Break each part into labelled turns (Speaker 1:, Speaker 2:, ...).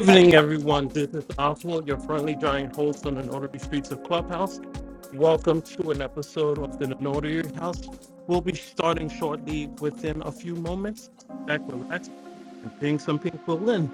Speaker 1: evening, everyone. This is Oswald, your friendly giant host on the Notary Streets of Clubhouse. Welcome to an episode of the Notary House. We'll be starting shortly within a few moments. Back relax and ping some people in.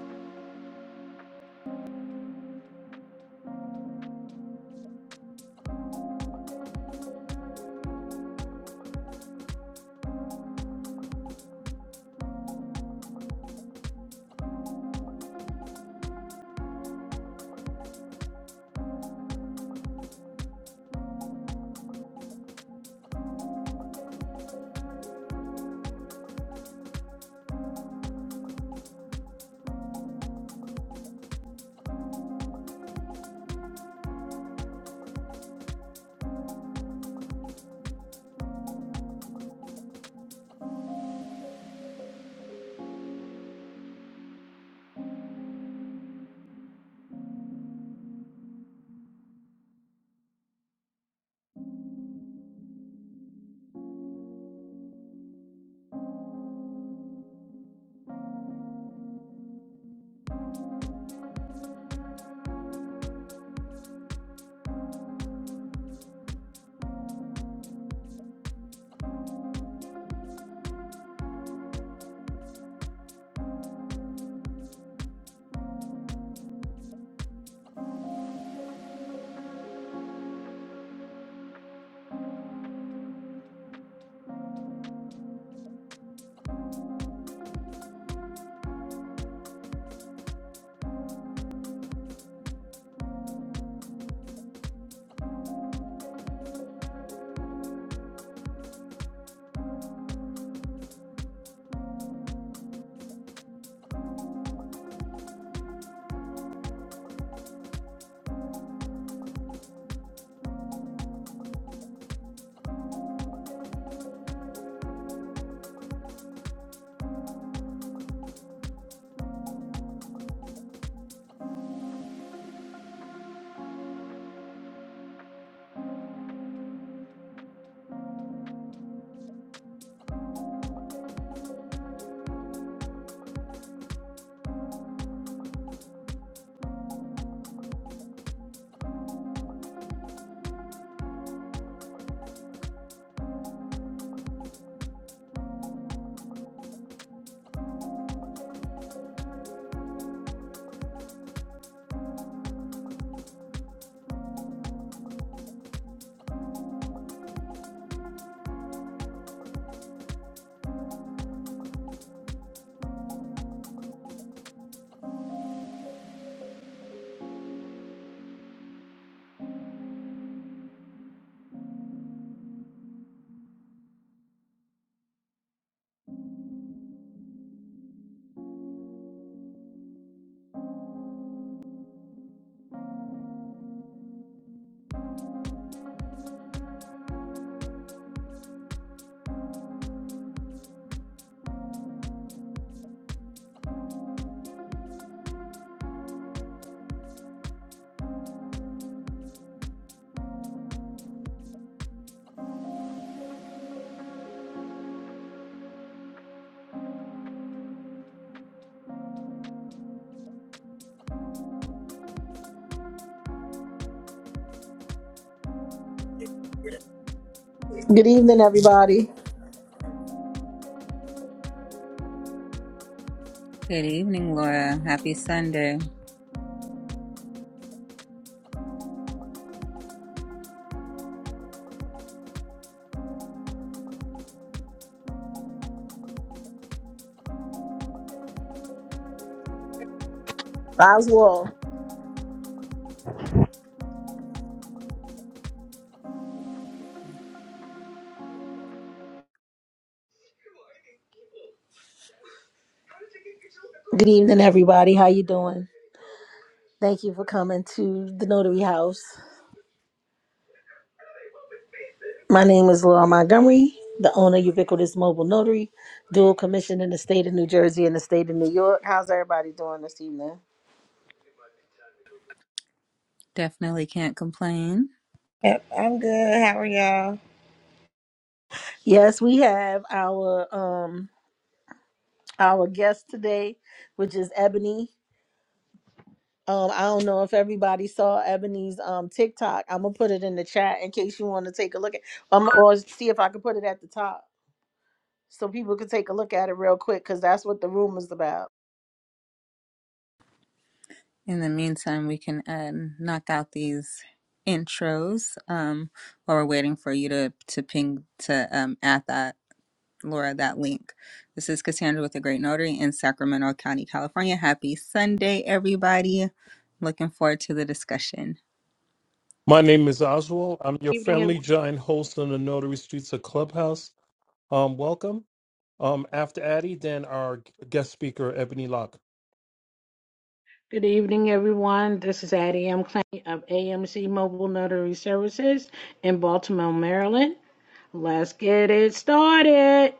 Speaker 2: Good evening, everybody.
Speaker 3: Good evening, Laura. Happy Sunday.
Speaker 2: Oswald. Good evening, everybody. How you doing? Thank you for coming to the Notary House. My name is Laura Montgomery, the owner of Ubiquitous Mobile Notary, dual commission in the state of New Jersey and the state of New York. How's everybody doing this evening?
Speaker 3: Definitely can't complain.
Speaker 4: Yep, I'm good. How are y'all?
Speaker 2: Yes, we have our um our guest today, which is Ebony. Um, I don't know if everybody saw Ebony's um TikTok. I'm gonna put it in the chat in case you want to take a look at. I'm or see if I can put it at the top. so people can take a look at it real quick because that's what the room is about.
Speaker 3: In the meantime, we can uh, knock out these intros um, while we're waiting for you to, to ping to um, add that, Laura, that link. This is Cassandra with the Great Notary in Sacramento County, California. Happy Sunday, everybody. Looking forward to the discussion.
Speaker 1: My name is Oswald. I'm your
Speaker 5: evening, ev-
Speaker 1: friendly giant host on the Notary Streets of Clubhouse. Um, welcome. Um, after Addie, then our guest speaker, Ebony Locke.
Speaker 5: good evening, everyone. This is Addie M. Klein of AMC Mobile Notary Services in Baltimore, Maryland. Let's get it started.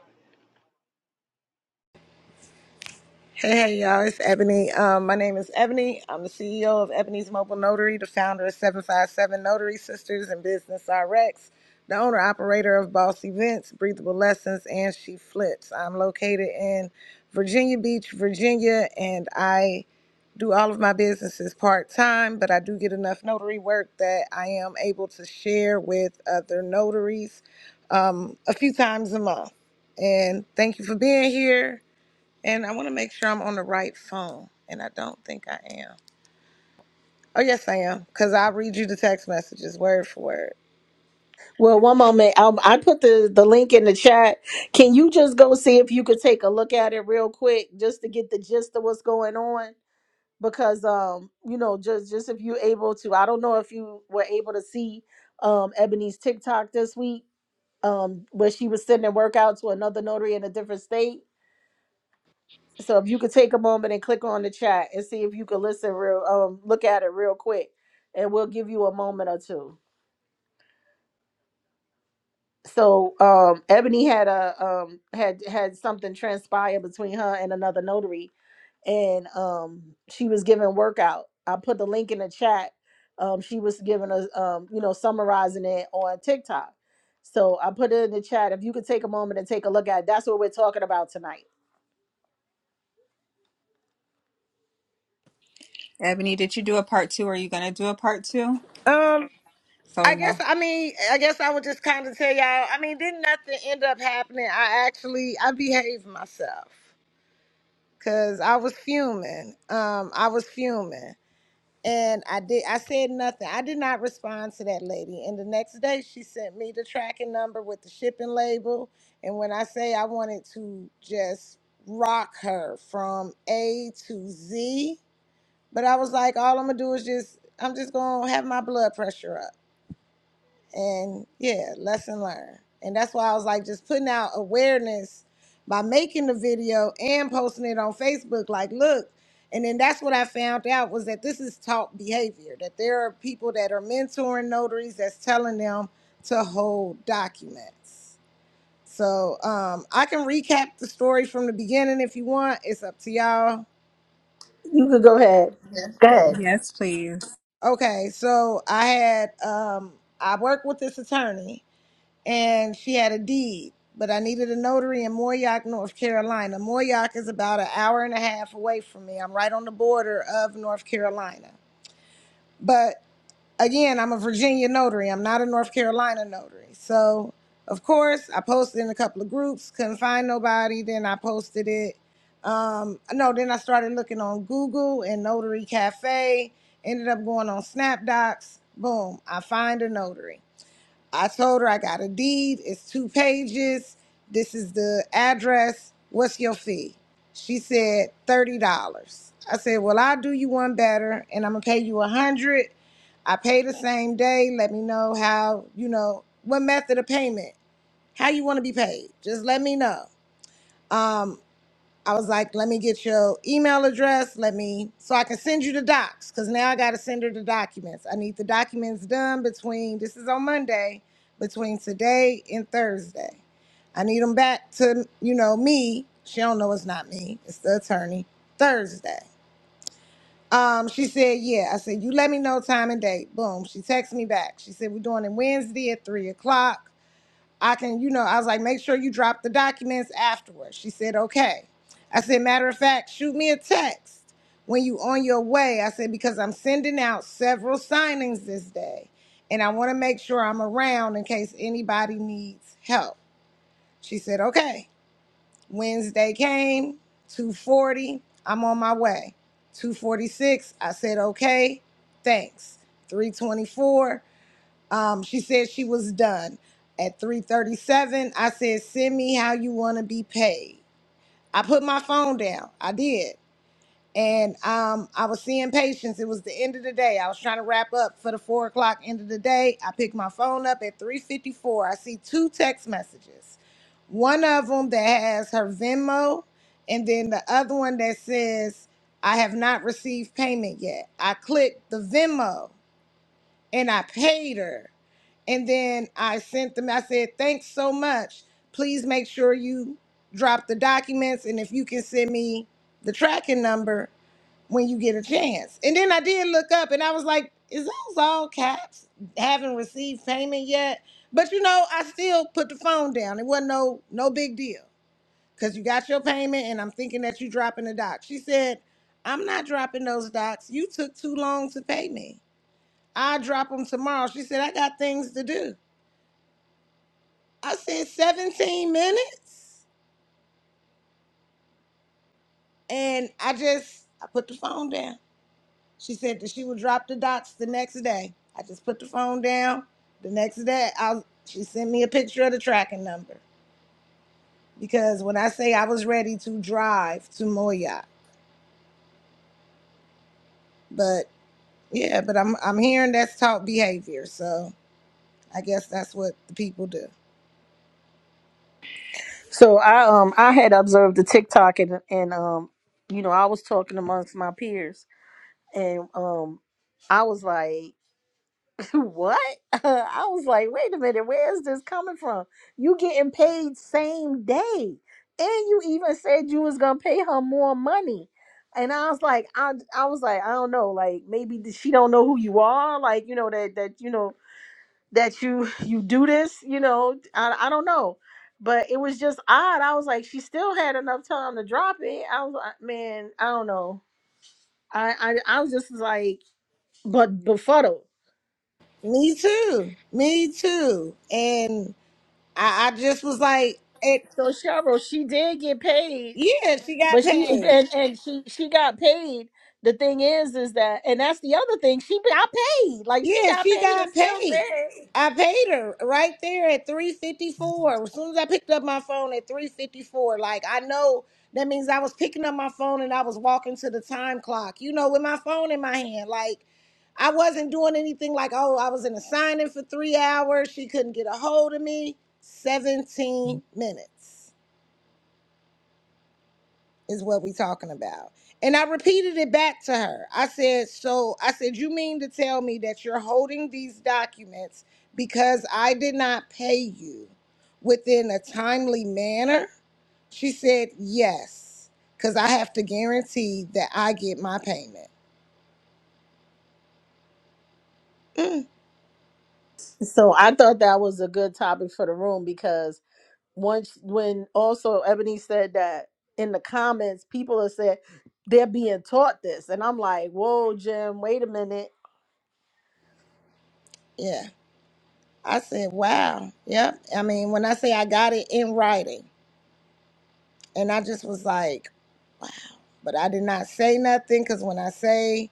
Speaker 4: Hey, hey, y'all. It's Ebony. Um, my name is Ebony. I'm the CEO of Ebony's Mobile Notary, the founder of 757 Notary Sisters and Business RX, the owner operator of Boss Events, Breathable Lessons, and She Flips. I'm located in Virginia Beach, Virginia, and I do all of my businesses part time, but I do get enough notary work that I am able to share with other notaries um, a few times a month. And thank you for being here. And I want to make sure I'm on the right phone, and I don't think I am. Oh, yes, I am, because I'll read you the text messages word for word.
Speaker 2: Well, one moment, um, I put the the link in the chat. Can you just go see if you could take a look at it real quick just to get the gist of what's going on? Because um, you know, just just if you're able to, I don't know if you were able to see um Ebony's TikTok this week, um, where she was sending work out to another notary in a different state. So if you could take a moment and click on the chat and see if you could listen real um look at it real quick and we'll give you a moment or two. so um ebony had a um had had something transpire between her and another notary and um she was giving workout i put the link in the chat um she was giving us um you know summarizing it on tiktok so i put it in the chat if you could take a moment and take a look at it, that's what we're talking about tonight
Speaker 3: Ebony, did you do a part two? Are you going to do a part two?
Speaker 4: Um,
Speaker 3: So we
Speaker 4: I guess
Speaker 3: know.
Speaker 4: I mean I guess I would just kind of tell y'all. I mean, didn't nothing end up happening? I actually I behaved myself. because I was fuming. Um, I was fuming. And I did I said nothing. I did not respond to that lady. And the next day she sent me the tracking number with the shipping label. And when I say I wanted to just rock her from A to Z, but I was like, all I'm gonna do is just I'm just gonna have my blood pressure up. And yeah, lesson learned. And that's why I was like, just putting out awareness by making the video and posting it on Facebook. Like, look. And then that's what I found out was that this is taught behavior, that there are people that are mentoring notaries that's telling them to hold documents. So um, I can recap the story from the beginning if you want. It's up to y'all.
Speaker 2: you could go ahead Good.
Speaker 3: Yes, please.
Speaker 4: Okay, so I had um, I worked with this attorney and she had a deed, but I needed a notary in Mooryock, North Carolina. Mooryock is about an hour and a half away from me. I'm right on the border of North Carolina. But again, I'm a Virginia notary. I'm not a North Carolina notary. So, of course, I posted in a couple of groups, couldn't find nobody. Then I posted it. Um, no, then I started looking on Google and Notary Cafe. Ended up going on SnapDocs. Boom, I find a notary. I told her I got a deed. It's two pages. This is the address. What's your fee? She said thirty dollars. I said, well, I'll do you one better, and I'm gonna pay you a hundred. dollars. I pay the same day. Let me know how you know what method of payment, how you want to be paid. Just let me know. Um, I was like, let me get your email address. Let me, so I can send you the docs. Cause now I got to send her the documents. I need the documents done between, this is on Monday, between today and Thursday. I need them back to, you know, me. She don't know it's not me. It's the attorney. Thursday. Um, she said, yeah. I said, you let me know time and date. Boom. She texted me back. She said, we're doing it Wednesday at three o'clock. I can, you know, I was like, make sure you drop the documents afterwards. She said, okay. I said, matter of fact, shoot me a text when you on your way. I said, because I'm sending out several signings this day. And I want to make sure I'm around in case anybody needs help. She said, okay. Wednesday came, 240. I'm on my way. 246. I said, okay, thanks. 324. Um, she said she was done at 3:37. I said, "Send me how you want to be paid." I put my phone down. I did, and um, I was seeing patients. It was the end of the day. I was trying to wrap up for the four o'clock end of the day. I picked my phone up at 3:54. I see two text messages. One of them that has her Venmo, and then the other one that says, "I have not received payment yet." I clicked the Venmo and I paid her. And then I sent them, I said, thanks so much. Please make sure you drop the documents and if you can send me the tracking number when you get a chance. And then I did look up and I was like, is those all caps? Haven't received payment yet. But you know, I still put the phone down. It wasn't no no big deal. Cause you got your payment and I'm thinking that you dropping the docs. She said, I'm not dropping those docs. You took too long to pay me. I'll drop them tomorrow. She said, I got things to do. I said, 17 minutes? And I just, I put the phone down. She said that she would drop the dots the next day. I just put the phone down. The next day, I, she sent me a picture of the tracking number because when I say I was ready to drive to Moya, but yeah, but I'm I'm hearing that's taught behavior, so I guess that's what the people do.
Speaker 2: so i um i had observed the tiktok and and um you know i was talking amongst my peers and um i was like What? I was like, wait a minute, where is this coming from? You getting paid same day. And you even said you was gonna pay her more money. And I was like, I I was like, I don't know, like maybe th- she don't know who you are, like, you know, that that you know that you you do this, you know. I I don't know. But it was just odd. I was like, she still had enough time to drop it. I was like, man, I don't know. I I, I was just like but befuddled
Speaker 4: Me too. Me too. And I, I just was like, it.
Speaker 2: So Cheryl, she did get paid,
Speaker 4: Yeah, she got
Speaker 2: but she
Speaker 4: paid.
Speaker 2: and and she she got paid. The thing is, is that and that's the other thing. She got paid. Like she
Speaker 4: Yeah,
Speaker 2: got
Speaker 4: she
Speaker 2: paid and
Speaker 4: got
Speaker 2: still
Speaker 4: paid.
Speaker 2: said.
Speaker 4: I paid her right there at 354. As soon as I picked up my phone at 354, like I know that means I was picking up my phone and I was walking to the time clock, you know, with my phone in my hand. Like I wasn't doing anything like, oh, I was in a signing for three hours. She couldn't get a hold of me. 17 minutes. is what we talking about. And I repeated it back to her. I said, so I said, you mean to tell me that you're holding these documents because I did not pay you within a timely manner? She said, yes, because I have to guarantee that I get my payment. Mm.
Speaker 2: So I thought that was a good topic for the room because once when also Ebony said that in the comments, people are saying they're being taught this, and I'm like, whoa, Jim, wait a minute
Speaker 4: Yeah. I said, wow. Yep. I mean, when I say I got it in writing, and I just was like, wow. But I did not say nothing because when I say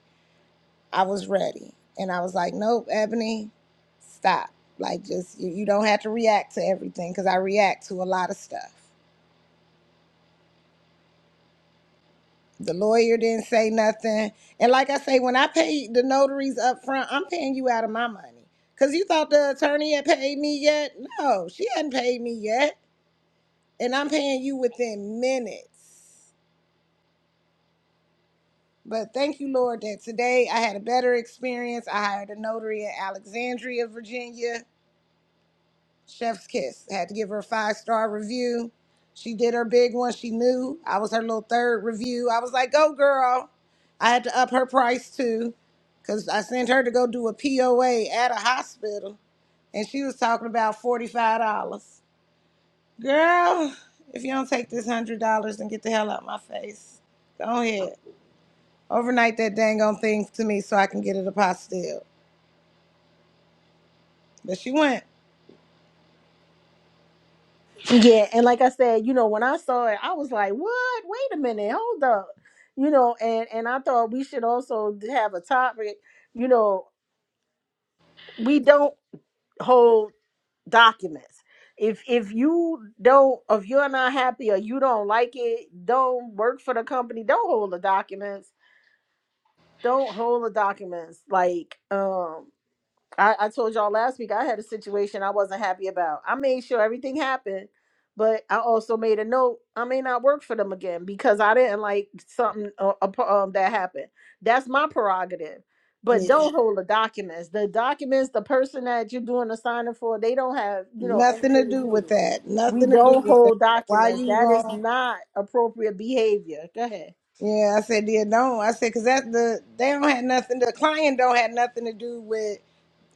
Speaker 4: I was ready, and I was like, nope, Ebony, stop. Like, just you, you don't have to react to everything because I react to a lot of stuff. The lawyer didn't say nothing. And like I say, when I pay the notaries up front, I'm paying you out of my money. Because you thought the attorney had paid me yet? No, she hadn't paid me yet. and I'm paying you within minutes. But thank you, Lord, that today I had a better experience. I hired a notary in Alexandria, Virginia. Chef's kiss. I had to give her a five star review. She did her big one. She knew I was her little third review. I was like, go, girl. I had to up her price too because I sent her to go do a POA at a hospital and she was talking about $45. Girl, if you don't take this $100 and get the hell out my face, go ahead. Overnight that dang on thing to me so I can get it a apostille. But she went.
Speaker 2: Yeah, and like I said, you know, when I saw it, I was like, "What? Wait a minute, hold up." You know, and and I thought we should also have a topic, you know, we don't hold documents. If if you don't if you're not happy or you don't like it, don't work for the company, don't hold the documents. Don't hold the documents. Like, um I, I told y'all last week I had a situation I wasn't happy about. I made sure everything happened, but I also made a note I may not work for them again because I didn't like something uh, uh, pro- um, that happened. That's my prerogative. But
Speaker 4: Yeah.
Speaker 2: don't hold the documents. The documents, the person that you're doing the signing for, they don't have you know anything
Speaker 4: Nothing to
Speaker 2: to
Speaker 4: do
Speaker 2: do with
Speaker 4: with
Speaker 2: it.
Speaker 4: that.
Speaker 2: We
Speaker 4: Nothing to do
Speaker 2: don't
Speaker 4: with that.
Speaker 2: hold
Speaker 4: Why
Speaker 2: documents.
Speaker 4: you
Speaker 2: That is
Speaker 4: going?
Speaker 2: not appropriate behavior. Go ahead.
Speaker 4: Yeah, I said, yeah, don't. I said, cause that the they don't have nothing. The client don't have nothing to do with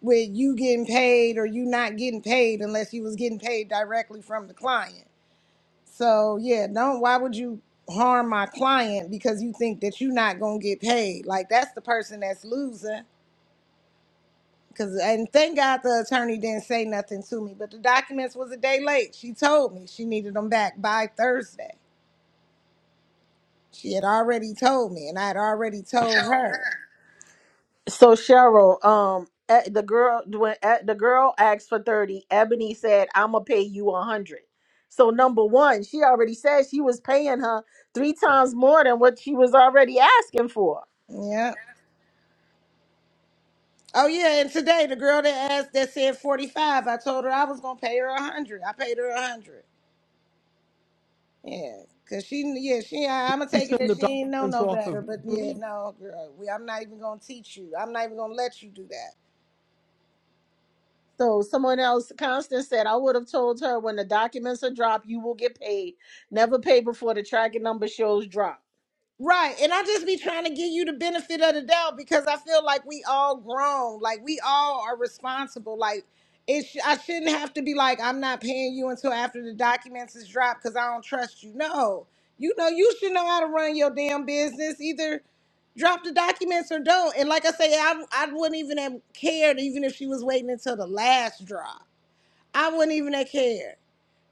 Speaker 4: with you getting paid or you not getting paid unless you was getting paid directly from the client. So yeah, don't. Why would you harm my client because you think that you're not gonna get paid? Like that's the person that's losing. Cause and thank God the attorney didn't say nothing to me. But the documents was a day late. She told me she needed them back by Thursday. She had already told me, and I had already told her.
Speaker 2: So Cheryl, um, eh, the girl when eh, the girl asked for thirty, Ebony said, "I'm gonna pay you a hundred." So number one, she already said she was paying her three times more than what she was already asking for.
Speaker 4: Yeah. Oh yeah, and today the girl that asked that said forty five. I told her I was gonna pay her a hundred. I paid her a hundred. Yeah, cause she yeah she I,
Speaker 1: Did
Speaker 4: I'm gonna
Speaker 1: you
Speaker 4: take it
Speaker 1: send the
Speaker 4: that she ain't know
Speaker 1: documents
Speaker 4: no
Speaker 1: off
Speaker 4: better. But
Speaker 1: eventually?
Speaker 4: yeah, no girl, we, I'm not even gonna teach you. I'm not even gonna let you do that.
Speaker 2: So someone else, Constance said, I would have told her when the documents are dropped, you will get paid. Never pay before the tracking number shows drop.
Speaker 4: Right. And I just be trying to give you the benefit of the doubt because I feel like we all grown. Like we all are responsible. Like it sh- I shouldn't have to be like, I'm not paying you until after the documents is dropped because I don't trust you. No. You know, you should know how to run your damn business. Either drop the documents or don't. And like I say, I, I wouldn't even have cared even if she was waiting until the last drop. I wouldn't even have cared.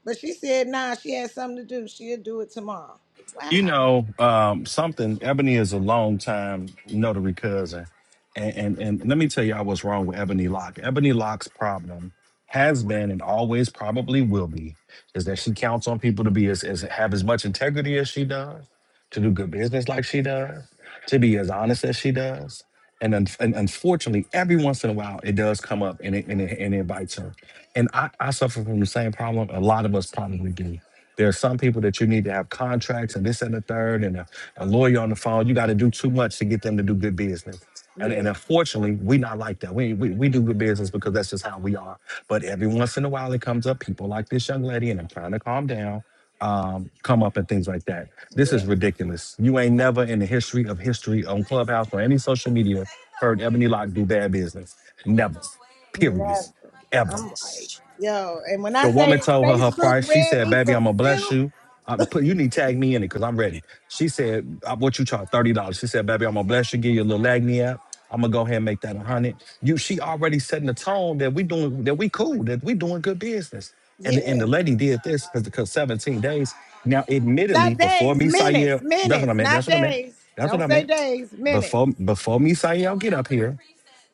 Speaker 4: But she said, nah, she had something to do. She'll do it tomorrow. Wow.
Speaker 6: You know, um, something. Ebony is a longtime notary cousin, and, and and let me tell y'all what's wrong with Ebony Locke. Ebony Locke's problem has been and always probably will be is that she counts on people to be as, as have as much integrity as she does, to do good business like she does, to be as honest as she does and, un- and unfortunately, every once in a while, it does come up and it, and it, and it bites her. And I, I suffer from the same problem. A lot of us probably do. There are some people that you need to have contracts and this and the third, and a, a lawyer on the phone. You got to do too much to get them to do good business. And, and
Speaker 4: Yeah.
Speaker 6: unfortunately, we not like that. We, we we do good business because that's just how we are. But every once in a while, it comes up. People like this young lady, and I'm trying to calm down um, come up and things like that. This
Speaker 4: Yeah.
Speaker 6: is ridiculous. You ain't never in the history of history on Clubhouse or any social media heard Ebony Locke do bad business. Never. Period.
Speaker 4: Never.
Speaker 6: Ever.
Speaker 4: I'm like, yo, and when I
Speaker 6: The woman
Speaker 4: say
Speaker 6: told her her
Speaker 4: Facebook
Speaker 6: price. She
Speaker 4: read
Speaker 6: said,
Speaker 4: me
Speaker 6: "Baby,
Speaker 4: for
Speaker 6: I'm gonna bless
Speaker 4: filth,
Speaker 6: you. I'm put you need to tag me in it because I'm ready." She said, "Uh, "What you charge? Thirty dollars." She said, "Baby, I'm gonna bless you. Give you a little agni app. I'm gonna go ahead and make that a hundred." You, she already setting the tone that we doing that we cool that we doing good business. And the, and
Speaker 4: yeah.
Speaker 6: the lady did this because 17 days. Now, admittedly,
Speaker 4: Not
Speaker 6: before
Speaker 4: days,
Speaker 6: me,
Speaker 4: minutes,
Speaker 6: Sayer, that's what I
Speaker 4: minutes,
Speaker 6: meant. That's
Speaker 4: not
Speaker 6: what I meant.
Speaker 4: days.
Speaker 6: That's what
Speaker 4: Don't
Speaker 6: I
Speaker 4: say
Speaker 6: meant.
Speaker 4: days, minutes.
Speaker 6: Before before me saying y'all get up here,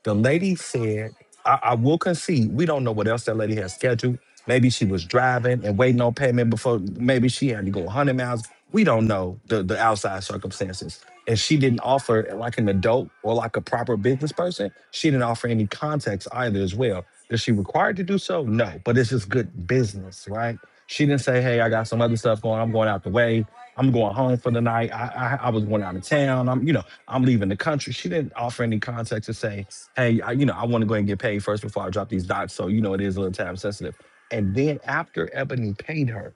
Speaker 6: the lady said, I, I will concede. We don't know what else that lady has scheduled. Maybe she was driving and waiting on payment before. Maybe she had to go 100 miles. We don't know the, the outside circumstances. And she didn't offer, like an adult or like a proper business person, she didn't offer any context either as well. Is she required to do so? No, but it's just good business, right? She didn't say, "Hey, I got some other stuff going. I'm going out the way. I'm going home for the night. I I, I was going out of town. I'm you know I'm leaving the country." She didn't offer any context to say, "Hey, I, you know I want to go and get paid first before I drop these dots." So you know it is a little time sensitive. And then after Ebony paid her,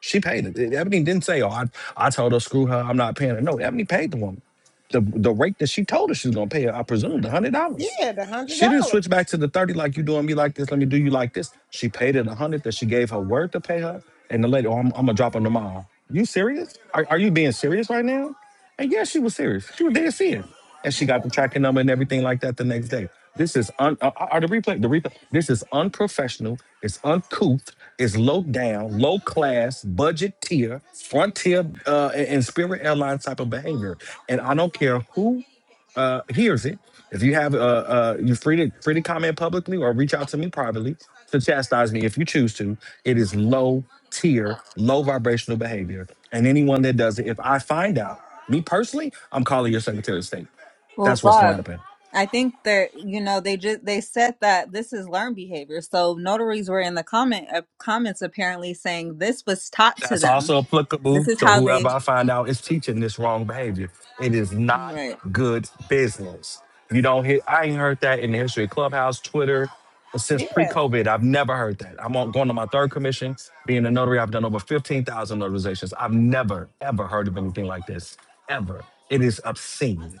Speaker 6: she paid it. Ebony didn't say, "Oh, I I told her screw her. I'm not paying her." No, Ebony paid the woman. The the rate that she told her she was gonna pay her, I presume, hundred dollars.
Speaker 4: Yeah, the hundred
Speaker 6: She didn't
Speaker 4: dollars.
Speaker 6: switch back to the 30 like you doing me like this. Let me do you like this. She paid it a hundred that she gave her word to pay her. And the lady, oh, I'm, I'm gonna drop her tomorrow. You serious? Are, are you being serious right now? And yeah, she was serious. She was dead serious. And she got the tracking number and everything like that the next day. This is un uh, uh, the replay, the replay. This is unprofessional, it's uncouth, it's low down, low class, budget tier, frontier uh, and and Spirit Airlines type of behavior. And I don't care who uh, hears it. If you have, uh, uh, you're free to free to comment publicly or reach out to me privately to chastise me if you choose to. It is low tier, low vibrational behavior, and anyone that does it, if I find out, me personally, I'm calling your Secretary of State.
Speaker 3: Well,
Speaker 6: That's what's gonna
Speaker 3: Rob,
Speaker 6: happen.
Speaker 3: I think that you know they just they said that this is learned behavior. So notaries were in the comment uh, comments apparently saying this was taught to
Speaker 6: That's
Speaker 3: them.
Speaker 6: also
Speaker 3: This
Speaker 6: applicable
Speaker 3: is
Speaker 6: to
Speaker 3: how they
Speaker 6: whoever I find out is teaching this wrong behavior. It is not
Speaker 3: right.
Speaker 6: good business. You don't hear, I ain't heard that in the history of Clubhouse, Twitter, since pre
Speaker 4: Yeah.
Speaker 6: COVID. I've never heard that. I'm on, going to my third commission, being a notary. I've done over 15,000 notarizations. I've never, ever heard of anything like this, ever. It is obscene.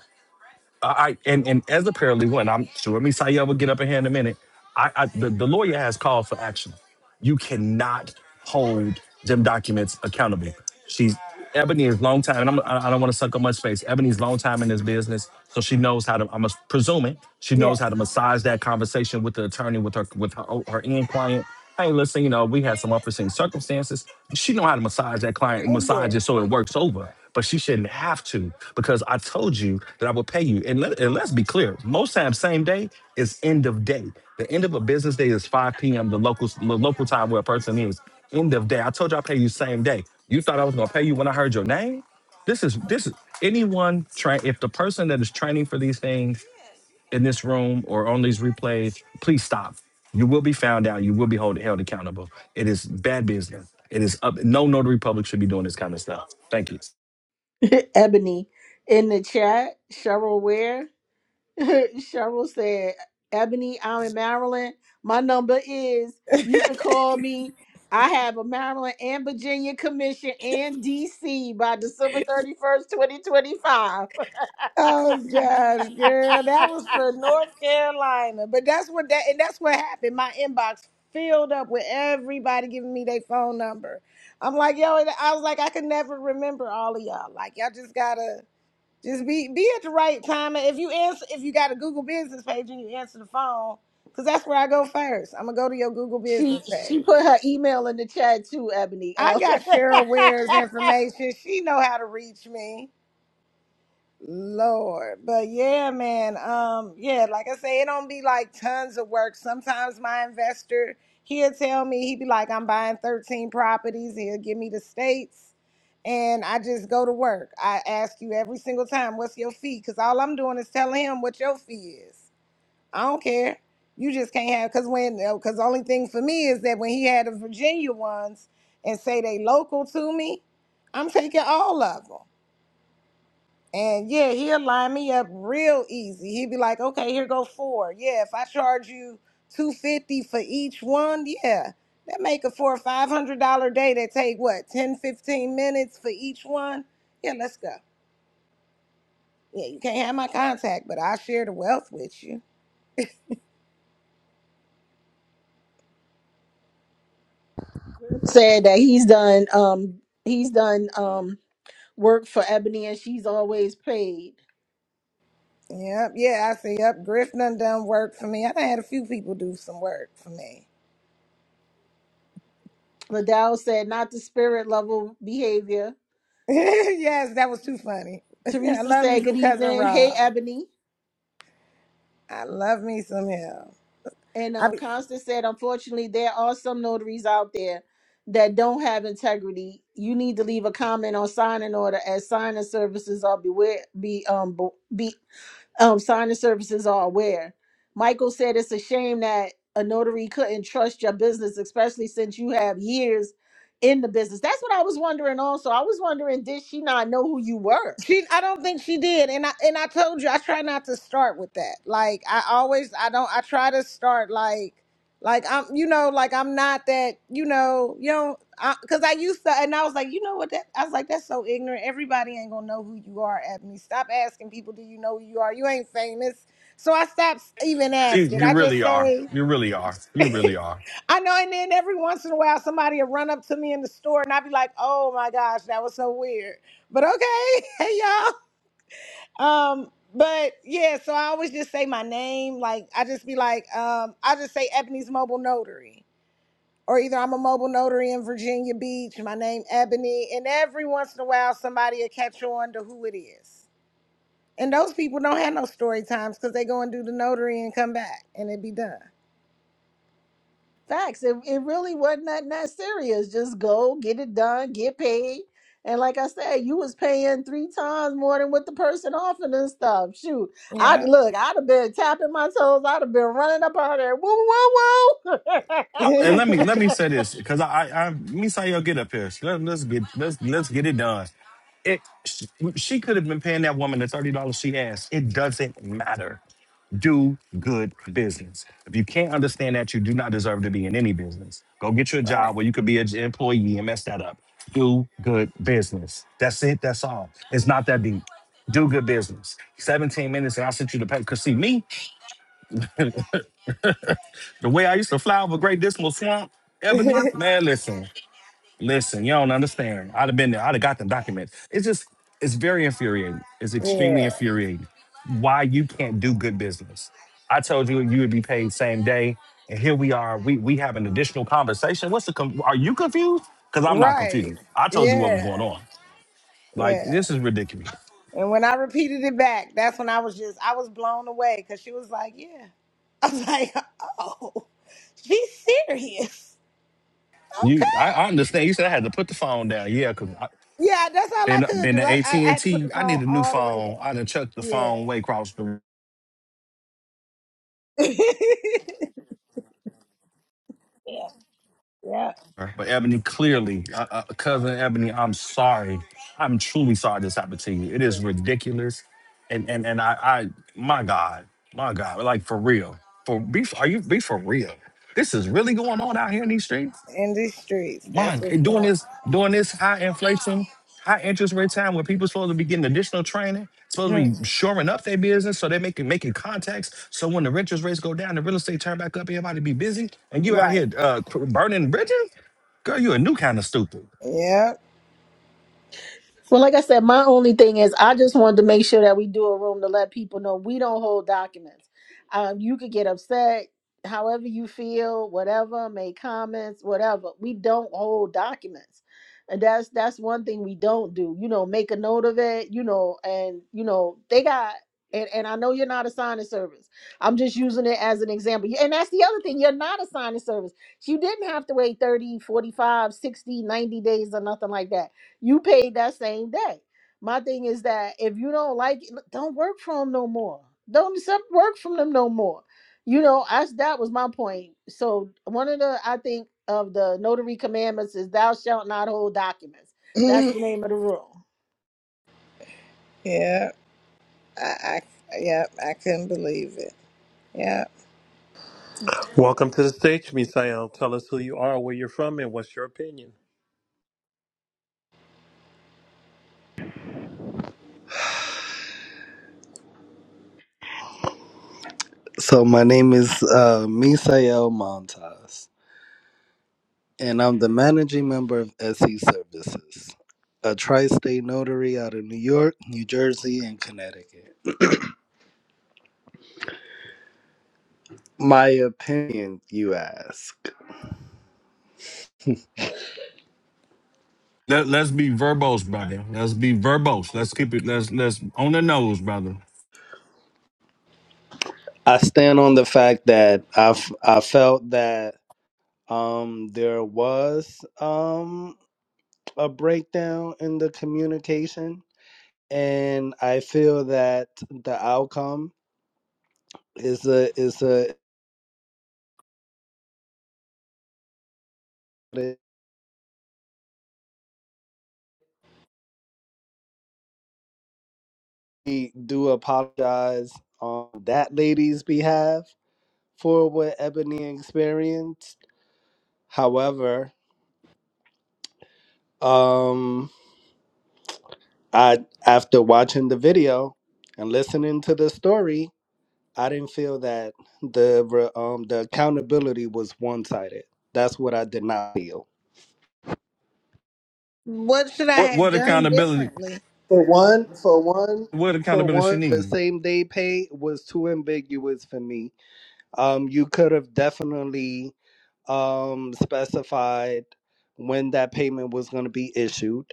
Speaker 6: I, and and as a paralegal, and I'm sure Miss Saya will get up in here in a minute. I, I the, the lawyer has called for action. You cannot hold them documents accountable. She's Ebony is long time, and I'm, I I don't want to suck up much space. Ebony's long time in this business, so she knows how to. I'm presuming she knows how
Speaker 4: Yes.
Speaker 6: to massage that conversation with the attorney, with her with her her end client. Hey, listen, you know, we had some unforeseen circumstances. She know how to massage that client and
Speaker 4: Oh yeah.
Speaker 6: massage it so it works over. But she shouldn't have to because I told you that I would pay you. And, let, and let's be clear, most times same day is end of day. The end of a business day is 5 p.m. the local the local time where a person is. End of day. I told you I pay you same day. You thought I was gonna pay you when I heard your name? This is this is anyone train if the person that is training for these things in this room or on these replays, please stop. You will be found out. You will be hold, held accountable. It is bad business. It is up. No notary public should be doing this kind of stuff. Thank you.
Speaker 2: Ebony in the chat, Cheryl Ware. Cheryl said, Ebony, I'm in Maryland. My number is, you can call me. I have a Maryland and Virginia commission and DC by December 31st, 2025.
Speaker 4: Oh gosh, girl, that was for North Carolina, but that's what that and that's what happened. My inbox filled up with everybody giving me their phone number. I'm like, yo, and I was like, I could never remember all of y'all. Like, y'all just gotta just be be at the right time. And if you answer, if you got a Google Business page and you answer the phone, because that's where I go first. I'm gonna go to your Google
Speaker 2: she
Speaker 4: Business
Speaker 2: she put
Speaker 4: page.
Speaker 2: her email in the chat too, Ebony.
Speaker 4: I
Speaker 2: Um,
Speaker 4: got Cheryl Ware's information. She know how to reach me. Lord. But yeah, man. Um, yeah, like I say, it don't be like tons of work. Sometimes my investor he'll tell me he be like, I'm buying 13 properties, he'll give me the states, and I just go to work. I ask you every single time, what's your fee? Because all I'm doing is telling him what your fee is. I don't care. You just can't have because when because the only thing for me is that when he had the Virginia ones and say they local to me, I'm taking all of them. And yeah, he'll line me up real easy. He'd be like, okay, here go four. Yeah, if I charge you two fifty for each one, yeah. That make it for a five hundred dollar day that take what, 10 15 minutes for each one? Yeah, let's go. Yeah, you can't have my contact, but I'll share the wealth with you.
Speaker 2: said that he's done um he's done um work for Ebony and she's always paid.
Speaker 4: Yep, yeah, I see. Yep, Griff done done work for me. I done had a few people do some work for me.
Speaker 2: Liddell said not the spirit level behavior
Speaker 4: yes, that was too funny. I
Speaker 2: Teresa
Speaker 4: love me
Speaker 2: said,
Speaker 4: some
Speaker 2: Good
Speaker 4: cousin
Speaker 2: evening. Hey,
Speaker 4: Rob.
Speaker 2: Ebony.
Speaker 4: I love me some him.
Speaker 2: And
Speaker 4: I
Speaker 2: um,
Speaker 4: be,
Speaker 2: Constance said, Unfortunately, there are some notaries out there that don't have integrity. You need to leave a comment on signing order as signing services are beware, be, um, bo- be, um, signing services are aware. Michael said, It's a shame that a notary couldn't trust your business, especially since you have years in the business. That's what I was wondering also. I was wondering, did she not know who you were?
Speaker 4: she, I don't think she did, and I and I told you I try not to start with that. Like I always, I don't. I try to start like, like I'm, you know, like I'm not that, you know, you know, because I, 'cause I used to, and I was like, you know what? That I was like, that's so ignorant. Everybody ain't gonna know who you are, At me, Stop asking people, do you know who you are? You ain't famous. So I stopped even
Speaker 6: You,
Speaker 4: asking.
Speaker 6: you
Speaker 4: I just
Speaker 6: really are.
Speaker 4: say.
Speaker 6: You really are. You really are.
Speaker 4: I know, and then every once in a while somebody will run up to me in the store and I'll be like, oh my gosh, that was so weird. But okay, hey y'all. Um, but yeah, so I always just say my name. Like I just be like, um, I just say Ebony's mobile notary. Or either I'm a mobile notary in Virginia Beach, my name Ebony, and every once in a while somebody will catch on to who it is. And those people don't have no story times because they go and do the notary and come back and it be done.
Speaker 2: Facts. It, it really wasn't nothing that serious. Just go get it done, get paid. And like I said, you was paying three times more than what the person offered and stuff. Shoot, I
Speaker 4: Yeah.
Speaker 2: look, I'd have been tapping my toes. I'd have been running up out there. Woo, woo, woo.
Speaker 6: I, and let me let me say this because I, I I me Sayo get up here. Let, let's get let's let's get it done. It she, she could have been paying that woman the thirty dollars she asked. It doesn't matter. Do good business. If you can't understand that, you do not deserve to be in any business. Go get you a job where you could be an employee and mess that up. Do good business. That's it. That's all. It's not that deep. Do good business. 17 minutes and I sent you the paper. Cause see me, the way I used to fly over Great Dismal Swamp, Ebony,
Speaker 4: right.
Speaker 6: man, listen. Listen, you don't understand. I'd have been there. I'd have got them documents. It's just, it's very infuriating. It's extremely
Speaker 4: yeah.
Speaker 6: infuriating why you can't do good business. I told you you would be paid same day, and here we are. We we have an additional conversation. What's the? con are you confused? Because I'm not
Speaker 4: Right.
Speaker 6: confused. I told you what was
Speaker 4: Yeah.
Speaker 6: going on. Like
Speaker 4: Yeah.
Speaker 6: this is ridiculous.
Speaker 4: And when I repeated it back, that's when I was just I was blown away because she was like, "Yeah." I was like, "Oh, she's serious."
Speaker 6: You,
Speaker 4: Okay.
Speaker 6: I, I understand. You said I had to put the phone down. Yeah, because
Speaker 4: Yeah, that's all I
Speaker 6: been
Speaker 4: could
Speaker 6: been
Speaker 4: do.
Speaker 6: the
Speaker 4: I
Speaker 6: AT
Speaker 4: I, I
Speaker 6: and
Speaker 4: had to put
Speaker 6: T.
Speaker 4: the
Speaker 6: I need
Speaker 4: phone
Speaker 6: a new
Speaker 4: all the way
Speaker 6: phone.
Speaker 4: down.
Speaker 6: I done chucked the
Speaker 4: Yeah.
Speaker 6: phone way across the
Speaker 4: yeah. Yeah.
Speaker 6: But Ebony, clearly, uh, uh, cousin Ebony, I'm sorry. I'm truly sorry this happened to you. It is
Speaker 4: Yeah.
Speaker 6: ridiculous, and and and I, I, my God, my God, like for real, for be, are you be for real? This is really going on out here in these streets.
Speaker 4: In these streets,
Speaker 6: My
Speaker 4: that's
Speaker 6: g-
Speaker 4: what's going
Speaker 6: doing
Speaker 4: on.
Speaker 6: this doing this high inflation, high interest rate time where people supposed to be getting additional training, supposed to
Speaker 4: Hmm.
Speaker 6: be shoring up their business so they're making making contacts. So when the interest rates go down, the real estate turn back up, everybody be busy, and you out
Speaker 4: Right.
Speaker 6: here uh, cr- burning bridges. Girl, you a new kind of stupid.
Speaker 4: Yep.
Speaker 2: Well, like I said, my only thing is I just wanted to make sure that we do a room to let people know we don't hold documents. Um, you could get upset, however you feel, whatever, make comments, whatever. We don't hold documents. And that's that's one thing we don't do. You know, make a note of it, you know, and you know, they got and, and I know you're not a signing service. I'm just using it as an example. And that's the other thing. You're not a signing service. You didn't have to wait 30, 45, 60, 90 days or nothing like that you paid that same day. My thing is that if you don't like it, look, don't work for them no more. Don't accept work from them no more. You know, I, that was my point. So one of the I think of the notary commandments is thou shalt not hold documents. That's the name of the rule.
Speaker 4: yep. I, I yep. I couldn't believe it. Yep.
Speaker 1: Welcome to the stage, Misael. Tell us who you are, where you're from, and what's your opinion.
Speaker 7: So my name is uh, Misael Montas, and I'm the managing member of SE Services, a tri-state notary out of New York, New Jersey, and Connecticut. My opinion, you ask.
Speaker 6: Let, let's be verbose, brother. Let's be verbose. Let's keep it. Let's let's on the nose, brother.
Speaker 7: I stand on the fact that I f- I felt that um, there was um, a breakdown in the communication, and I feel that the outcome is a is a we do apologize on that lady's behalf for what Ebony experienced. However, um, I after watching the video and listening to the story, I didn't feel that the re- um the accountability was one sided. That's what I did not feel.
Speaker 4: What should I
Speaker 6: What
Speaker 4: have
Speaker 6: what
Speaker 4: done
Speaker 6: accountability?
Speaker 4: differently?
Speaker 7: For one, for one,
Speaker 6: What
Speaker 7: for
Speaker 6: accountability she
Speaker 7: one, the
Speaker 6: need?
Speaker 7: same day pay was too ambiguous for me Um, you could have definitely um, specified when that payment was going to be issued.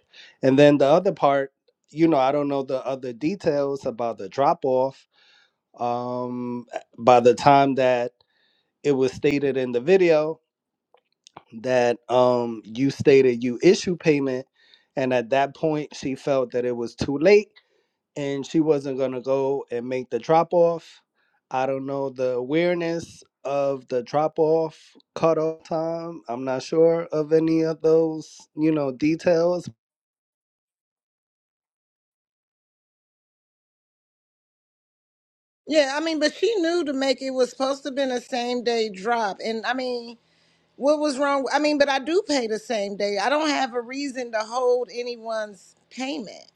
Speaker 7: And then the other part, you know, I don't know the other details about the drop off. Um, by the time that it was stated in the video that um, you stated you issue payment, and at that point she felt that it was too late and she wasn't going to go and make the drop off. I don't know the awareness of the drop off cutoff time. I'm not sure of any of those, you know, details.
Speaker 4: Yeah, I mean, but she knew to make it was supposed to have been a same day drop. And I mean, what was wrong? I mean, but I do pay the same day. I don't have a reason to hold anyone's payment.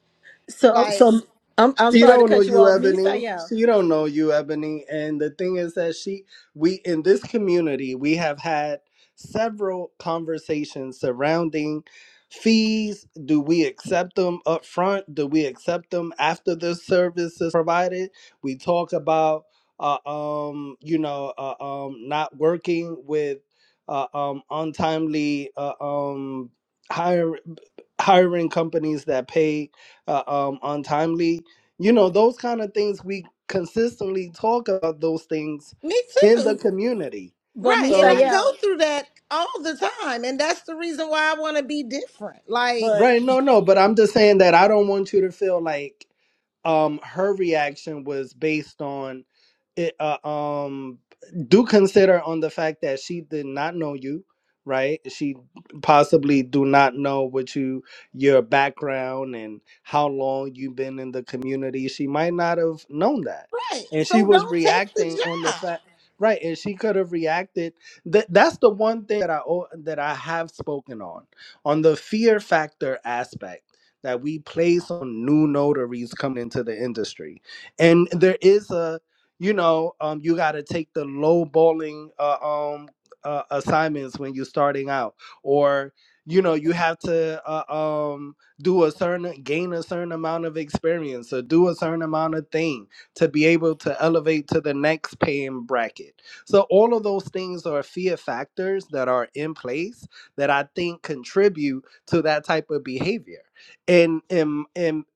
Speaker 2: So
Speaker 4: Like,
Speaker 2: so I'm I'm
Speaker 7: She
Speaker 2: sorry to
Speaker 7: don't know
Speaker 2: cut you
Speaker 7: you,
Speaker 2: off,
Speaker 7: Ebony.
Speaker 2: Misael.
Speaker 7: She don't know you, Ebony. And the thing is that she, we in this community, we have had several conversations surrounding fees. Do we accept them up front? Do we accept them after the service is provided? We talk about, uh, um, you know, uh, um, not working with, uh, um, untimely, uh, um, hire, hiring companies that pay, uh, um, untimely you know those kind of things we consistently talk about those things
Speaker 4: me
Speaker 7: in the
Speaker 4: too.
Speaker 7: community
Speaker 2: But
Speaker 4: Right. And
Speaker 7: so
Speaker 4: I go
Speaker 2: Misael,
Speaker 4: through that all the time. And that's the reason why I want to be different. Like,
Speaker 2: but
Speaker 7: right no no but i'm just saying that i don't want you to feel like um her reaction was based on it uh, um do consider on the fact that she did not know you right she possibly do not know what you your background and how long you've been in the community she might not have known that
Speaker 4: right.
Speaker 7: and she
Speaker 4: So
Speaker 7: was
Speaker 4: don't take
Speaker 7: reacting
Speaker 4: the
Speaker 7: on the
Speaker 4: job.
Speaker 7: fact right and she could have reacted that that's the one thing that i al- that i have spoken on on the fear factor aspect that we place on new notaries coming into the industry. And there is a, you know, um, you got to take the low bowling uh, um, uh, assignments when you're starting out, or you know, you have to uh, um, do a certain, gain a certain amount of experience, or do a certain amount of thing to be able to elevate to the next paying bracket. So all of those things are fear factors that are in place that I think contribute to that type of behavior. And um, um,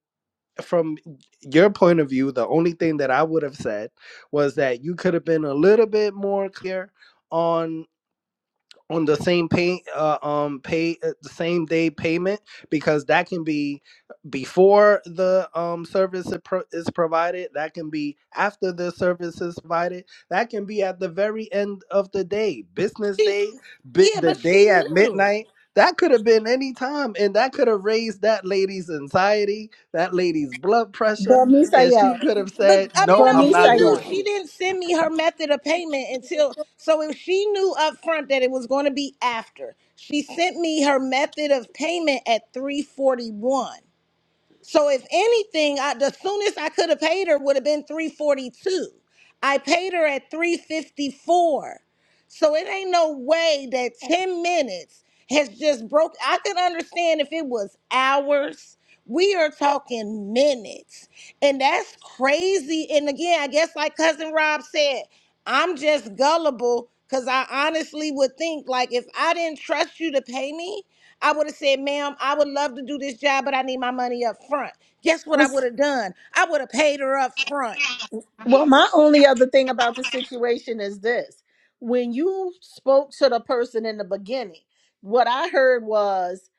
Speaker 7: from your point of view, the only thing that I would have said was that you could have been a little bit more clear on on the same pay uh, um pay uh, the same day payment because that can be before the um service is, pro- is provided that can be after the service is provided that can be at the very end of the day business
Speaker 4: She,
Speaker 7: day bit
Speaker 4: yeah,
Speaker 7: the
Speaker 4: but she
Speaker 7: day at
Speaker 4: knew.
Speaker 7: midnight that could have been any time and that could have raised that lady's anxiety that lady's blood pressure
Speaker 2: but
Speaker 7: and
Speaker 2: Misael,
Speaker 7: she could have
Speaker 4: But
Speaker 7: said
Speaker 4: I mean,
Speaker 7: no
Speaker 2: but
Speaker 4: no,
Speaker 7: i'm
Speaker 4: she
Speaker 7: not
Speaker 4: knew
Speaker 7: doing
Speaker 2: Misael.
Speaker 4: she didn't send me her method of payment until. So if she knew up front that it was going to be after, she sent me her method of payment at three forty one. So if anything, I, the soonest I could have paid her would have been three forty two. I paid her at three fifty four. So it ain't no way that 10 minutes has just broke. I can understand if it was hours. We are talking minutes. And that's crazy. And again, I guess like cousin Rob said, I'm just gullible because I honestly would think like if I didn't trust you to pay me, I would have said, ma'am, I would love to do this job, but I need my money up front. Guess what I would have done? I would have paid her up front.
Speaker 2: Well, my only other thing about the situation is this. When you spoke to the person in the beginning, what I heard was,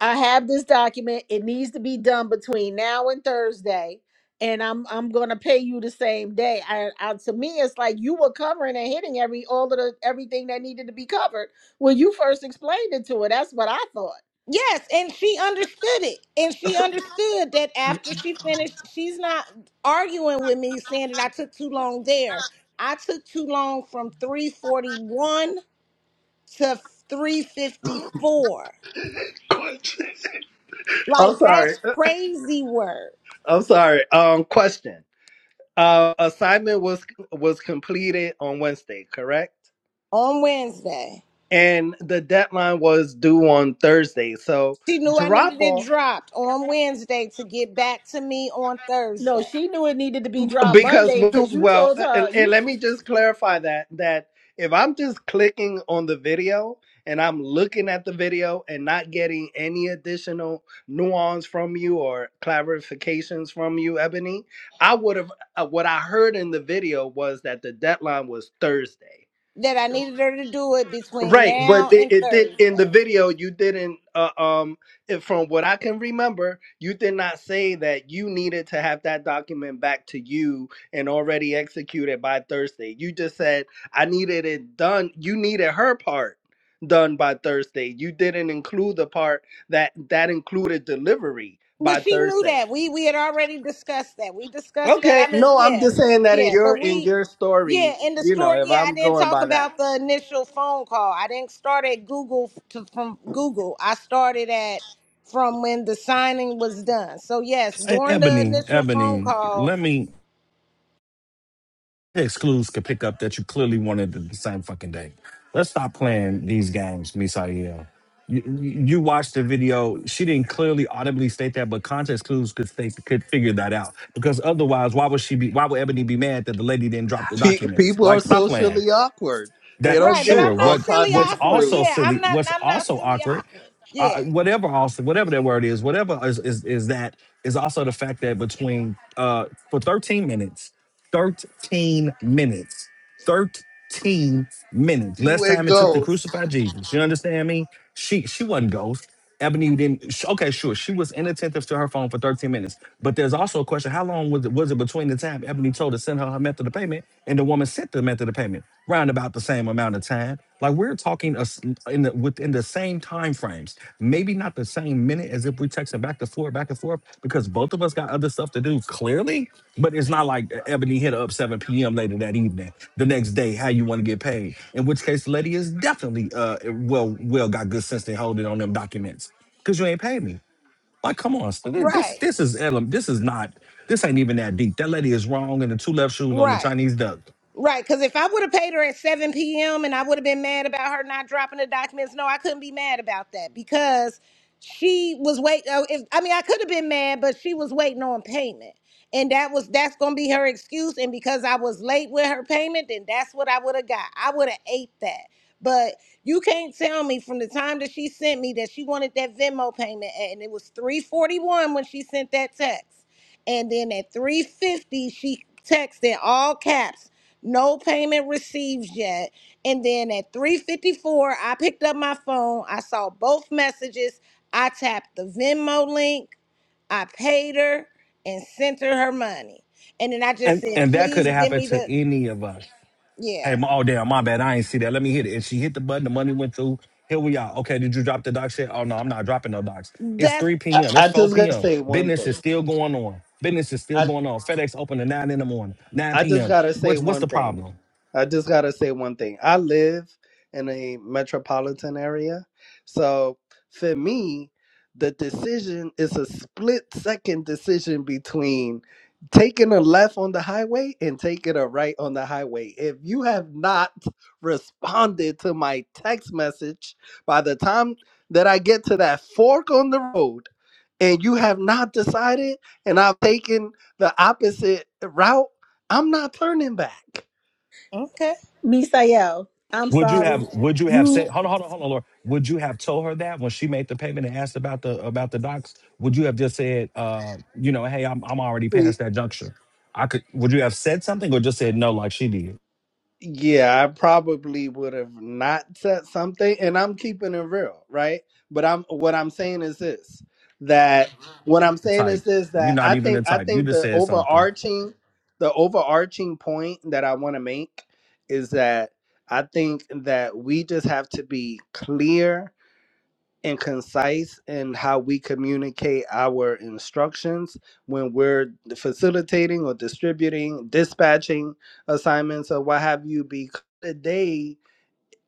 Speaker 2: I have this document. It needs to be done between now and Thursday. And I'm I'm gonna pay you the same day. I, I to me, it's like you were covering and hitting every all of the everything that needed to be covered when you first explained it to her. That's what I thought.
Speaker 4: Yes, and she understood it. And she understood that after she finished, she's not arguing with me saying that I took too long there. I took too long from 341 to 354.
Speaker 7: it i'm
Speaker 4: Like,
Speaker 7: sorry
Speaker 4: that's crazy work
Speaker 7: i'm sorry um question Uh, assignment was was completed on Wednesday, correct?
Speaker 4: on Wednesday.
Speaker 7: And the deadline was due on Thursday. So
Speaker 4: She knew I
Speaker 7: drop
Speaker 4: needed it
Speaker 7: off
Speaker 4: dropped on Wednesday to get back to me on
Speaker 2: No,
Speaker 4: Thursday.
Speaker 2: she knew it needed to be dropped
Speaker 7: because
Speaker 2: Monday
Speaker 7: we,
Speaker 2: because you
Speaker 7: well,
Speaker 2: told
Speaker 7: and,
Speaker 2: her you
Speaker 7: and let me just clarify that that if I'm just clicking on the video and I'm looking at the video and not getting any additional nuance from you or clarifications from you, Ebony, I would have uh, what I heard in the video was that the deadline was Thursday.
Speaker 4: That I needed her to do it between
Speaker 7: Right, but
Speaker 4: now
Speaker 7: it,
Speaker 4: and
Speaker 7: it did in the
Speaker 4: Thursday.
Speaker 7: video. You didn't, uh, um, if, from what I can remember, you did not say that you needed to have that document back to you and already executed by Thursday. You just said I needed it done. You needed her part done by Thursday. You didn't include the part that that included delivery
Speaker 4: But
Speaker 7: by
Speaker 4: she knew
Speaker 7: Thursday.
Speaker 4: that. We we had already discussed that. We discussed that.
Speaker 7: Okay,
Speaker 4: I mean,
Speaker 7: no, I'm
Speaker 4: yeah.
Speaker 7: just saying that in
Speaker 4: Yeah,
Speaker 7: your
Speaker 4: but
Speaker 7: in
Speaker 4: we
Speaker 7: your story,
Speaker 4: yeah, in the
Speaker 7: you know,
Speaker 4: store,
Speaker 7: if
Speaker 4: yeah, I
Speaker 7: I'm
Speaker 4: didn't
Speaker 7: going
Speaker 4: talk
Speaker 7: by that.
Speaker 4: about the initial phone call. I didn't start at Google to from Google. I started at from when the signing was done. So yes,
Speaker 6: Hey,
Speaker 4: during the
Speaker 6: Ebony,
Speaker 4: initial phone
Speaker 6: Ebony,
Speaker 4: call.
Speaker 6: let me excludes could pick up that you clearly wanted the same fucking day. Let's stop playing these games, Misael. You, you watched the video. She didn't clearly audibly state that, but context clues could state, could figure that out. Because otherwise, why would she be? Why would Ebony be mad that the lady didn't drop the
Speaker 7: Pe-
Speaker 6: documents?
Speaker 7: people are
Speaker 6: Like, stop playing
Speaker 7: socially awkward. They
Speaker 6: that
Speaker 7: don't
Speaker 4: Right, but
Speaker 7: get
Speaker 6: sure
Speaker 4: I'm not
Speaker 7: all
Speaker 6: what
Speaker 4: silly
Speaker 6: what's
Speaker 7: context
Speaker 4: awkward.
Speaker 6: also
Speaker 7: clues.
Speaker 4: Yeah,
Speaker 6: silly
Speaker 4: I'm not
Speaker 6: what's
Speaker 4: I'm not
Speaker 6: also
Speaker 4: silly
Speaker 6: awkward
Speaker 4: awkward.
Speaker 6: uh,
Speaker 4: Yeah.
Speaker 6: whatever also whatever that word is whatever is, is is that is also the fact that between uh for 13 minutes 13 minutes 13 minutes
Speaker 7: See
Speaker 6: less
Speaker 7: where it
Speaker 6: time it took to
Speaker 7: goes.
Speaker 6: crucify jesus you understand me she she wasn't ghost Ebony didn't. sh- Okay, sure. She was inattentive to her phone for 13 minutes. But there's also a question: How long was it? Was it between the time Ebony told her to send her her method of payment and the woman sent the method of payment? Round about the same amount of time. Like we're talking us in the, within the same time frames. Maybe not the same same minute as if we texting back and forth, back and forth, because both of us got other stuff to do, clearly. But it's not like Ebony hit her up 7 p.m. later that evening. The next day, how you want to get paid. In which case, Letty is definitely uh well well got good sense to hold it on them documents. Cause you ain't paid me. Like, come on, so thi- this
Speaker 4: Right.
Speaker 6: this is ele- this is not this ain't even that deep. That lady is wrong and the two left shoes on the
Speaker 4: Right.
Speaker 6: Chinese duck.
Speaker 4: Right, because if I would have paid her at 7 p.m. and I would have been mad about her not dropping the documents, no, I couldn't be mad about that because she was wait. Uh, if, I mean, I could have been mad, but she was waiting on payment, and that was that's gonna be her excuse. And because I was late with her payment, then that's what I would have got. I would have ate that. But you can't tell me from the time that she sent me that she wanted that Venmo payment, and it was 3:41 when she sent that text, and then at 3:50 she texted in all caps no payment received yet and then at 354 i picked up my phone i saw both messages i tapped the venmo link i paid her and sent her her money and then i just
Speaker 6: And
Speaker 4: said
Speaker 6: and that could
Speaker 4: please
Speaker 6: have
Speaker 4: give
Speaker 6: happened
Speaker 4: me
Speaker 6: to
Speaker 4: the
Speaker 6: any of us. Hey,
Speaker 4: yeah
Speaker 6: my, oh damn, my bad. I ain't see that. Let me hit it. And she hit the button. The money went through. Here we are. Okay, did you drop the doc shit? Oh no, I'm not dropping no docs. It's
Speaker 4: that's
Speaker 6: 3
Speaker 7: I,
Speaker 6: p.m. It's
Speaker 7: I
Speaker 6: 4
Speaker 7: just gotta
Speaker 6: p.m.
Speaker 7: say one
Speaker 6: Business
Speaker 7: thing.
Speaker 6: is still going on. Business is still
Speaker 7: I
Speaker 6: going on. FedEx open at 9 in the morning, 9
Speaker 7: I just
Speaker 6: p.m.
Speaker 7: gotta say
Speaker 6: What's what's
Speaker 7: one
Speaker 6: the
Speaker 7: thing.
Speaker 6: problem?
Speaker 7: I just gotta say one thing. I live in a metropolitan area, so for me, the decision is a split second decision between taking a left on the highway and taking a right on the highway. If you have not responded to my text message by the time that I get to that fork on the road, and you have not decided, and I've taken the opposite route I'm not turning back.
Speaker 4: okay
Speaker 2: Misael. I'm
Speaker 6: Would you
Speaker 2: sorry.
Speaker 6: have would you have said
Speaker 2: You
Speaker 6: hold on, hold on, hold on, Lord. Would you have told her that when she made the payment and asked about the about the docs? Would you have just said, uh, you know, hey, I'm I'm already
Speaker 7: See,
Speaker 6: past that juncture? I could would you have said something or just said no like she did?
Speaker 7: Yeah, I probably would have not said something, and I'm keeping it real, right? But I'm what I'm saying is this that what I'm
Speaker 6: the
Speaker 7: saying
Speaker 6: type.
Speaker 7: is this
Speaker 6: You're
Speaker 7: that
Speaker 6: not
Speaker 7: I
Speaker 6: even the
Speaker 7: think I
Speaker 6: type. You
Speaker 7: think
Speaker 6: just
Speaker 7: the
Speaker 6: said something.
Speaker 7: overarching the overarching point that I want to make is that I think that we just have to be clear and concise in how we communicate our instructions when we're facilitating or distributing, dispatching assignments or what have you. Because today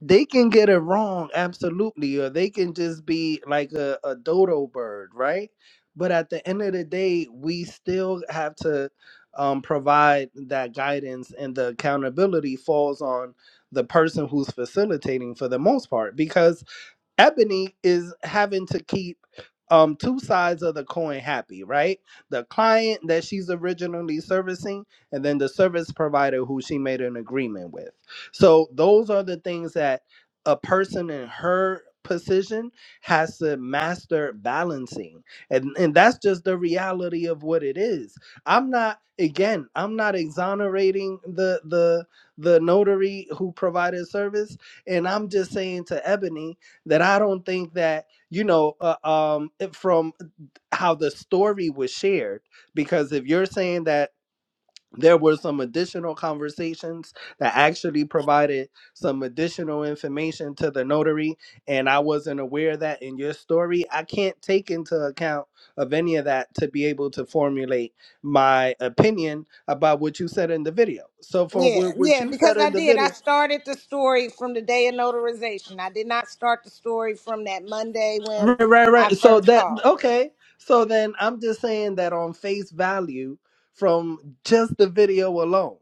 Speaker 7: they can get it wrong, absolutely, or they can just be like a, a dodo bird, right? But at the end of the day, we still have to um, provide that guidance, and the accountability falls on the person who's facilitating for the most part because Ebony is having to keep um two sides of the coin happy, right? The client that she's originally servicing and then the service provider who she made an agreement with. So those are the things that a person in her position has to master balancing. And and that's just the reality of what it is. I'm not again, I'm not exonerating the the the notary who provided service and I'm just saying to Ebony that I don't think that you know uh, um it- from how the story was shared because if you're saying that there were some additional conversations that actually provided some additional information to the notary and I wasn't aware of that in your story I can't take into account of any of that to be able to formulate my opinion about what you said in the video so from
Speaker 4: yeah
Speaker 7: what what
Speaker 4: yeah
Speaker 7: you
Speaker 4: because
Speaker 7: said
Speaker 4: i
Speaker 7: in the
Speaker 4: did i
Speaker 7: video
Speaker 4: started the story from the day of notarization i did not start the story from that monday when
Speaker 7: Right, right,
Speaker 4: i
Speaker 7: right. So
Speaker 4: first
Speaker 7: that
Speaker 4: called her
Speaker 7: okay. So then I'm just saying that on face value from just the video alone.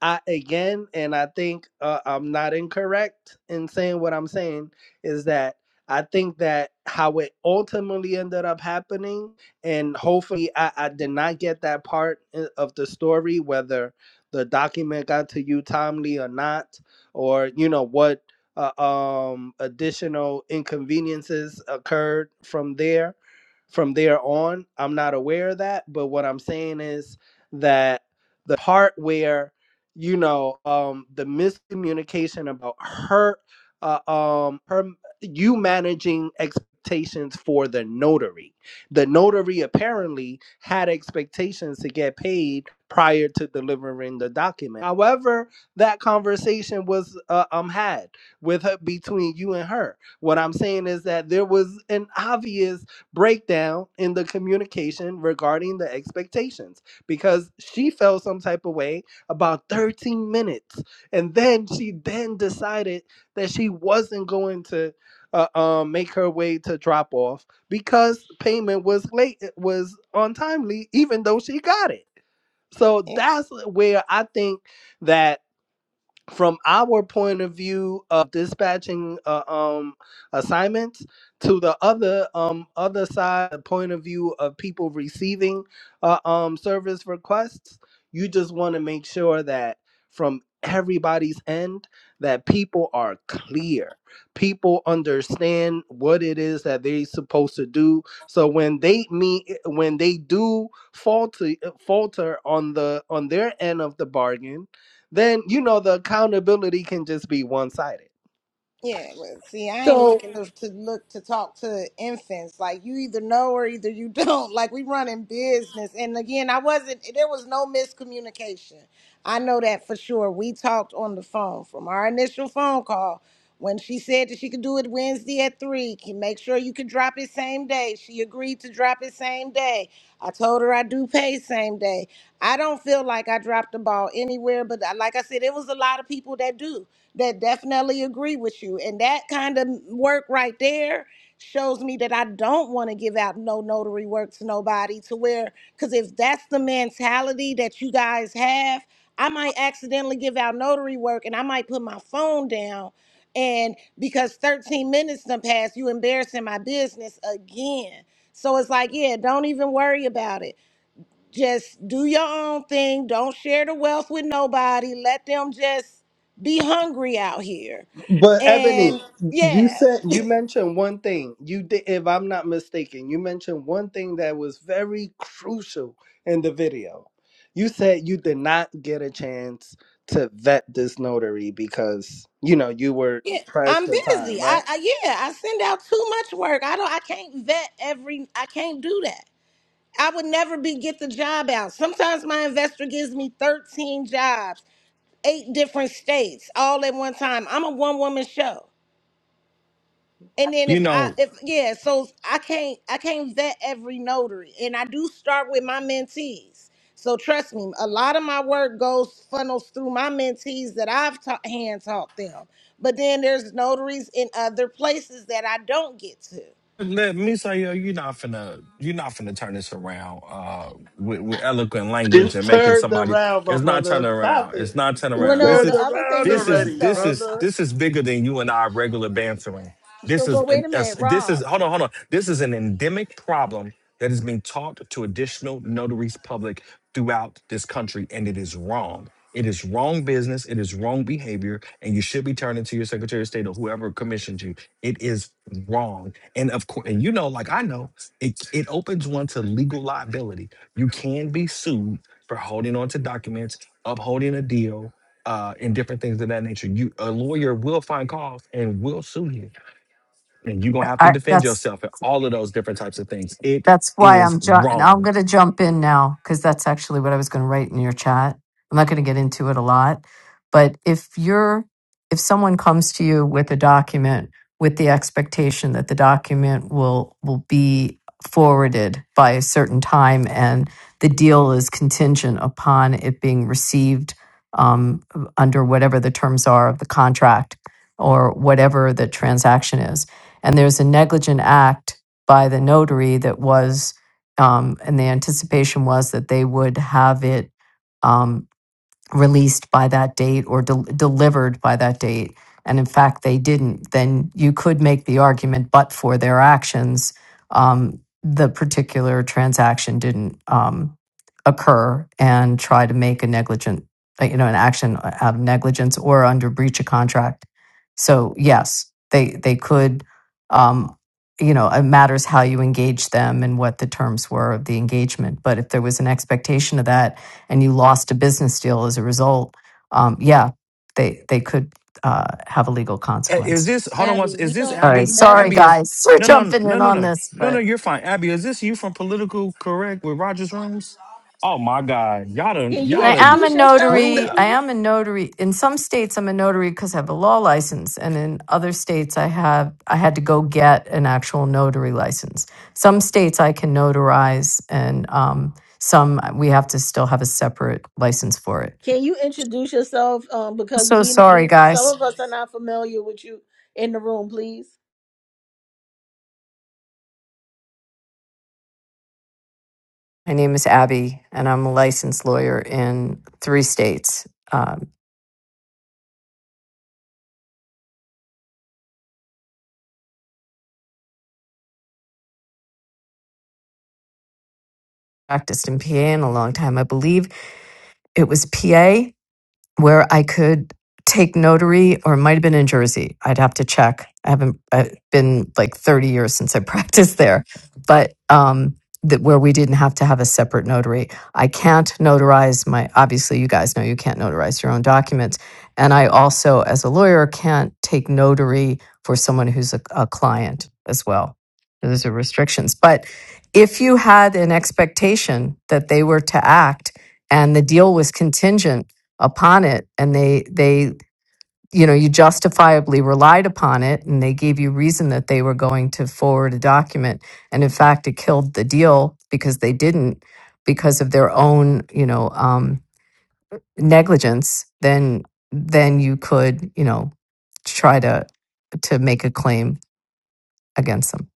Speaker 7: I again, and I think uh, I'm not incorrect in saying what I'm saying is that I think that how it ultimately ended up happening, and hopefully I, I did not get that part uh, of the story, whether the document got to you timely or not, or you know what uh, um, additional inconveniences occurred from there. From there on, I'm not aware of that, but what I'm saying is that the part where you know um the miscommunication about her uh, um her you managing expectations for the notary the notary apparently had expectations to get paid prior to delivering the document however that conversation was uh, um had with her between you and her what i'm saying is that there was an obvious breakdown in the communication regarding the expectations because she felt some type of way about 13 minutes and then she then decided that she wasn't going to uh, um, make her way to drop off because payment was late was untimely even though she got it so that's where i think that from our point of view of dispatching uh, um, assignments to the other um, other side, the point of view of people receiving uh, um, service requests, you just want to make sure that from everybody's end that people are clear people understand what it is that they're supposed to do so when they meet when they do falter falter on the on their end of the bargain then you know the accountability can just be one sided.
Speaker 4: Yeah, well, see, I ain't
Speaker 2: so
Speaker 4: looking to, to look to talk to infants. Like you either know or either you don't. Like we running business, and again, I wasn't. There was no miscommunication. I know that for sure. We talked on the phone from our initial phone call when she said that she could do it Wednesday at three. Can make sure you could drop it same day. She agreed to drop it same day. I told her I do pay same day. I don't feel like I dropped the ball anywhere, but uh, like I said, it was a lot of people that do that definitely agree with you. And that kind of work right there shows me that I don't want to give out no notary work to nobody to where, because if that's the mentality that you guys have, I might accidentally give out notary work and I might put my phone down. And because 13 minutes done passed, you embarrassing my business again. So it's like, yeah, don't even worry about it just do your own thing. Don't share the wealth with nobody. Let them just be hungry out here.
Speaker 7: But Ebony,
Speaker 4: And
Speaker 7: you
Speaker 4: yeah,
Speaker 7: said you mentioned one thing. You did, if I'm not mistaken, you mentioned one thing that was very crucial in the video. You said you did not get a chance to vet this notary because you know you were
Speaker 4: yeah I'm
Speaker 7: pressed for
Speaker 4: busy.
Speaker 7: time,
Speaker 4: I,
Speaker 7: right?
Speaker 4: I yeah, I send out too much work. I don't I can't vet every I can't do that. I would never be get the job out. Sometimes my investor gives me 13 jobs, eight different states, all at one time. I'm a one woman show. And then
Speaker 6: You
Speaker 4: if I
Speaker 6: know,
Speaker 4: if yeah, so I can't I can't vet every notary, and I do start with my mentees. So trust me, a lot of my work goes funnels through my mentees that I've taught hand taught them. But then there's notaries in other places that I don't get to.
Speaker 6: let me say, yo, you're not finna, you're not finna turn this around uh, with, with eloquent language and
Speaker 7: It's
Speaker 6: making
Speaker 7: turned
Speaker 6: somebody.
Speaker 7: around, my
Speaker 6: It's not turning
Speaker 7: brother. Stop
Speaker 6: around. It's
Speaker 7: it.
Speaker 6: not turning
Speaker 2: Well,
Speaker 7: It's
Speaker 6: around. This
Speaker 2: no,
Speaker 7: turned
Speaker 2: the
Speaker 6: is,
Speaker 2: other thing
Speaker 7: around
Speaker 2: is
Speaker 6: this is,
Speaker 2: this
Speaker 7: already,
Speaker 6: this
Speaker 2: though.
Speaker 6: is,
Speaker 7: brother.
Speaker 6: this is bigger than you and I regular bantering. This
Speaker 2: So,
Speaker 6: is
Speaker 2: but
Speaker 6: an,
Speaker 2: wait a
Speaker 6: a,
Speaker 2: minute,
Speaker 6: this
Speaker 2: Rob,
Speaker 6: is hold on, hold on. This is an endemic problem that is being taught to additional notaries public throughout this country, and it is wrong. It is wrong business. It is wrong behavior, and you should be turning to your Secretary of State or whoever commissioned you. It is wrong, and of course, and you know, like I know, it it opens one to legal liability. You can be sued for holding on to documents, upholding a deal, uh, and different things of that nature. You a lawyer will find cause and will sue you and you're gonna have to
Speaker 8: I,
Speaker 6: defend
Speaker 8: that's
Speaker 6: yourself and all of those different types of things. It
Speaker 8: that's why
Speaker 6: is
Speaker 8: I'm ju- I'm
Speaker 6: wrong.
Speaker 8: going to jump in now because that's actually what I was going to write in your chat. I'm not going to get into it a lot, but if you're if someone comes to you with a document with the expectation that the document will will be forwarded by a certain time and the deal is contingent upon it being received um, under whatever the terms are of the contract or whatever the transaction is and there's a negligent act by the notary that was, um, and the anticipation was that they would have it, um, released by that date or del delivered by that date, and in fact they didn't, then you could make the argument, but for their actions, um, the particular transaction didn't um, occur, and try to make a negligent, uh, you know, an action out of negligence or under breach of contract. So yes, they they could. Um, you know, it matters how you engage them and what the terms were of the engagement. But if there was an expectation of that, and you lost a business deal as a result, um, yeah, they they could uh, have a legal
Speaker 6: Uh, Is
Speaker 8: consequence.
Speaker 6: this hold on once?
Speaker 2: Abby,
Speaker 6: Is
Speaker 2: we
Speaker 6: this
Speaker 2: don't.
Speaker 8: All right,
Speaker 3: Abby?
Speaker 6: Abby?
Speaker 2: Abby,
Speaker 8: sorry
Speaker 6: Abby is
Speaker 8: guys, we're
Speaker 6: no no no
Speaker 8: jumping
Speaker 6: no
Speaker 8: in
Speaker 6: no
Speaker 8: on
Speaker 6: no
Speaker 8: this,
Speaker 6: no no.
Speaker 8: but
Speaker 6: You're fine, Abby. Is this you from Political Correct with Rogers Rooms? Oh my God, y'all done
Speaker 2: can you
Speaker 8: and
Speaker 6: y'all
Speaker 8: I
Speaker 6: done
Speaker 8: am a
Speaker 2: introduce yourself,
Speaker 6: screwed
Speaker 8: notary.
Speaker 6: up.
Speaker 8: I
Speaker 2: please?
Speaker 8: am a notary. In some states, I'm a notary because I have a law license, and in other states, I have I had to go get an actual notary license. Some states I can notarize, and um, some uh, we have to still have a separate license for it.
Speaker 2: Can you introduce yourself? Um, because
Speaker 8: So
Speaker 2: we
Speaker 8: sorry,
Speaker 2: we
Speaker 8: guys.
Speaker 2: some of us are not familiar with you in the room. Please,
Speaker 8: My name is Abby, and I'm a licensed lawyer in three states. Um, practiced in PA in a long time. I believe it was PA. where I could take notary, or it might have been in Jersey. I'd have to check. I haven't i been like 30 years since I practiced there, but um, that where we didn't have to have a separate notary. I can't notarize my, obviously, you guys know you can't notarize your own documents. And I also, as a lawyer, can't take notary for someone who's a, a client as well. Those are restrictions. But if you had an expectation that they were to act and the deal was contingent upon it and they they you know you justifiably relied upon it and they gave you reason that they were going to forward a document and in fact it killed the deal because they didn't because of their own you know um, negligence then then you could you know try to to make a claim against them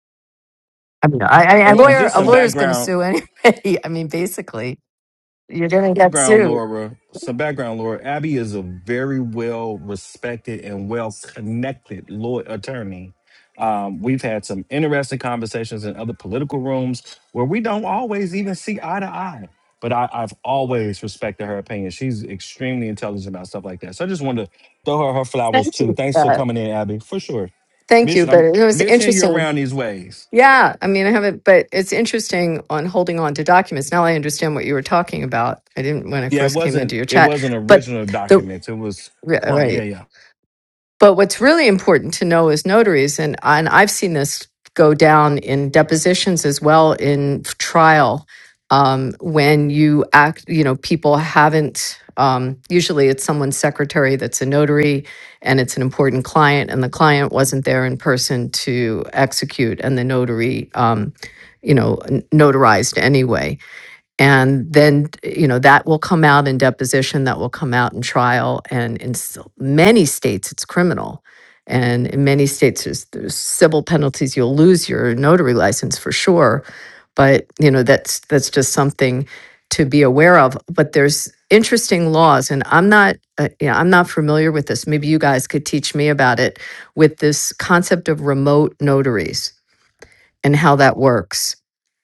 Speaker 8: i mean i, I a
Speaker 6: And, and
Speaker 2: thank you
Speaker 8: lawyer
Speaker 6: just
Speaker 8: a
Speaker 2: for
Speaker 6: some
Speaker 2: that.
Speaker 8: lawyer's going to
Speaker 6: background.
Speaker 8: sue anyway i mean basically You're gonna get
Speaker 6: background
Speaker 8: sued.
Speaker 6: laura some background laura abby is a very well respected and well connected law attorney um, we've had some interesting conversations in other political rooms where we don't always even see eye to eye but I, i've always respected her opinion she's extremely intelligent about stuff like that so i just wanted to throw her her flowers
Speaker 8: Thank you
Speaker 6: too
Speaker 8: for
Speaker 6: thanks for
Speaker 8: that.
Speaker 6: coming in abby for sure
Speaker 8: Thank
Speaker 6: miss,
Speaker 8: you,
Speaker 6: I'm,
Speaker 8: but it was
Speaker 6: missing you
Speaker 8: interesting.
Speaker 6: around these ways
Speaker 8: Yeah, I mean, I haven't, but it's interesting on holding on to documents. Now I understand what you were talking about. I didn't when I
Speaker 6: yeah it
Speaker 8: first came
Speaker 6: wasn't
Speaker 8: into your
Speaker 6: it
Speaker 8: chat,
Speaker 6: wasn't
Speaker 8: but
Speaker 6: original
Speaker 8: the
Speaker 6: documents it was
Speaker 8: Ri-
Speaker 6: client Yeah,
Speaker 8: Right.
Speaker 6: yeah
Speaker 8: But what's really important to know is notaries, and, and I've seen this go down in depositions as well in trial. Um, when you act, you know, people haven't, um, usually it's someone's secretary that's a notary and it's an important client, and the client wasn't there in person to execute, and the notary, um, you know, n- notarized anyway and then, you know, that will come out in deposition, that will come out in trial. And in s- many states, it's criminal. And in many states, there's, there's civil penalties. You'll lose your notary license for sure. But, you know, that's, that's just something to be aware of. But there's interesting laws, and I'm not, uh, you know, I'm not familiar with this. Maybe you guys could teach me about it with this concept of remote notaries and how that works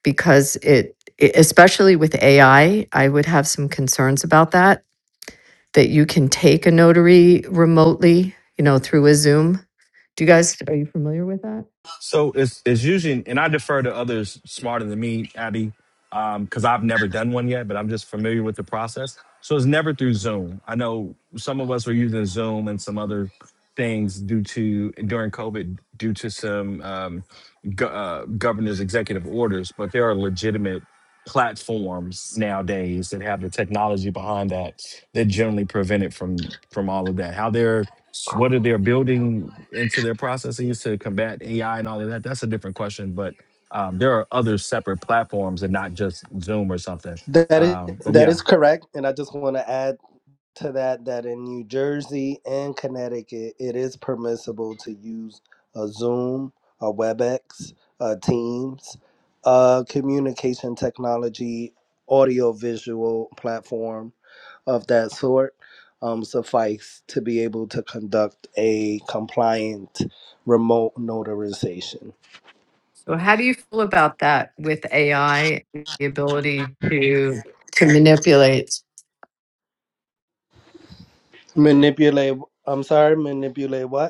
Speaker 8: because it, it- especially with AI, I I would have some concerns about that that you can take a notary remotely, you know, through a Zoom. Do you guys are you familiar with that?
Speaker 6: So it's it's usually, and I defer to others smarter than me, Abby, because I've never done one yet, but I'm just familiar with the process. So it's never through Zoom. I know some of us were using Zoom and some other things due to during COVID due to some um, go, uh, governor's executive orders, but there are legitimate platforms nowadays that have the technology behind that that generally prevent it from from all of that how they're what are they're building into their processes to combat ai and all of that that's a different question but um, there are other separate platforms and not just zoom or something
Speaker 7: That is
Speaker 6: um, but
Speaker 7: that
Speaker 6: yeah
Speaker 7: is correct, and I just want to add. to that that in New Jersey and Connecticut, it is permissible to use a Zoom, a WebEx, a Teams, a communication technology, audio visual platform of that sort. Um, suffice to be able to conduct a compliant remote notarization.
Speaker 8: So how do you feel about that with AI the ability to to manipulate
Speaker 7: Manipulate. I'm sorry. Manipulate what?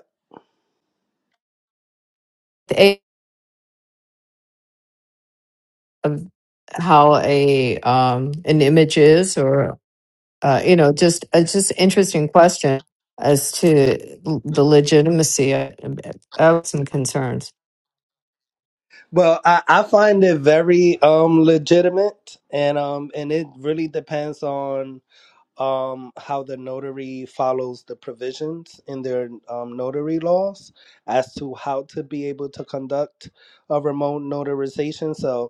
Speaker 8: the AI of how a um an image is or uh, you know, just it's just interesting question as to l- the legitimacy I I have some concerns.
Speaker 7: Well, I, I find it very um legitimate and um and it really depends on um how the notary follows the provisions in their um, notary laws as to how to be able to conduct a remote notarization. So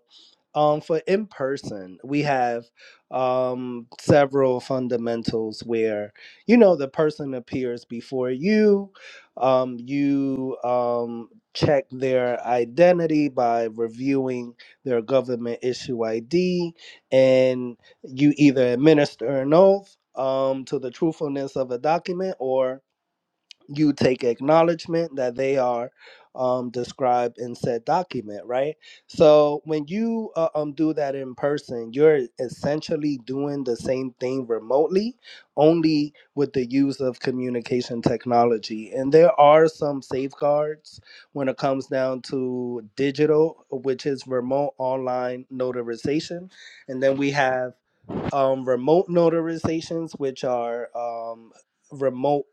Speaker 7: um, for in person, we have um, several fundamentals where you know the person appears before you. Um, you um, check their identity by reviewing their government issue ID, and you either administer an oath um, to the truthfulness of a document, or you take acknowledgement that they are um, described in said document, right? So when you uh, um, do that in person, you're essentially doing the same thing remotely, only with the use of communication technology. And there are some safeguards when it comes down to digital, which is remote online notarization. And then we have um, remote notarizations, which are um, remote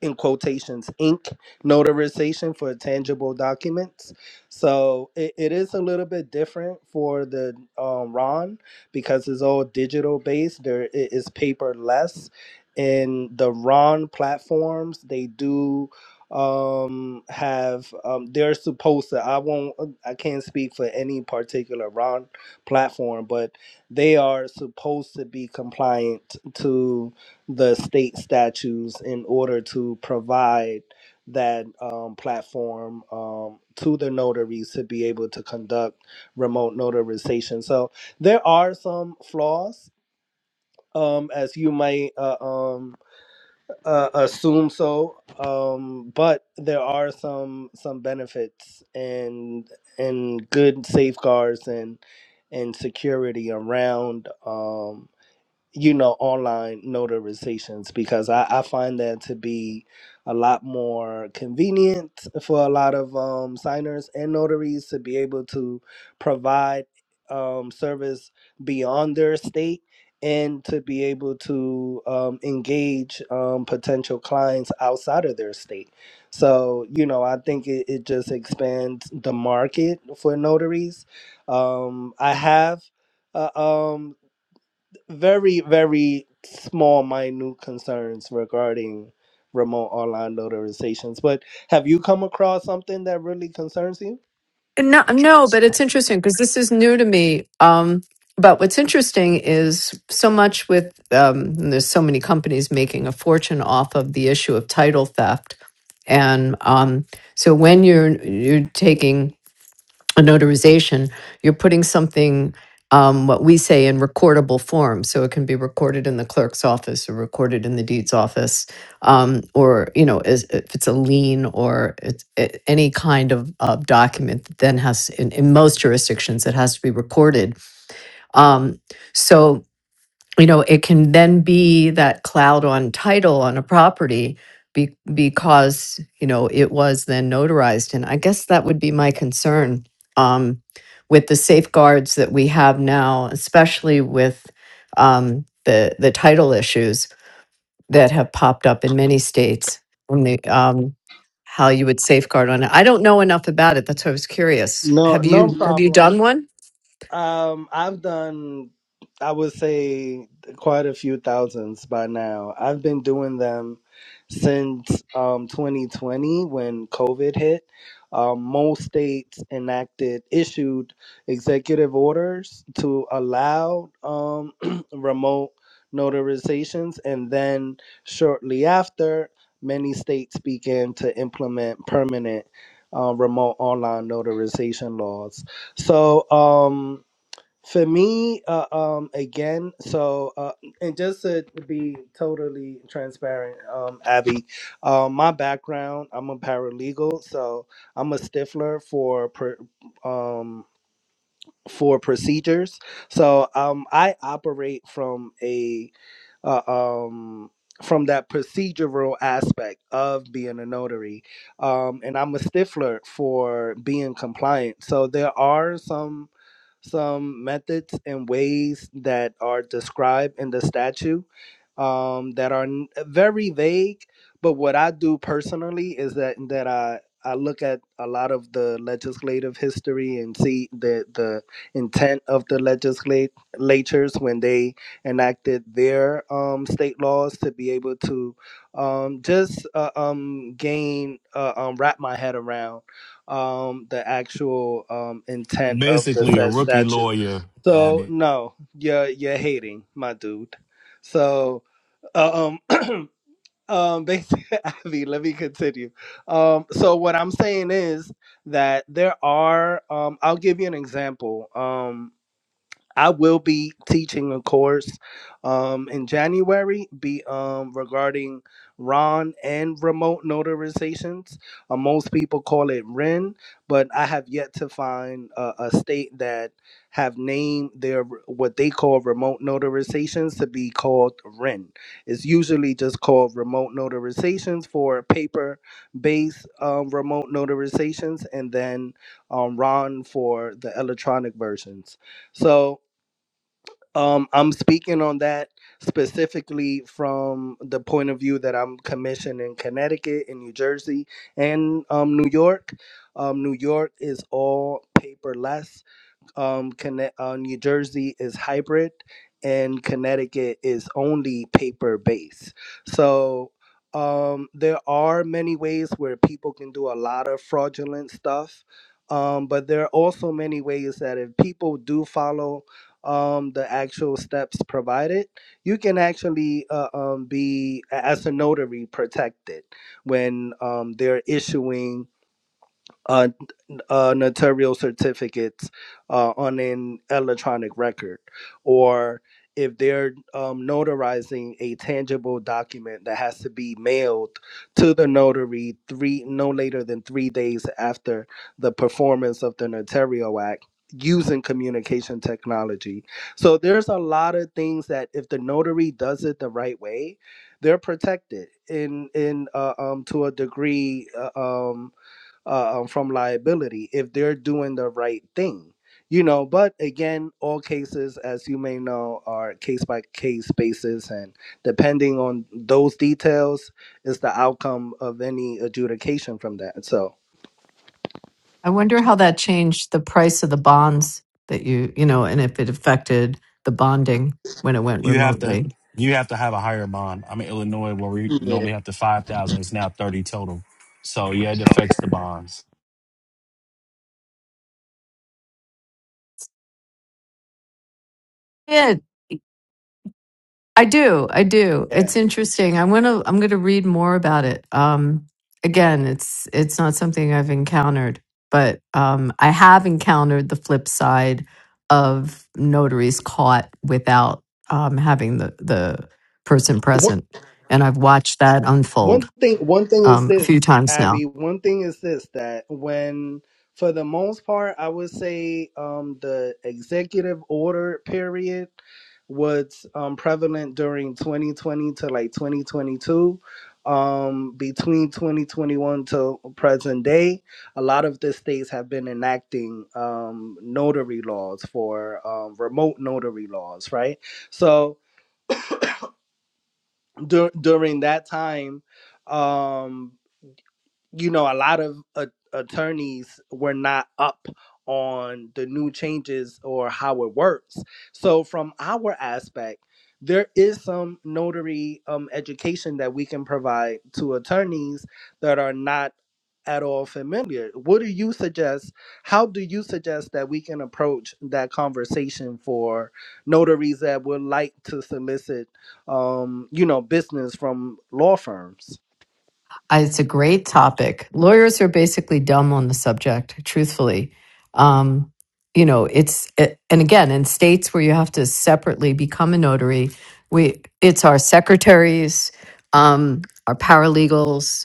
Speaker 7: in quotations ink notarization for tangible documents so it, it is a little bit different for the um, ron because it's all digital based there it is paper less in the ron platforms they do um have um they're supposed to i won't i can't speak for any particular ron platform but they are supposed to be compliant to the state statutes in order to provide that um, platform um, to the notaries to be able to conduct remote notarization. So there are some flaws, um, as you might uh, um, uh, assume so, um, but there are some some benefits and and good safeguards and and security around. Um, you know, online notarizations because I, I find that to be a lot more convenient for a lot of um, signers and notaries to be able to provide um, service beyond their state and to be able to um, engage um, potential clients outside of their state. So, you know, I think it, it just expands the market for notaries. Um, I have. Uh, um very, very small, minute concerns regarding remote online notarizations. But have you come across something that really concerns you?
Speaker 8: No, no, but it's interesting because this is new to me. Um, but what's interesting is so much with um, and there's so many companies making a fortune off of the issue of title theft, and um, so when you're you're taking a notarization, you're putting something, um, what we say in recordable form. So it can be recorded in the clerk's office or recorded in the deeds office, um, or, you know, as, if it's a lien or it's, a- any kind of, of document that then has, in, in most jurisdictions, it has to be recorded. Um, so you know, it can then be that cloud on title on a property be, because, you know, it was then notarized. And I guess that would be my concern um, with the safeguards that we have now, especially with um, the, the title issues that have popped up in many states on the, um, how you would safeguard on it. I don't know enough about it. That's why I was curious.
Speaker 7: No,
Speaker 8: Have
Speaker 7: no
Speaker 8: you, have you
Speaker 7: problem.
Speaker 8: done one?
Speaker 7: Um, I've done, I would say, quite a few thousands by now. I've been doing them since um, 2020 when COVID hit. Um, most states enacted, issued executive orders to allow um, remote notarizations, and then shortly after, many states began to implement permanent uh, remote online notarization laws. So, um, for me, uh, um, again, so uh, and just to be totally transparent, um, Abby, um, my background, I'm a paralegal, so I'm a stifler for per, um for procedures. So um, I operate from a uh, um, from that procedural aspect of being a notary. Um, and I'm a stiffler for being compliant. So there are some some methods and ways that are described in the statute um, that are n- very vague. But what I do personally is that that I I look at a lot of the legislative history and see the the intent of the legislatures when they enacted their um, state laws to be able to um, just uh, um, gain, uh, um, wrap my head around um, the actual um, intent of the
Speaker 6: basically a
Speaker 7: said
Speaker 6: rookie
Speaker 7: statute.
Speaker 6: lawyer,
Speaker 7: So,
Speaker 6: Abby.
Speaker 7: no, you're, you're hating, my dude. So, uh, um, um, basically, Abby, let me continue. Um, so, what I'm saying is that there are, um, I'll give you an example. Um, I will be teaching a course um, in January be um, regarding RON and remote notarizations. Uh, most people call it REN, but I have yet to find a, a state that have named their what they call remote notarizations to be called REN. It's usually just called remote notarizations for paper-based um, remote notarizations, and then um, RON for the electronic versions. So um, I'm speaking on that specifically from the point of view that I'm commissioned in Connecticut, in New Jersey, and um, New York. Um, New York is all paperless um Conne- uh, New Jersey is hybrid and Connecticut is only paper based. So um there are many ways where people can do a lot of fraudulent stuff. Um, but there are also many ways that if people do follow um, the actual steps provided, you can actually uh, um, be, a- as a notary, protected when um, they're issuing uh, uh, notarial certificates uh, on an electronic record, or if they're um, notarizing a tangible document that has to be mailed to the notary three no later than three days after the performance of the notarial act using communication technology. So there's a lot of things that if the notary does it the right way, they're protected in in uh, um to a degree uh, um uh, um, from liability if they're doing the right thing. You know, but again, all cases, as you may know, are case by case basis, and depending on those details, is the outcome of any adjudication from that. So,
Speaker 8: I wonder how that changed the price of the bonds that you, you know, and if it affected the bonding when it went
Speaker 6: You have to
Speaker 8: remotely.
Speaker 6: you have to have a higher bond. I'm in Illinois where we normally have to five thousand. It's now thirty total. So yeah, it affects the bonds.
Speaker 8: Yeah, I do. I do.
Speaker 7: Yeah.
Speaker 8: It's interesting. I want to. I'm going to read more about it. Um, again, it's it's not something I've encountered, but um, I have encountered the flip side of notaries caught without um, having the the person present, and I've watched that unfold.
Speaker 7: One thing one thing is
Speaker 8: um, a few
Speaker 7: this,
Speaker 8: times now.
Speaker 7: Abby, one thing is this that when for the most part I would say um the executive order period was um prevalent during 2020 to like 2022 um between 2021 to present day a lot of the states have been enacting um notary laws for um remote notary laws right so dur- during that time um you know, a lot of uh, attorneys were not up on the new changes or how it works. So, from our aspect, there is some notary um, education that we can provide to attorneys that are not at all familiar. What do you suggest? How do you suggest that we can approach that conversation for notaries that would like to solicit, um, you know, business from law firms?
Speaker 8: I- It's a great topic. Lawyers are basically dumb on the subject, truthfully. Um, you know, it's it, and again in states where you have to separately become a notary, we it's our secretaries, um, our paralegals.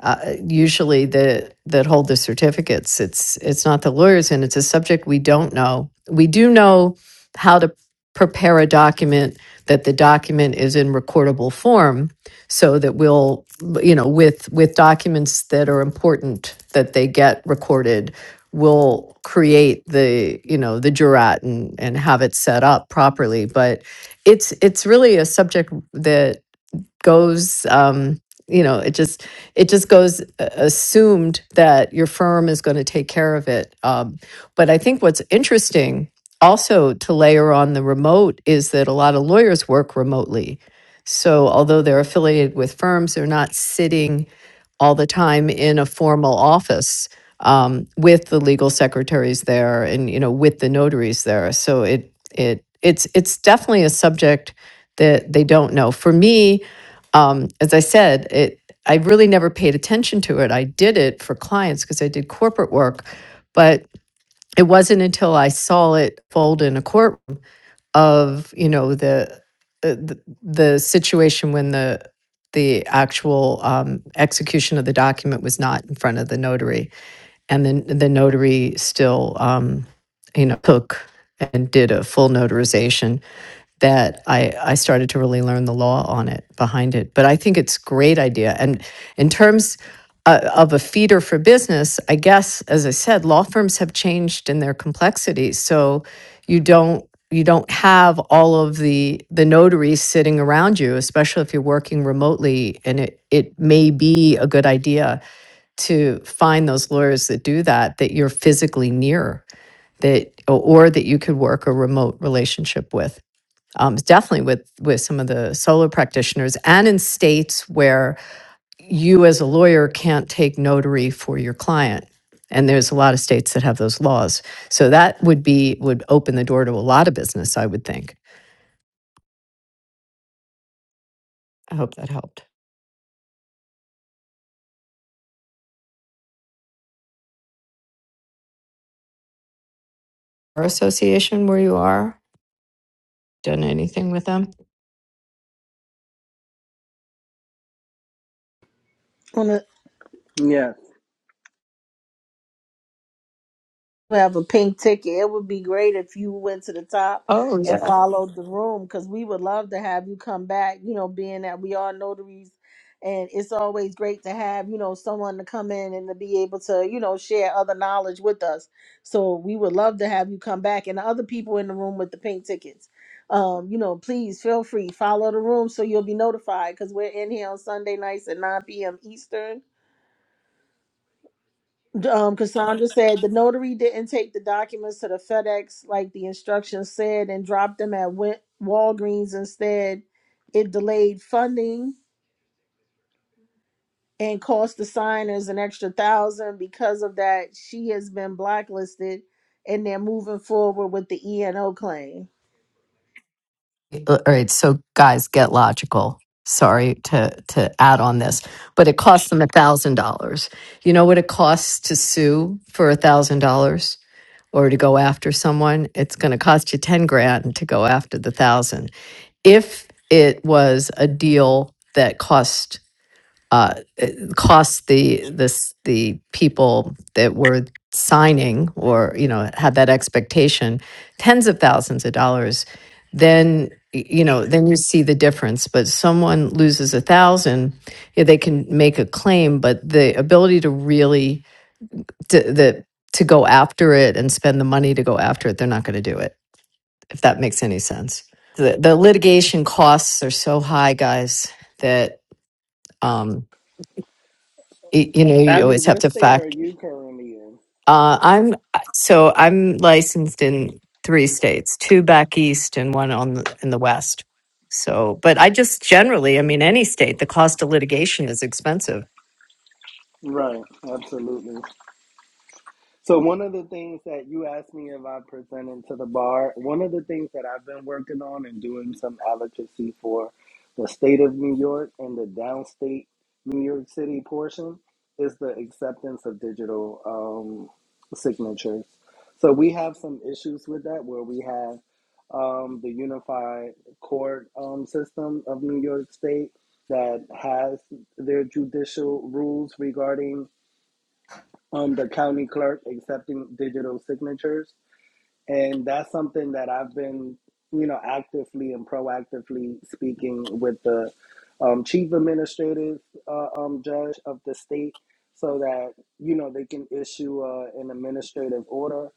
Speaker 8: uh, usually the that hold the certificates. It's it's not the lawyers, and it's a subject we don't know. We do know how to prepare a document that the document is in recordable form, so that we'll you know with with documents that are important that they get recorded. We'll create the you know the jurat and and have it set up properly, but it's it's really a subject that goes um you know it just it just goes uh, assumed that your firm is going to take care of it um, but i think what's interesting also to layer on the remote is that a lot of lawyers work remotely so although they're affiliated with firms they're not sitting all the time in a formal office um, with the legal secretaries there and you know with the notaries there so it it it's it's definitely a subject that they don't know for me um, as I said, it I really never paid attention to it. I did it for clients because I did corporate work, but it wasn't until I saw it fold in a courtroom of you know the uh, the, the situation when the the actual um, execution of the document was not in front of the notary and then the notary still, um, you know, took and did a full notarization that I, I started to really learn the law on it behind it. But I think it's a great idea. And in terms uh, of a feeder for business, I guess as I said, law firms have changed in their complexity. So you don't you don't have all of the the notaries sitting around you, especially if you're working remotely. And it it may be a good idea to find those lawyers that do that that you're physically near that or that you could work a remote relationship with um, definitely with with some of the solo practitioners and in states where you as a lawyer can't take notary for your client and there's a lot of states that have those laws so that would be would open the door to a lot of business i would think i hope that helped our association where you are done anything with them
Speaker 2: We have a pink ticket. It would be great if you went to the top and followed the room because we would love to have you come back. You know, being that we are notaries, and it's always great to have you know someone to come in and to be able to you know share other knowledge with us. So we would love to have you come back and the other people in the room with the pink tickets. Um, you know, please feel free follow the room so you'll be notified because we're in here on Sunday nights at 9 p.m. Eastern um, Cassandra said the notary didn't take the documents to the FedEx like the instructions said and dropped them at Wal- Walgreens instead. It delayed funding and cost the signers an extra thousand. Because of that, she has been blacklisted and they're moving forward with the ENO claim.
Speaker 8: Uh, all right so guys get logical sorry to to add on this but it costs them a thousand dollars you know what it costs to sue for a thousand dollars or to go after someone it's going to cost you 10 grand to go after the thousand if it was a deal that cost uh, it cost the this the people that were signing or you know had that expectation tens of thousands of dollars then y- you know then you see the difference but someone loses a thousand yeah, they can make a claim but the ability to really to, the to go after it and spend the money to go after it they're not going to do it if that makes any sense the, the litigation costs are so high guys that um y- you know you
Speaker 7: Abby,
Speaker 8: always have
Speaker 7: what
Speaker 8: to
Speaker 7: state are
Speaker 8: fact
Speaker 7: you currently in?
Speaker 8: uh, i'm uh, so i'm licensed in three states two back east and one on the, in the west so but i just generally i mean any state the cost of litigation is expensive
Speaker 7: Right, absolutely. So one of the things that you asked me if I presented to the bar, one of the things that I've been working on and doing some advocacy for the state of New York and the downstate New York City portion is the acceptance of digital um, signatures. So we have some issues with that where we have um, the unified court um, system of New York State that has their judicial rules regarding um, the county clerk accepting digital signatures and that's something that I've been, you know, actively and proactively speaking with the um, chief administrative uh, um, judge of the state, so that you know they can issue uh, an administrative order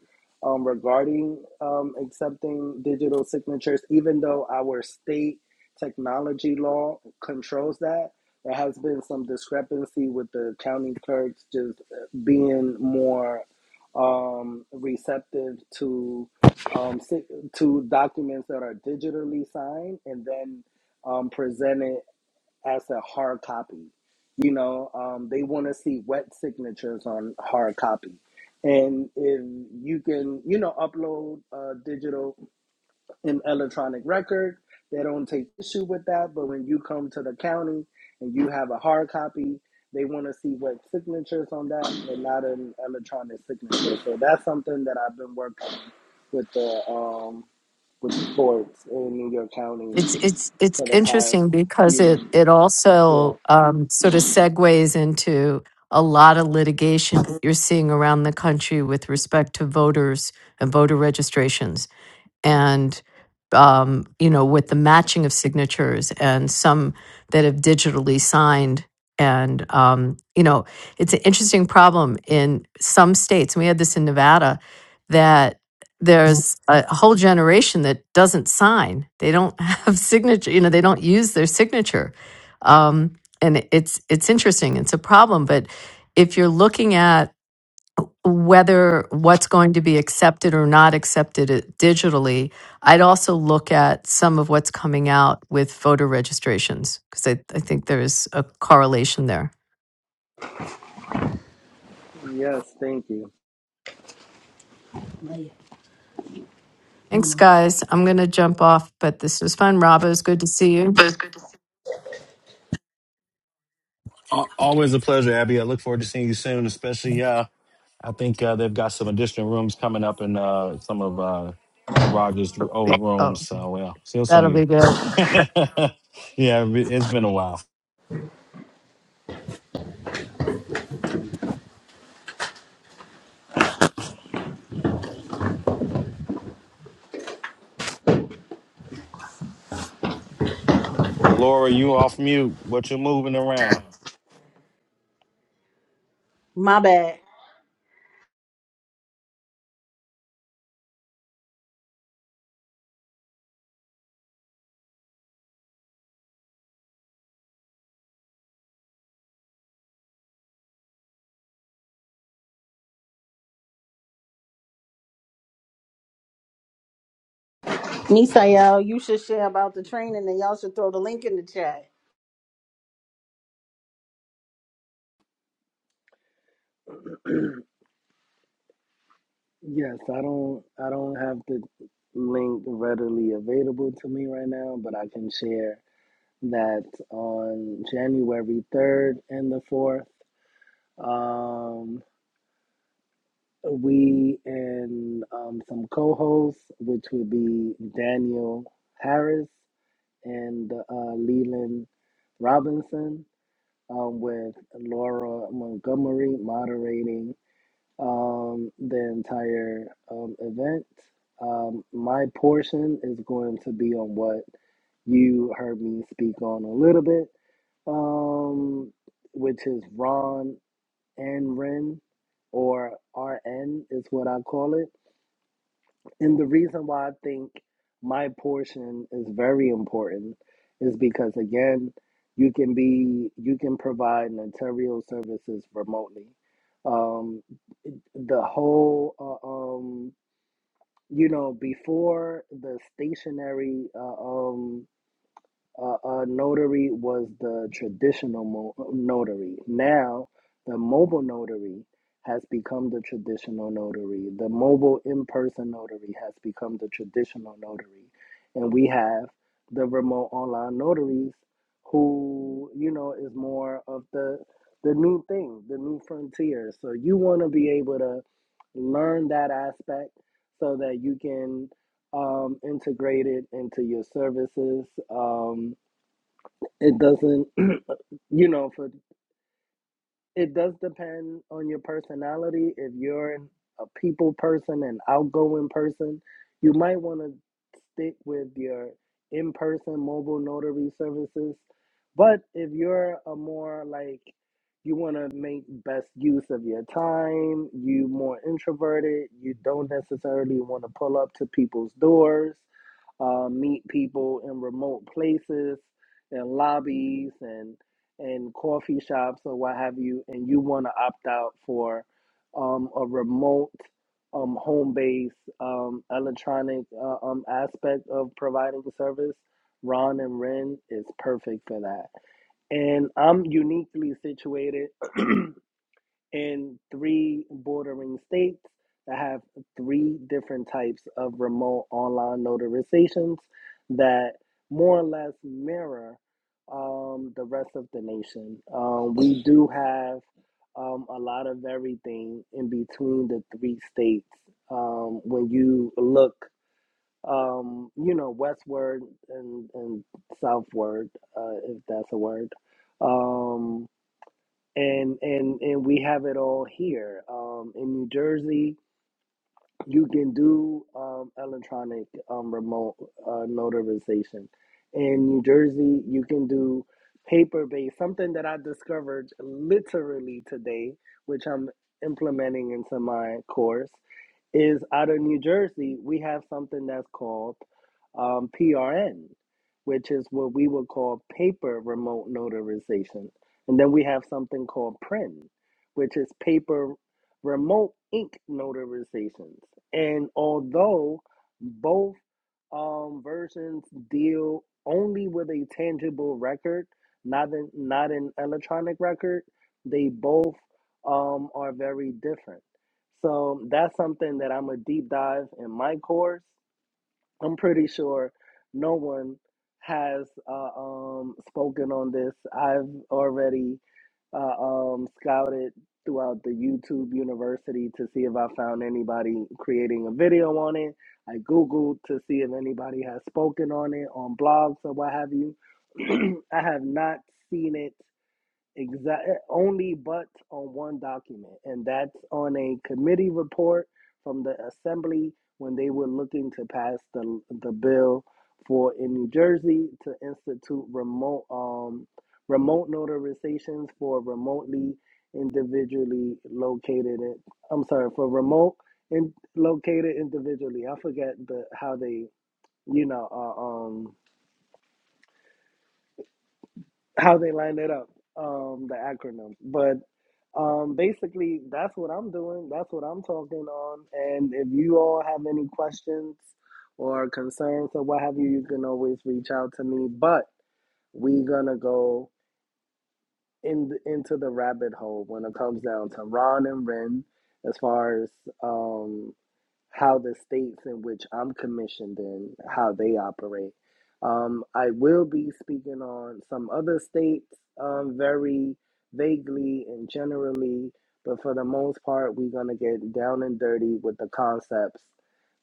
Speaker 7: um, regarding um, accepting digital signatures. Even though our state technology law controls that, there has been some discrepancy with the county clerks just uh, being more um, receptive to um, si- to documents that are digitally signed and then um, presented as a hard copy. You know, um, they want to see wet signatures on hard copy, and if you can, you know, upload uh, digital an electronic record. They don't take issue with that, but when you come to the county and you have a hard copy, they want to see what signatures on that and not an electronic signature. So that's something that I've been working with the um with the courts in New York County
Speaker 8: it's it's it's
Speaker 7: for the past
Speaker 8: interesting
Speaker 7: few
Speaker 8: because it
Speaker 7: months.
Speaker 8: it
Speaker 7: Yeah.
Speaker 8: also um, sort of segues into a lot of litigation you're seeing around the country with respect to voters and voter registrations and um, you know with the matching of signatures and some that have digitally signed and um, you know it's an interesting problem in some states and we had this in nevada that there's a whole generation that doesn't sign they don't have signature you know they don't use their signature um, and it's it's interesting it's a problem but if you're looking at whether what's going to be accepted or not accepted it- digitally, I'd also look at some of what's coming out with voter registrations because I, I think there's a correlation there.
Speaker 7: Yes, thank you.
Speaker 8: Thanks, guys. I'm going to jump off, but this was fun. Rob, it was good to see you.
Speaker 6: Al- Always a pleasure, Abby. I look forward to seeing you soon, especially uh I think uh, they've got some additional rooms coming up in uh some of uh Roger's old
Speaker 8: Oh,
Speaker 6: rooms. So well, see you soon
Speaker 8: That'll
Speaker 6: you.
Speaker 8: be good.
Speaker 6: yeah, it- it's been a while. Laura, you off mute. What you moving around?
Speaker 2: My bad. Misael, you should share about the training and y'all should throw the link in the chat.
Speaker 7: Yes, I don't I don't have the link readily available to me right now, but I can share that on January 3rd and the 4th, um, we and um, some co hosts, which would be Daniel Harris and uh, Leland Robinson, um, with Laura Montgomery moderating um, the entire um, event. Um, my portion is going to be on what you heard me speak on a little bit um, which is Ron and Ren, or RN is what I call it. And the reason why I think my portion is very important is because again, you can be you can provide notarial services remotely. Um, the whole uh, um, you know before the stationary uh, um, uh, uh, notary was the traditional mo- notary. Now, the mobile notary has become the traditional notary. The mobile in person notary has become the traditional notary. And we have the remote online notaries who, you know, is more of the the new thing, the new frontier. So you want to be able to learn that aspect so that you can um, integrate it into your services. Um, it doesn't, you know, for it does depend on your personality. If you're an- a people person, an outgoing person, you might want to stick with your in-person mobile notary services. But if you're a more like you want to make best use of your time, you more introverted, you don't necessarily want to pull up to people's doors, uh, meet people in remote places and lobbies and and coffee shops or what have you, and you want to opt out for um, a remote um, home-based um, electronic uh, um, aspect of providing the service, Ron and Ren is perfect for that. And I'm uniquely situated in three bordering states that have three different types of remote online notarizations that more or less mirror um, the rest of the nation. Um, we do have um, a lot of everything in between the three states. Um, when you look, um, you know, westward and, and southward, uh, if that's a word. um, and and and we have it all here um, in New Jersey. You can do um, electronic um, remote uh, notarization. In New Jersey, you can do paper based, something that I discovered literally today, which I'm implementing into my course, is out of New Jersey, we have something that's called um, PRN, which is what we would call paper remote notarization. And then we have something called PRIN, which is paper remote ink notarizations. And although both um, versions deal only with a tangible record, not an, not an electronic record, they both um, are very different. So that's something that I'm a deep dive in my course I'm pretty sure no one has uh, um, spoken on this. I've already uh, um, scouted throughout the YouTube university to see if I found anybody creating a video on it. I Googled to see if anybody has spoken on it on blogs or what have you. I have not seen it exact only but on one document and that's on a committee report from the assembly when they were looking to pass the the bill for in New Jersey to institute remote um remote notarizations for remotely individually located in, I'm sorry for remote and in, located individually I forget the how they you know uh um. how they line it up, um, the acronyms. But um, basically, that's what I'm doing. That's what I'm talking on. And if you all have any questions or concerns or what have you, you can always reach out to me. But we gonna go in into the rabbit hole when it comes down to Ron and Ren, as far as um, how the states in which I'm commissioned in, how they operate. Um, I will be speaking on some other states um, very vaguely and generally, but for the most part, we're going to get down and dirty with the concepts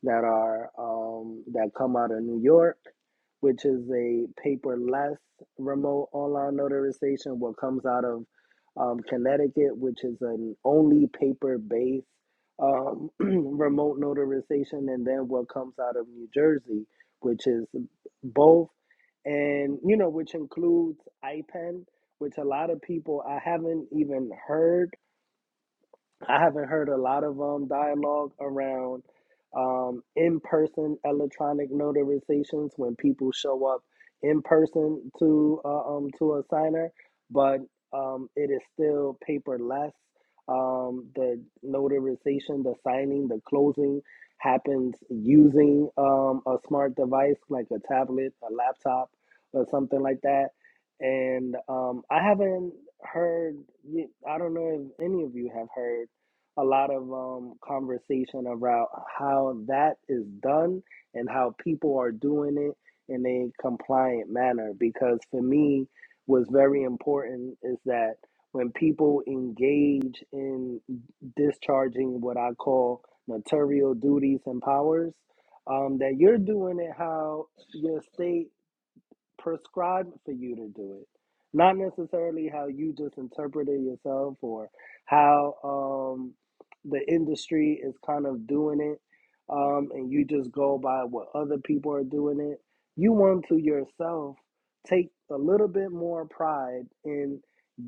Speaker 7: that are um, that come out of New York, which is a paperless remote online notarization. What comes out of um, Connecticut, which is an only paper based um, remote notarization, and then what comes out of New Jersey, which is both, and you know, which includes IPEN, which a lot of people I haven't even heard I haven't heard a lot of um, dialogue around um, in person electronic notarizations when people show up in person to uh, um, to a signer, but um, it is still paperless. Um, the notarization, the signing, the closing happens using um, a smart device like a tablet, a laptop, or something like that. And um, I haven't heard, I don't know if any of you have heard a lot of um, conversation about how that is done and how people are doing it in a compliant manner because for me what's very important is that when people engage in discharging what i call notarial duties and powers um, that you're doing it how your state prescribed for you to do it, not necessarily how you just interpret it yourself or how um, the industry is kind of doing it, um, and you just go by what other people are doing it. You want to yourself take a little bit more pride in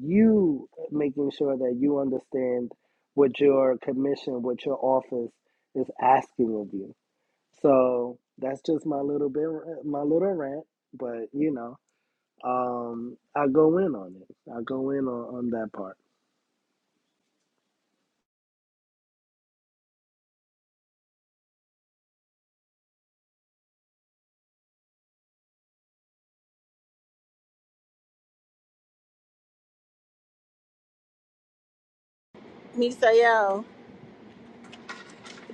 Speaker 7: you making sure that you understand what your commission, what your office is asking of you so that's just my little bit, my little rant. But you know, um, I go in on it. I go in on, on that part.
Speaker 2: Misael,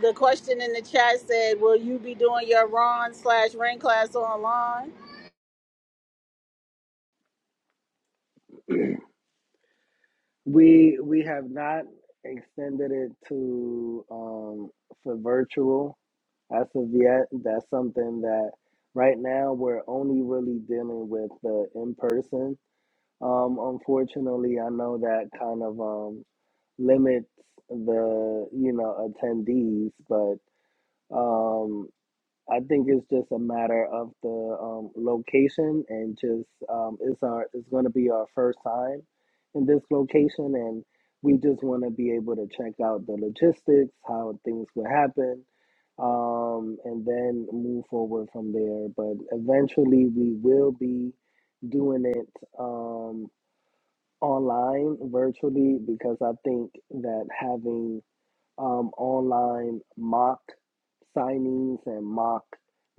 Speaker 2: the question in the chat said, Will you be doing your Ron slash Rain class online?
Speaker 7: We we have not extended it to um, for virtual as of yet. That's something that right now we're only really dealing with the in person. Um, unfortunately, I know that kind of um, limits the you know attendees, but um. I think it's just a matter of the um, location and just um, it's our it's going to be our first time in this location, and we just want to be able to check out the logistics, how things would happen, um, and then move forward from there. But eventually, we will be doing it um, online virtually because I think that having um, online mock signings and mock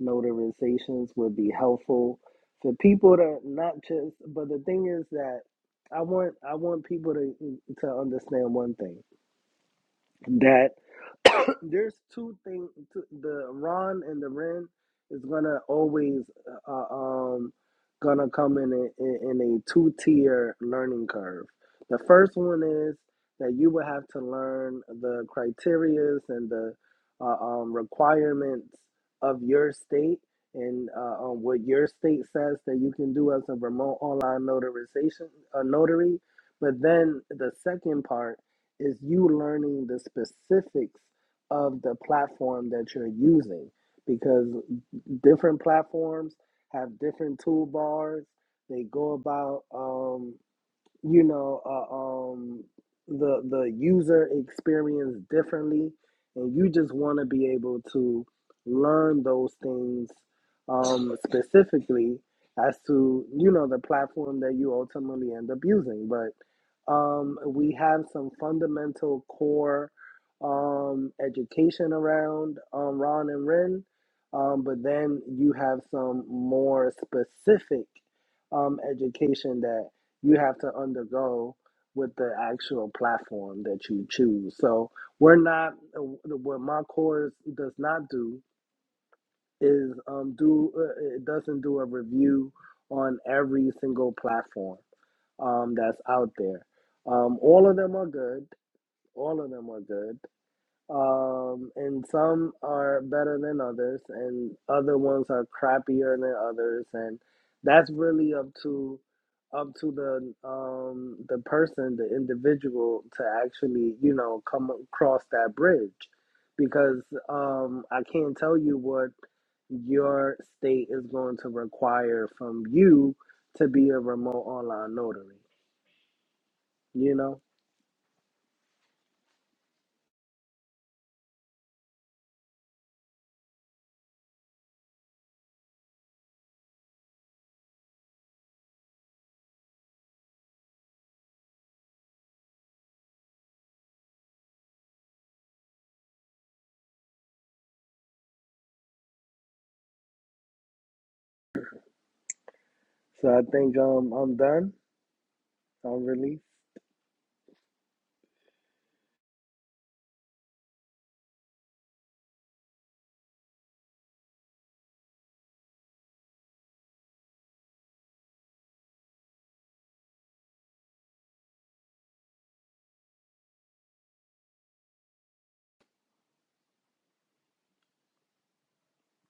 Speaker 7: notarizations would be helpful for people to not just. But the thing is that I want I want people to to understand one thing that there's two things. The Ron and the Ren is gonna always uh, uh, um gonna come in a, in a two tier learning curve. The first one is that you will have to learn the criterias and the uh, um, requirements of your state and uh, um, what your state says that you can do as a remote online notarization uh, notary. But then the second part is you learning the specifics of the platform that you're using because different platforms have different toolbars. They go about um, you know uh, um the the user experience differently and you just want to be able to learn those things um specifically as to you know the platform that you ultimately end up using but um we have some fundamental core um education around um ron and ren um but then you have some more specific um education that you have to undergo with the actual platform that you choose. So we're not uh, what my course does not do is um, do uh, it doesn't do a review on every single platform um, that's out there. Um, all of them are good. All of them are good. Um, and some are better than others, and other ones are crappier than others, and that's really up to up to the um the person, the individual, to actually you know come across that bridge, because um I can't tell you what your state is going to require from you to be a remote online notary, you know. So I think um I'm done. I'm released.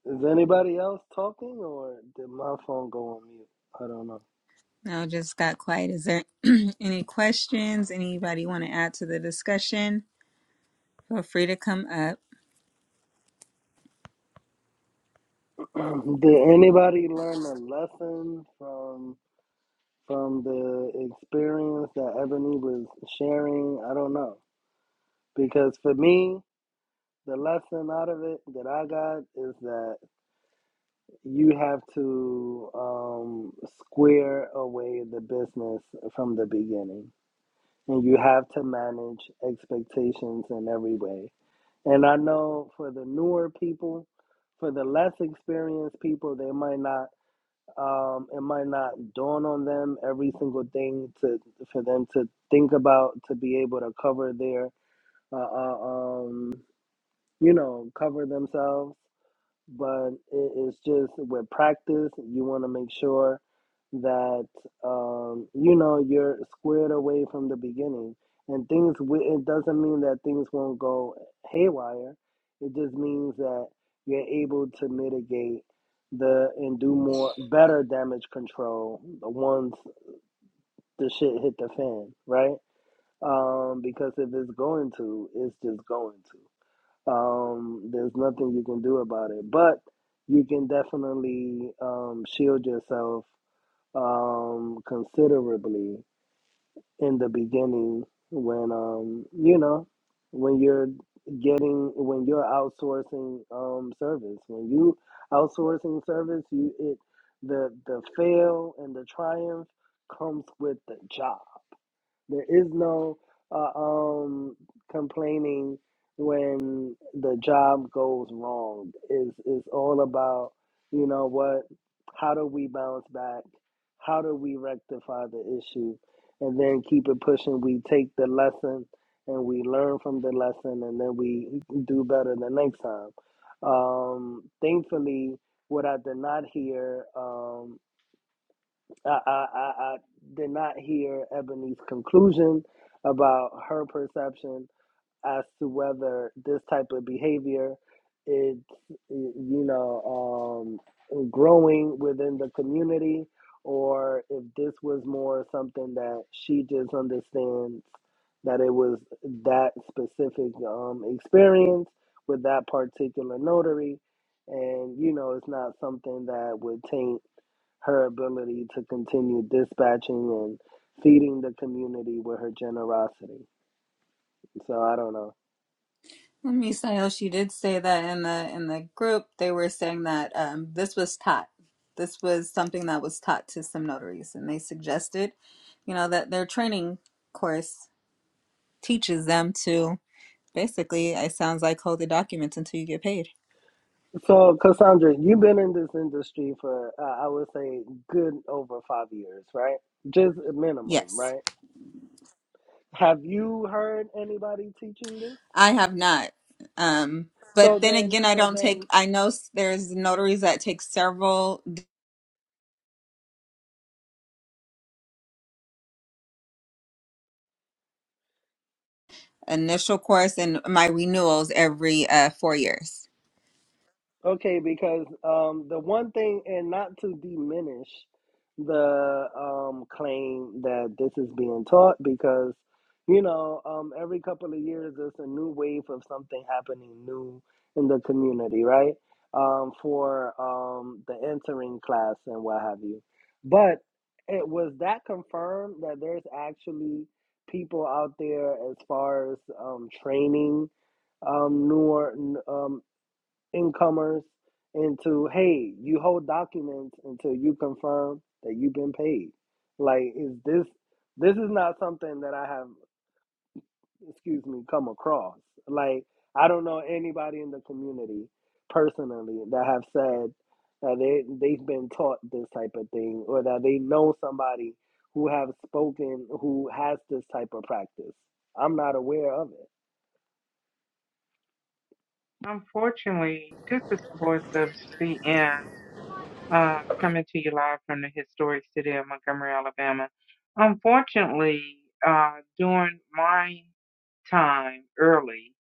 Speaker 7: Is anybody else talking or did my phone go on mute? I don't know.
Speaker 3: No, just got quiet. Is there any questions? Anybody want to add to the discussion? Feel free to come up.
Speaker 7: did anybody learn a lesson from from the experience that Ebony was sharing? I don't know. Because for me, the lesson out of it that I got is that you have to um, square away the business from the beginning. And you have to manage expectations in every way And I know for the newer people, for the less experienced people, they might not um, it might not dawn on them every single thing to for them to think about to be able to cover their uh, uh, um, you know cover themselves but it, it's just with practice you want to make sure that um, you know you're squared away from the beginning and things wi- it doesn't mean that things won't go haywire it just means that you're able to mitigate the and do more better damage control once the shit hit the fan right um because if it's going to it's just going to um, there's nothing you can do about it, but you can definitely um, shield yourself um, considerably in the beginning when um, you know when you're getting when you're outsourcing um, service. When you outsourcing service, you it the the fail and the triumph comes with the job. There is no uh, um, complaining when the job goes wrong. Is is all about you know what? How do we bounce back? How do we rectify the issue, and then keep it pushing? We take the lesson and we learn from the lesson, and then we do better the next time. Um, thankfully, what I did not hear. Um, I, I, I I did not hear Ebony's conclusion about her perception as to whether this type of behavior is, you know, um, growing within the community or if this was more something that she just understands that it was that specific um, experience with that particular notary. And, you know, it's not something that would taint her ability to continue dispatching and feeding the community with her generosity. So I don't know.
Speaker 3: And Misael, she did say that in the in the group they were saying that um, this was taught. This was something that was taught to some notaries, and they suggested, you know, that their training course teaches them to basically. It sounds like hold the documents until you get paid.
Speaker 7: So Cassandra, you've been in this industry for uh, I would say good over five years, right? Just a minimum,
Speaker 3: Yes,
Speaker 7: right? Have you heard anybody teaching this?
Speaker 3: I have not. Um, but
Speaker 7: So
Speaker 3: then
Speaker 7: then,
Speaker 3: again, I
Speaker 7: so
Speaker 3: don't
Speaker 7: then
Speaker 3: take. I know s- there's notaries that take several d- initial course and my renewals every uh, four years.
Speaker 7: Okay, because um, the one thing, and not to diminish the um, claim that this is being taught, because you know, um, every couple of years there's a new wave of something happening new in the community, right? Um, for um, the entering class and what have you. But it was that confirmed that there's actually people out there as far as um, training um, newer n- um, incomers into hey you hold documents until you confirm that you've been paid like is this this is not something that i have excuse me come across like i don't know anybody in the community personally that have said that they they've been taught this type of thing or that they know somebody who have spoken who has this type of practice i'm not aware of it
Speaker 9: Unfortunately, this is the voice of CN uh, coming to you live from the historic city of Montgomery, Alabama. Unfortunately, uh, during my time early,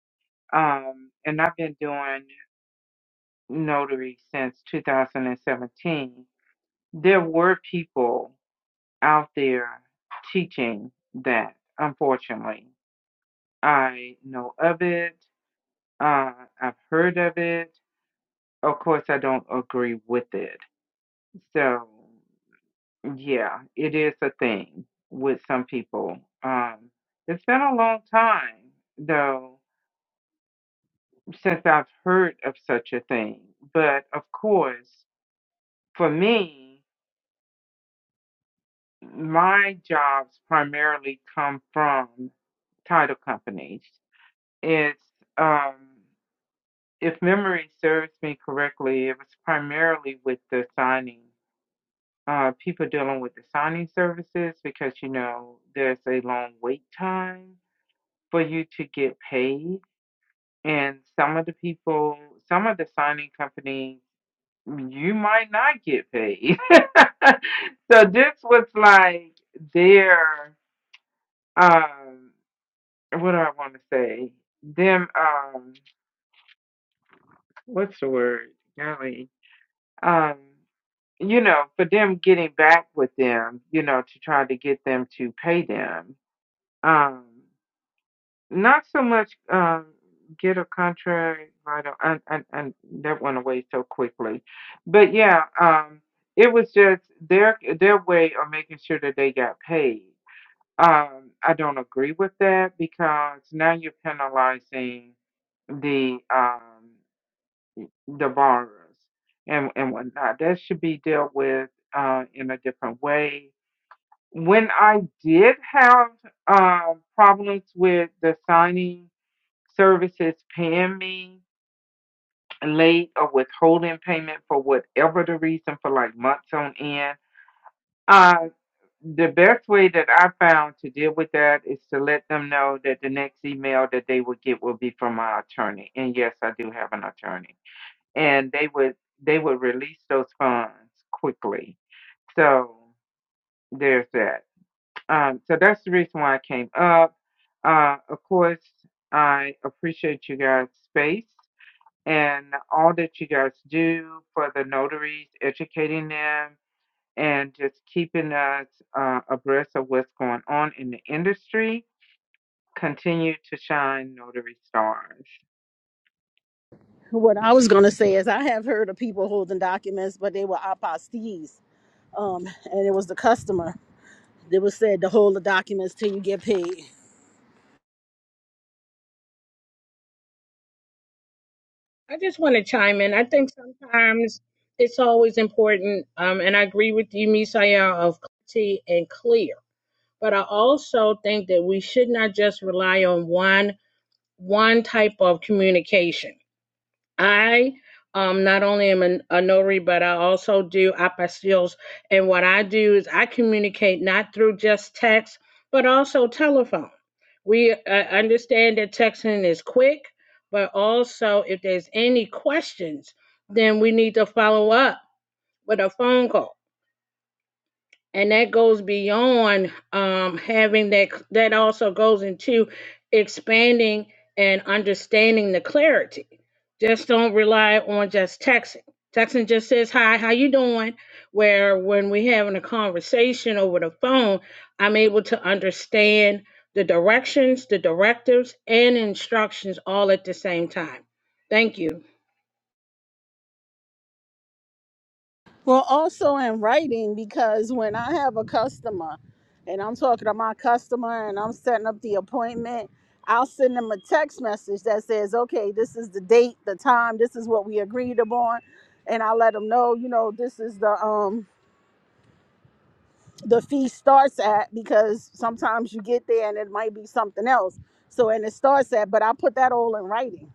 Speaker 9: um, and I've been doing notary since 2017, there were people out there teaching that, unfortunately. I know of it, uh, I've heard of it. of course I don't agree with it. So yeah, it is a thing with some people. Um it's been a long time though since I've heard of such a thing. But of course, for me, my jobs primarily come from title companies. It's um if memory serves me correctly, it was primarily with the signing uh, people dealing with the signing services because you know there's a long wait time for you to get paid, and some of the people, some of the signing companies, you might not get paid. so this was like their um, what do I want to say? Them um, what's the word? Golly, um, you know, for them getting back with them, you know, to try to get them to pay them Um, not so much um, get a contract. I don't, and, and, and that went away so quickly. But yeah, um, it was just their their way of making sure that they got paid. Um, I don't agree with that because now you're penalizing the um, the borrowers and and whatnot. That should be dealt with uh, in a different way when I did have um, problems with the signing services paying me late or withholding payment for whatever the reason for like months on end, uh, the best way that I found to deal with that is to let them know that the next email that they would get will be from my attorney. And yes, I do have an attorney, and they would they would release those funds quickly. So there's that. Um, so that's the reason why I came up. Uh, of course, I appreciate you guys' space and all that you guys do for the notaries, educating them, and just keeping us uh, abreast of what's going on in the industry. Continue to shine, notary stars.
Speaker 2: What I was going to say is, I have heard of people holding documents, but they were apostees. Um, and it was the customer that was said to hold the documents till you get paid.
Speaker 5: I just want to chime in. I think sometimes it's always important, um, and I agree with you, Misael, of clarity and clear. But I also think that we should not just rely on one one type of communication. I um not only am a, a notary, but I also do apostilles. And what I do is I communicate not through just text, but also telephone. We uh, understand that texting is quick, but also if there's any questions, then we need to follow up with a phone call and that goes beyond um, having that that also goes into expanding and understanding the clarity just don't rely on just texting texting just says hi how you doing where when we having a conversation over the phone i'm able to understand the directions the directives and instructions all at the same time thank you
Speaker 2: Well, also in writing, because when I have a customer and I'm talking to my customer and I'm setting up the appointment, I'll send them a text message that says, okay, this is the date, the time, this is what we agreed upon. And I let them know, you know, this is the, um, the feast starts at because sometimes you get there and it might be something else. So and it starts at, but I put that all in writing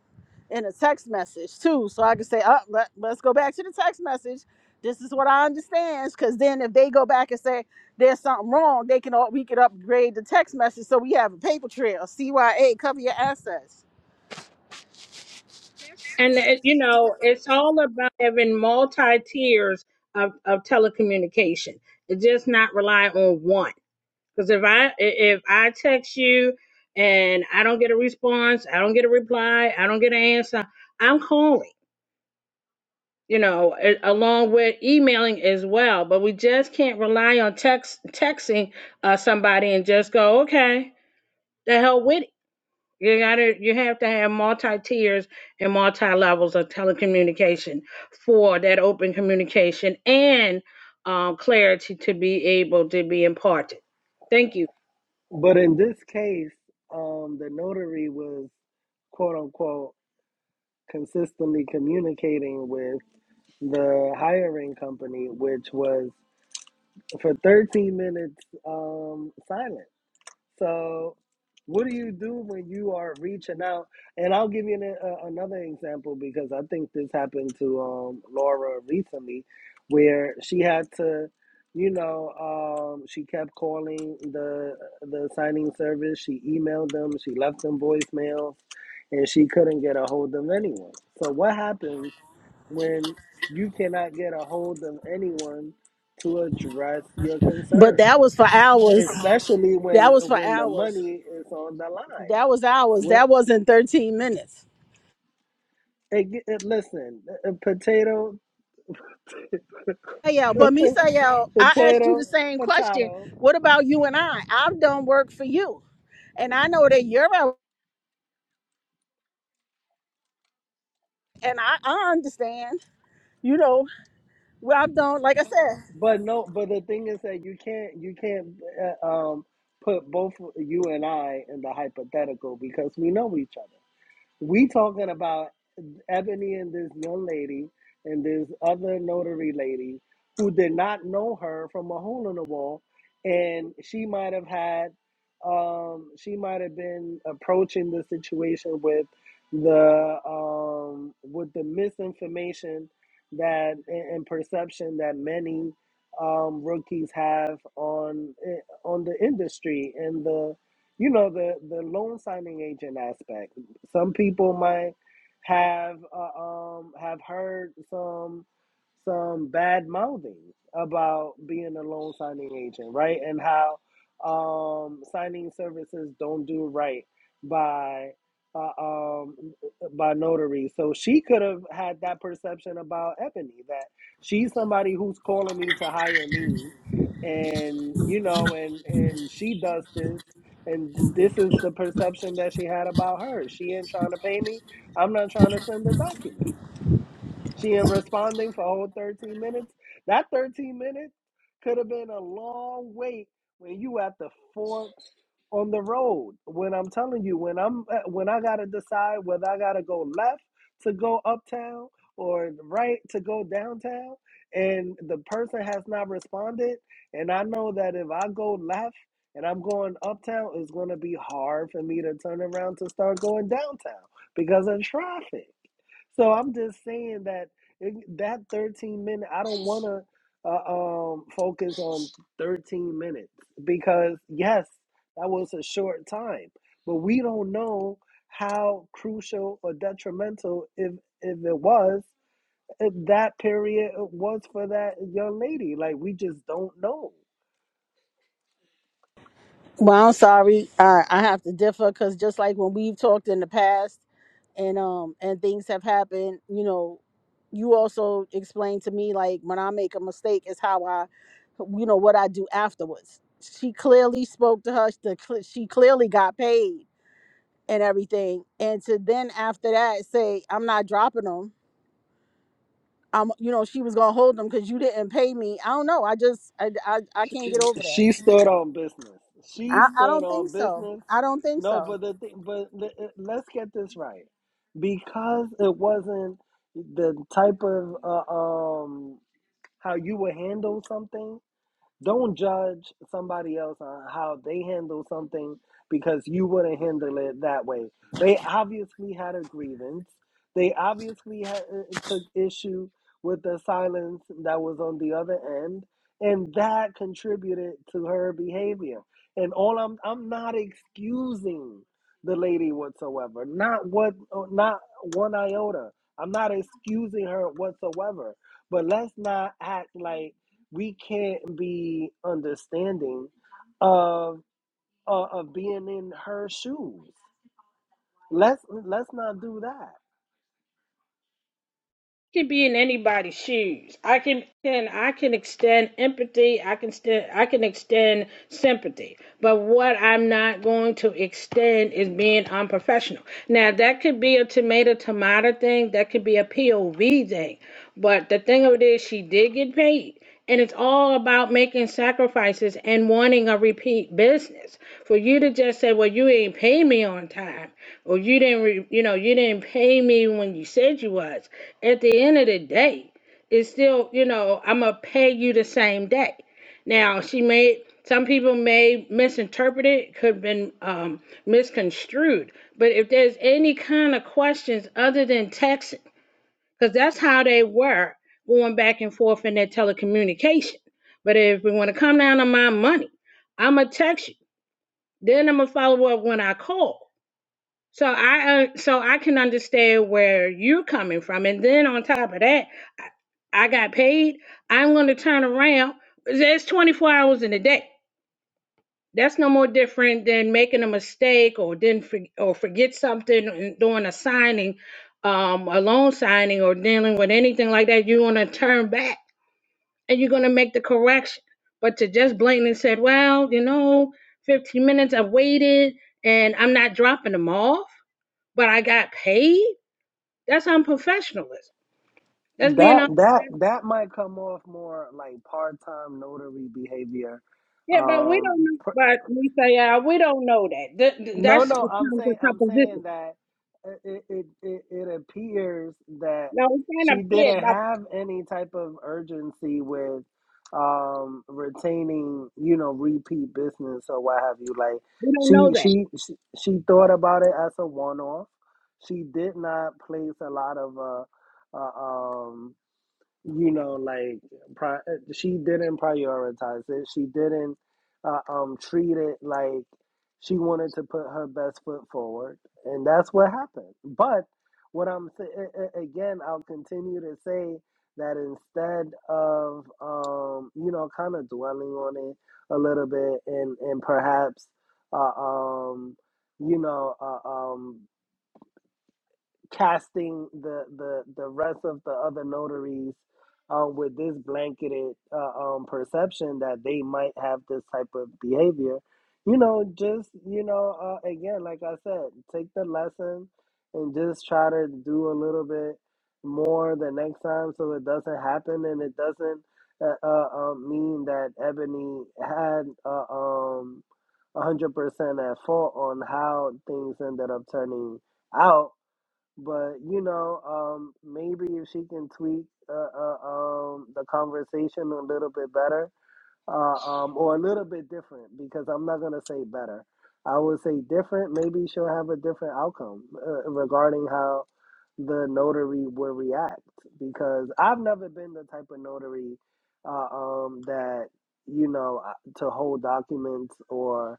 Speaker 2: in a text message too, so I can say, "Up, let, let's go back to the text message. This is what I understand." Because then if they go back and say there's something wrong, they can all we could upgrade the text message so we have a paper trail. CYA cover your assets.
Speaker 5: And uh, you know, it's all about having multi tiers of, of telecommunication. It's just not rely on one. Because if I i- if I text you and I don't get a response, I don't get a reply, I don't get an answer, I'm calling. You know, a- along with emailing as well. But we just can't rely on text texting uh, somebody and just go, okay, the hell with it you gotta you have to have multi tiers and multi levels of telecommunication for that open communication and um, clarity to be able to be imparted. Thank you.
Speaker 7: But in this case, um, the notary was quote unquote consistently communicating with the hiring company, which was for 13 minutes um, silent. So, what do you do when you are reaching out? And I'll give you an, a, another example because I think this happened to um, Laura recently, where she had to, you know, um, she kept calling the the signing service. She emailed them. She left them voicemails, and she couldn't get a hold of anyone. So, what happens when you cannot get a hold of anyone to address your
Speaker 2: But
Speaker 7: concerns?
Speaker 2: that was for hours.
Speaker 7: especially
Speaker 2: That
Speaker 7: when
Speaker 2: was for
Speaker 7: when the
Speaker 2: hours.
Speaker 7: money is on the line.
Speaker 2: That was hours.
Speaker 7: When
Speaker 2: That wasn't 13 minutes.
Speaker 7: it, it, listen, uh, uh, potato.
Speaker 2: Misael, but
Speaker 7: Okay,
Speaker 2: Misael, I asked you the
Speaker 7: potato,
Speaker 2: same question.
Speaker 7: potato.
Speaker 2: What about you and I? I've done work for you, and I know that you're out, and I, I understand. You know, well, I've done, like I said,
Speaker 7: But no, but the thing is that you can't you can't uh, um, put both you and I in the hypothetical because we know each other. We talking about Ebony and this young lady and this other notary lady who did not know her from a hole in the wall, and she might have had, um, she might have been approaching the situation with the um, with the misinformation that and, and perception that many um, rookies have on eh, on the industry and the you know the the loan signing agent aspect some people might have uh, um have heard some some bad mouthing about being a loan signing agent, right? And how um signing services don't do right by uh, um by notaries. So she could have had that perception about Ebony that she's somebody who's calling me to hire me and you know and and she does this and this is the perception that she had about her. She ain't trying to pay me I'm not trying to send the documents. She ain't responding for a whole 13 minutes. That 13 minutes could have been a long wait when you at the fork on the road. When I'm telling you, when I'm uh, when I gotta decide whether I gotta go left to go uptown or right to go downtown, and the person has not responded, and I know that if I go left and I'm going uptown, it's gonna be hard for me to turn around to start going downtown because of traffic. So I'm just saying that it, that 13 minute, I don't want to uh, um, focus on 13 minutes because yes, that was a short time, but we don't know how crucial or detrimental if if it was if that period was for that young lady. Like we just don't know.
Speaker 2: Well, I'm sorry. I, I have to differ because just like when we've talked in the past and um and things have happened, you know, you also explained to me like when I make a mistake is how I, you know, what I do afterwards. She clearly spoke to her. The, cl- she clearly got paid and everything. And to then after that say I'm not dropping them. I'm you know she was gonna hold them because you didn't pay me. I don't know. I just I I, I can't get over that.
Speaker 7: She stood on business. She
Speaker 2: I, I
Speaker 7: stood
Speaker 2: don't think
Speaker 7: on
Speaker 2: so.
Speaker 7: business.
Speaker 2: I don't think
Speaker 7: No,
Speaker 2: so.
Speaker 7: but the thing, but le- uh, let's get this right, because it wasn't the type of uh, um how you would handle something. Don't judge somebody else on how they handle something because you wouldn't handle it that way. They obviously had a grievance. They obviously had, took issue with the silence that was on the other end, and that contributed to her behavior. And all I'm I'm not excusing the lady whatsoever. Not what uh, not one iota. I'm not excusing her whatsoever. But let's not act like we can't be understanding of uh, of being in her shoes. Let's let's not do that.
Speaker 5: can be in anybody's shoes. I can, can I can extend empathy. I can st- I can extend sympathy. But what I'm not going to extend is being unprofessional. Now that could be a tomato tomato thing. That could be a POV thing. But the thing of it is, she did get paid. And it's all about making sacrifices and wanting a repeat business. For you to just say, well, you ain't pay me on time or you didn't re, you know you didn't pay me when you said you was at the end of the day it's still you know i'm gonna pay you the same day now she may some people may misinterpret it could have been um, misconstrued but if there's any kind of questions other than texting because that's how they were going back and forth in their telecommunication but if we want to come down to my money i'm gonna text you then i'm gonna follow up when i call so I uh, so I can understand where you're coming from, and then on top of that, I, I got paid. I'm going to turn around. There's 24 hours in a day. That's no more different than making a mistake or didn't for, or forget something and doing a signing, um, a loan signing or dealing with anything like that. You're going to turn back and you're going to make the correction. But to just blatantly said, well, you know, 15 minutes I waited and I'm not dropping them off, but I got paid that's unprofessionalism. That's being
Speaker 7: That
Speaker 5: unprofessional.
Speaker 7: that that might come off more like part time notary behavior.
Speaker 5: Yeah, but we don't
Speaker 7: Um,
Speaker 5: know.
Speaker 7: pr-
Speaker 5: But we say, yeah, we don't know that. Th- th-
Speaker 7: No,
Speaker 5: that's
Speaker 7: no, I'm
Speaker 5: becomes a
Speaker 7: saying I'm saying
Speaker 5: supposition.
Speaker 7: that it it it, it appears that
Speaker 5: Now,
Speaker 7: she didn't have any type of urgency with um retaining, you know, repeat business or what have you. Like she she she, she thought about it as a one off. She did not place a lot of uh, uh um you know, like pri- she didn't prioritize it. She didn't uh, um, treat it like she wanted to put her best foot forward, and that's what happened. But what I'm sa- again, I'll continue to say that instead of um, you know, kind of dwelling on it a little bit, and and perhaps uh, um, you know, uh, um casting the the the rest of the other notaries uh, with this blanketed uh, um, perception that they might have this type of behavior. You know, just you know, uh, again, like I said, take the lesson and just try to do a little bit more the next time so it doesn't happen and it doesn't uh, uh, um, mean that Ebony had uh, um, 100% at fault on how things ended up turning out but you know, um, maybe if she can tweak uh, uh, um, the conversation a little bit better, uh, um, or a little bit different because I'm not gonna say better. I would say different. Maybe she'll have a different outcome uh, regarding how the notary will react because I've never been the type of notary uh, um, that you know uh, to hold documents or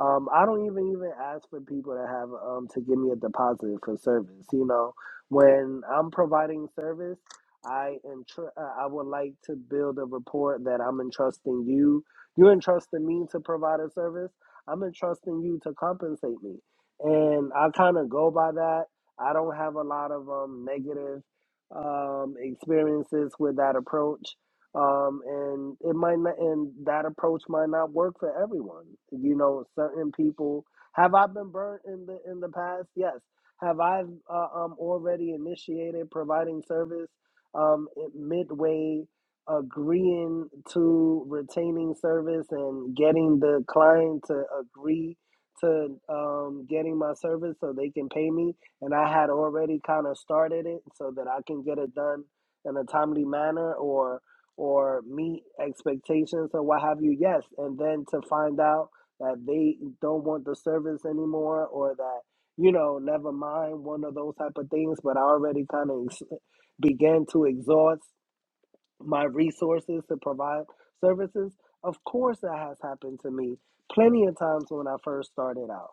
Speaker 7: um, I don't even even ask for people to have um, to give me a deposit for service. You know, when I'm providing service. I am. Tr- uh, I would like to build a report that I'm entrusting you. You're entrusting me to provide a service. I'm entrusting you to compensate me, and I kind of go by that. I don't have a lot of um, negative um, experiences with that approach, um, and it might not. And that approach might not work for everyone. You know, certain people. Have I been burnt in the in the past? Yes. Have I uh, um, already initiated providing service? um, midway agreeing to retaining service and getting the client to agree to um, getting my service so they can pay me. And I had already kind of started it so that I can get it done in a timely manner or or meet expectations or what have you. Yes, and then to find out that they don't want the service anymore or that you know never mind one of those type of things but i already kind of ex- began to exhaust my resources to provide services. Of course, that has happened to me plenty of times when I first started out.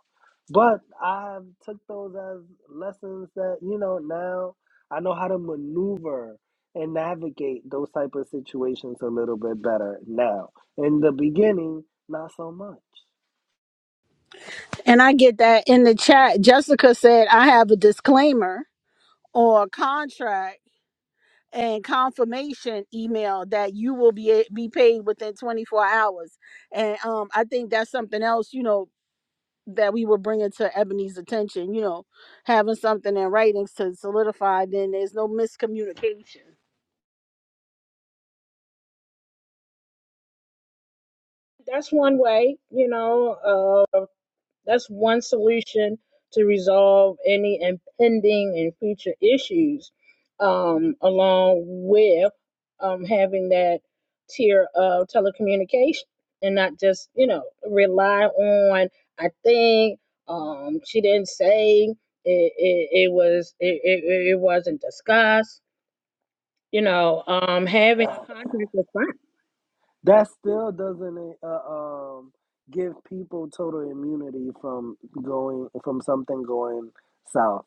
Speaker 7: But I took those as lessons that, you know, now I know how to maneuver and navigate those type of situations a little bit better now. In the beginning, not so much.
Speaker 2: And I get that in the chat. Jessica said, I have a disclaimer or contract and confirmation email that you will be eh, be paid within 24 hours. And um, I think that's something else, you know, that we were bringing to Ebony's attention, you know, having something in writings to solidify, then there's no miscommunication.
Speaker 5: that's one way, you know. That's one solution to resolve any impending and future issues, um, along with um, having that tier of telecommunication and not just, you know, rely on, I think, um, she didn't say it, it, it was, it, it, it wasn't discussed. You know, um, having a contract with fine.
Speaker 7: That still doesn't uh, um, give people total immunity from going from something going south,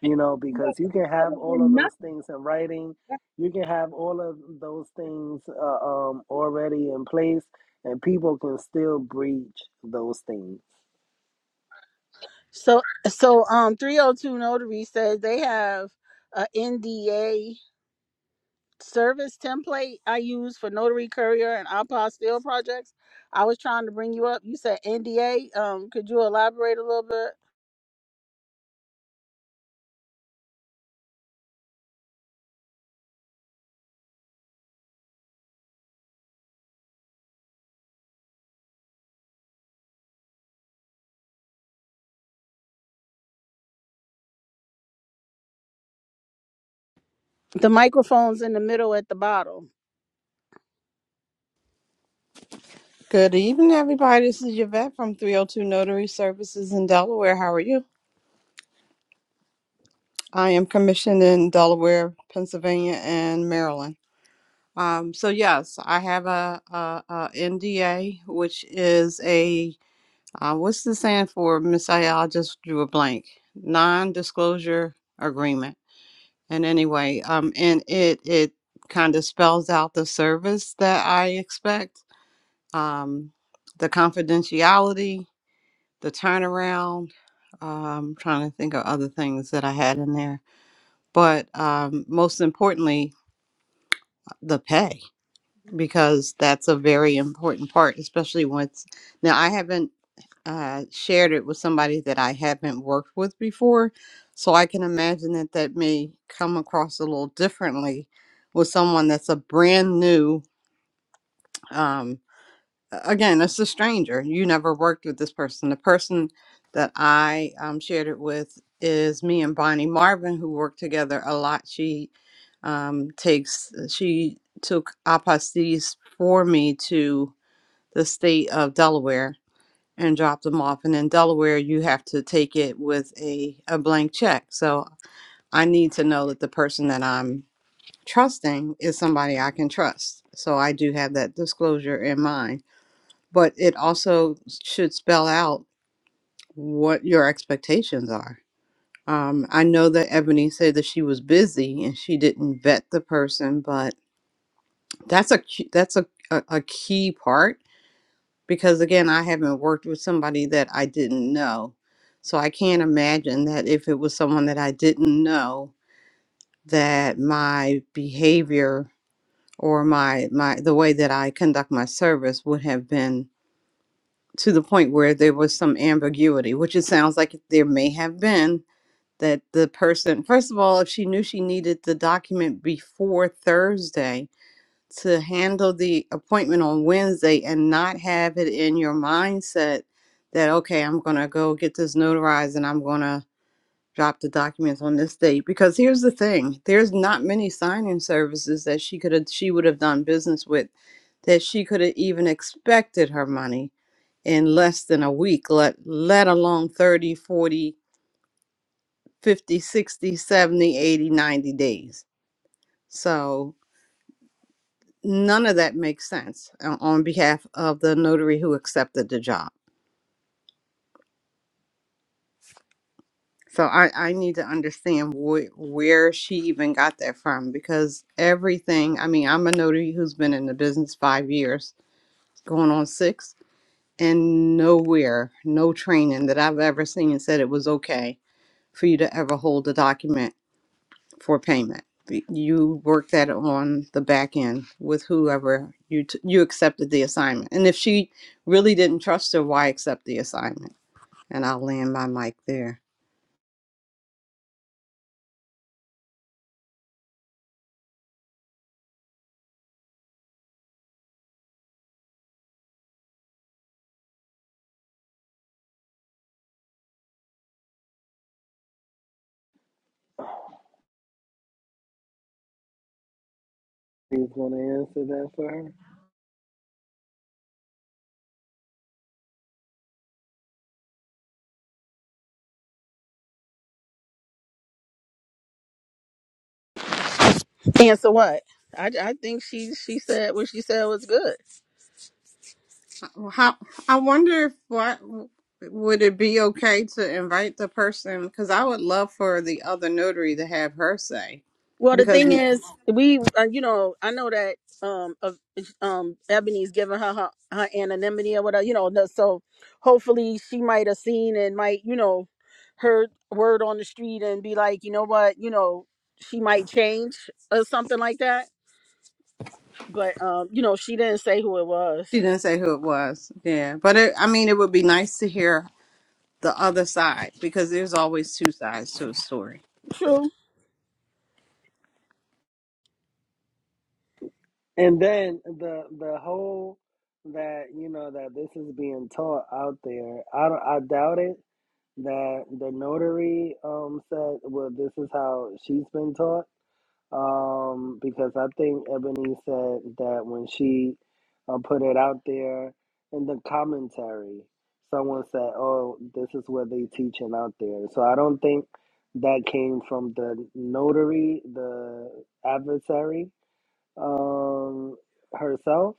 Speaker 7: you know,
Speaker 5: But
Speaker 7: because you
Speaker 5: that's
Speaker 7: can have
Speaker 5: better
Speaker 7: all of
Speaker 5: than nothing.
Speaker 7: those things in writing, you can have all of those things uh, um, already in place, and people can still breach those things.
Speaker 2: So, so um, 302 Notary says they have a NDA service template I use for notary courier and apostille projects. I was trying to bring you up. You said NDA. Um, could you elaborate a little bit? The microphone's in the middle at the bottom.
Speaker 10: Good evening, everybody. This is Yvette from 302 Notary Services in Delaware. How are you? I am commissioned in Delaware, Pennsylvania, and Maryland. Um, so yes, I have a, NDA, which is a uh, what's the saying for Miss Ayala? I just drew a blank. Non-disclosure agreement. And anyway, um, and it it kind of spells out the service that I expect. Um, the confidentiality the turnaround. Um, I'm trying to think of other things that I had in there, but um, most importantly, the pay because that's a very important part, especially once. Now, I haven't uh, shared it with somebody that I haven't worked with before, so I can imagine that that may come across a little differently with someone that's a brand new. Um, again, it's a stranger. You never worked with this person. The person that I um, shared it with is me and Bonnie Marvin, who work together a lot. She um, takes, uh, she took apostilles for me to the state of Delaware and dropped them off. And in Delaware, you have to take it with a, a blank check. So I need to know that the person that I'm trusting is somebody I can trust. So I do have that disclosure in mind but it also should spell out what your expectations are. Um, I know that Ebony said that she was busy and she didn't vet the person, but that's a cu- that's a, a, a key part because again, I haven't worked with somebody that I didn't know, so I can't imagine that if it was someone that I didn't know that my behavior or my my the way that I conduct my service would have been to the point where there was some ambiguity, which it sounds like there may have been that the person, first of all, if she knew she needed the document before Thursday to handle the appointment on Wednesday and not have it in your mindset that, okay, I'm going to go get this notarized and I'm going to drop the documents on this date because here's the thing there's not many signing services that she could have she would have done business with that she could have even expected her money in less than a week let let alone 30, 40, 50, 60, 70, 80, 90 days so none of that makes sense uh, on behalf of the notary who accepted the job So I, I need to understand wh- where she even got that from because everything, I mean, I'm a notary who's been in the business five years, going on six, and nowhere, no training that I've ever seen said it was okay for you to ever hold a document for payment. Y- You work that on the back end with whoever you t- you accepted the assignment. And if she really didn't trust her, why accept the assignment? And I'll land my mic there.
Speaker 7: He's gonna answer that for her,
Speaker 2: And so what? I, I think she she said what she said was good.
Speaker 10: How I wonder if what would it be okay to invite the person? Because I would love for the other notary to have her say,
Speaker 2: Well, the
Speaker 10: because
Speaker 2: thing
Speaker 10: she
Speaker 2: is, we, uh, you know, I know that um, of um, Ebony's giving her, her her anonymity or whatever, you know. no- So hopefully, she might have seen and might, you know, heard word on the street and be like, you know what, you know, she might change or something like that. But um, you know, she didn't say who it was.
Speaker 10: didn't say who it was. Yeah, but it, I mean, it would be nice to hear the other side because there's always two sides to a story.
Speaker 2: True.
Speaker 7: and then the the whole that you know that this is being taught out there. I don't, I doubt it that the notary um said well this is how she's been taught um because i think ebony said that when she uh, put it out there in the commentary someone said oh this is what they teaching out there so i don't think that came from the notary the adversary um herself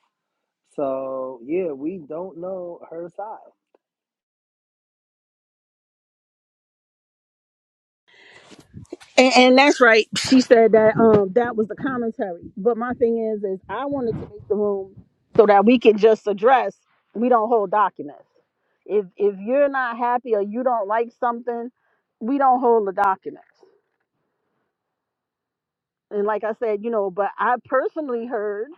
Speaker 7: so yeah we don't know her side
Speaker 2: And, and that's right. She said that um that was the commentary. But my thing is is I wanted to make the room so that we can just address we don't hold documents. If if you're not happy or you don't like something, we don't hold the documents. And like I said, you know, but I personally heard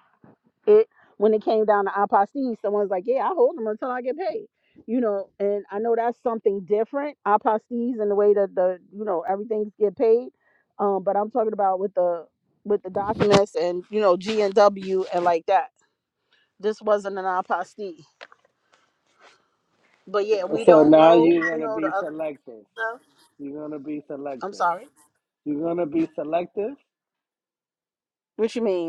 Speaker 2: it when it came down to apostille someone's like yeah i hold them until i get paid you know and i know that's something different apostilles and the way that the you know everything's get paid um but i'm talking about with the with the documents and you know g and w and like that this wasn't an apostille but yeah we
Speaker 7: so
Speaker 2: don't
Speaker 7: now
Speaker 2: know
Speaker 7: you're
Speaker 2: you
Speaker 7: gonna
Speaker 2: know the
Speaker 7: be
Speaker 2: other
Speaker 7: selective
Speaker 2: stuff
Speaker 7: You're gonna be
Speaker 2: i'm
Speaker 7: selective.
Speaker 2: sorry
Speaker 7: You're gonna be selective.
Speaker 2: what you mean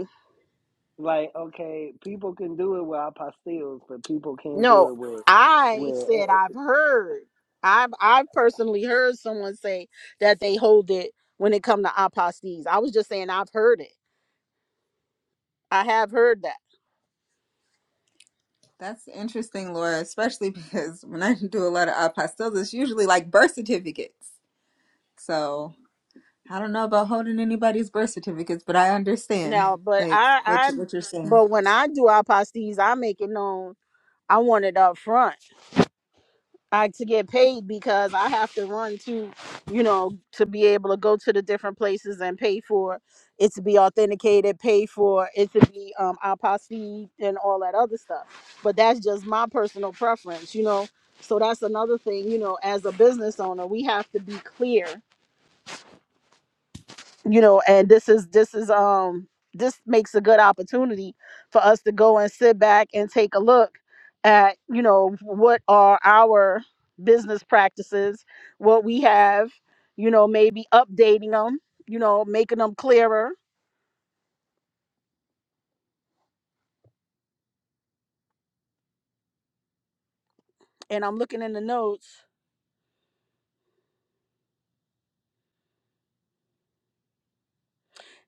Speaker 7: Like, okay, people can do it with apostilles, but people can't do
Speaker 2: No,
Speaker 7: it with
Speaker 2: I
Speaker 7: with
Speaker 2: said
Speaker 7: uh, uh,
Speaker 2: I've heard. I've I've personally heard someone say that they hold it when it come to apostates. I was just saying I've heard it. I have heard that.
Speaker 3: That's interesting, Laura, especially because when I do a lot of apostilles, it's usually like birth certificates. So I don't know about holding anybody's birth certificates, but I understand
Speaker 2: Now, but
Speaker 3: like
Speaker 2: I
Speaker 3: what
Speaker 2: I
Speaker 3: you, what you're saying.
Speaker 2: but when I do apostates, I make it known I want it up front. I to get paid because I have to run to, you know, to be able to go to the different places and pay for it to be authenticated, pay for it to be um apostille and all that other stuff. But that's just my personal preference, you know. So that's another thing, you know, as a business owner, we have to be clear you know and this is this is um this makes a good opportunity for us to go and sit back and take a look at you know what are our business practices what we have you know maybe updating them you know making them clearer and i'm looking in the notes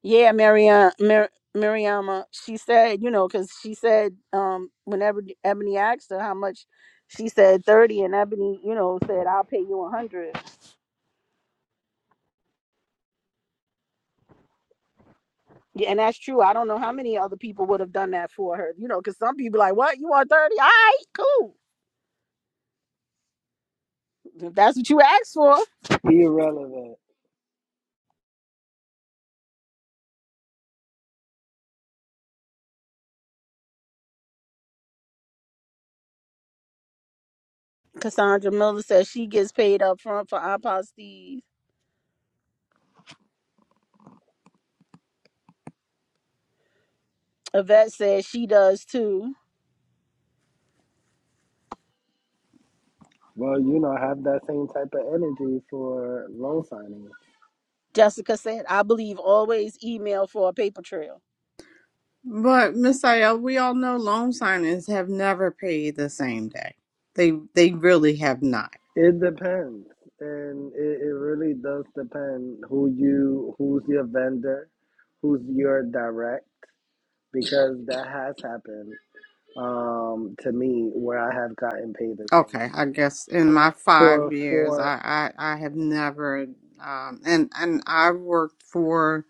Speaker 2: yeah Mariam, Mar- Mariama, she said you know because she said um whenever ebony asked her how much she said 30 and ebony you know said i'll pay you 100 Yeah, and that's true. I don't know how many other people would have done that for her, you know, because some people like, what? You want 30? All right, cool. If that's what you asked for.
Speaker 7: irrelevant.
Speaker 2: Cassandra Miller says she gets paid up front for iPod Steve. Yvette says she does too.
Speaker 7: Well, you know, have that same type of energy for loan signing.
Speaker 2: Jessica said, I believe always email for a paper trail.
Speaker 10: But Miss Ayel, we all know loan signings have never paid the same day. They they really have not.
Speaker 7: It depends, and it, it really does depend who you, who's your vendor, who's your direct, because that has happened um, to me where I have gotten paid the same
Speaker 10: Okay,
Speaker 7: day
Speaker 10: I guess in my five
Speaker 7: for
Speaker 10: years,
Speaker 7: for
Speaker 10: I I, I have never, um, and and I've worked for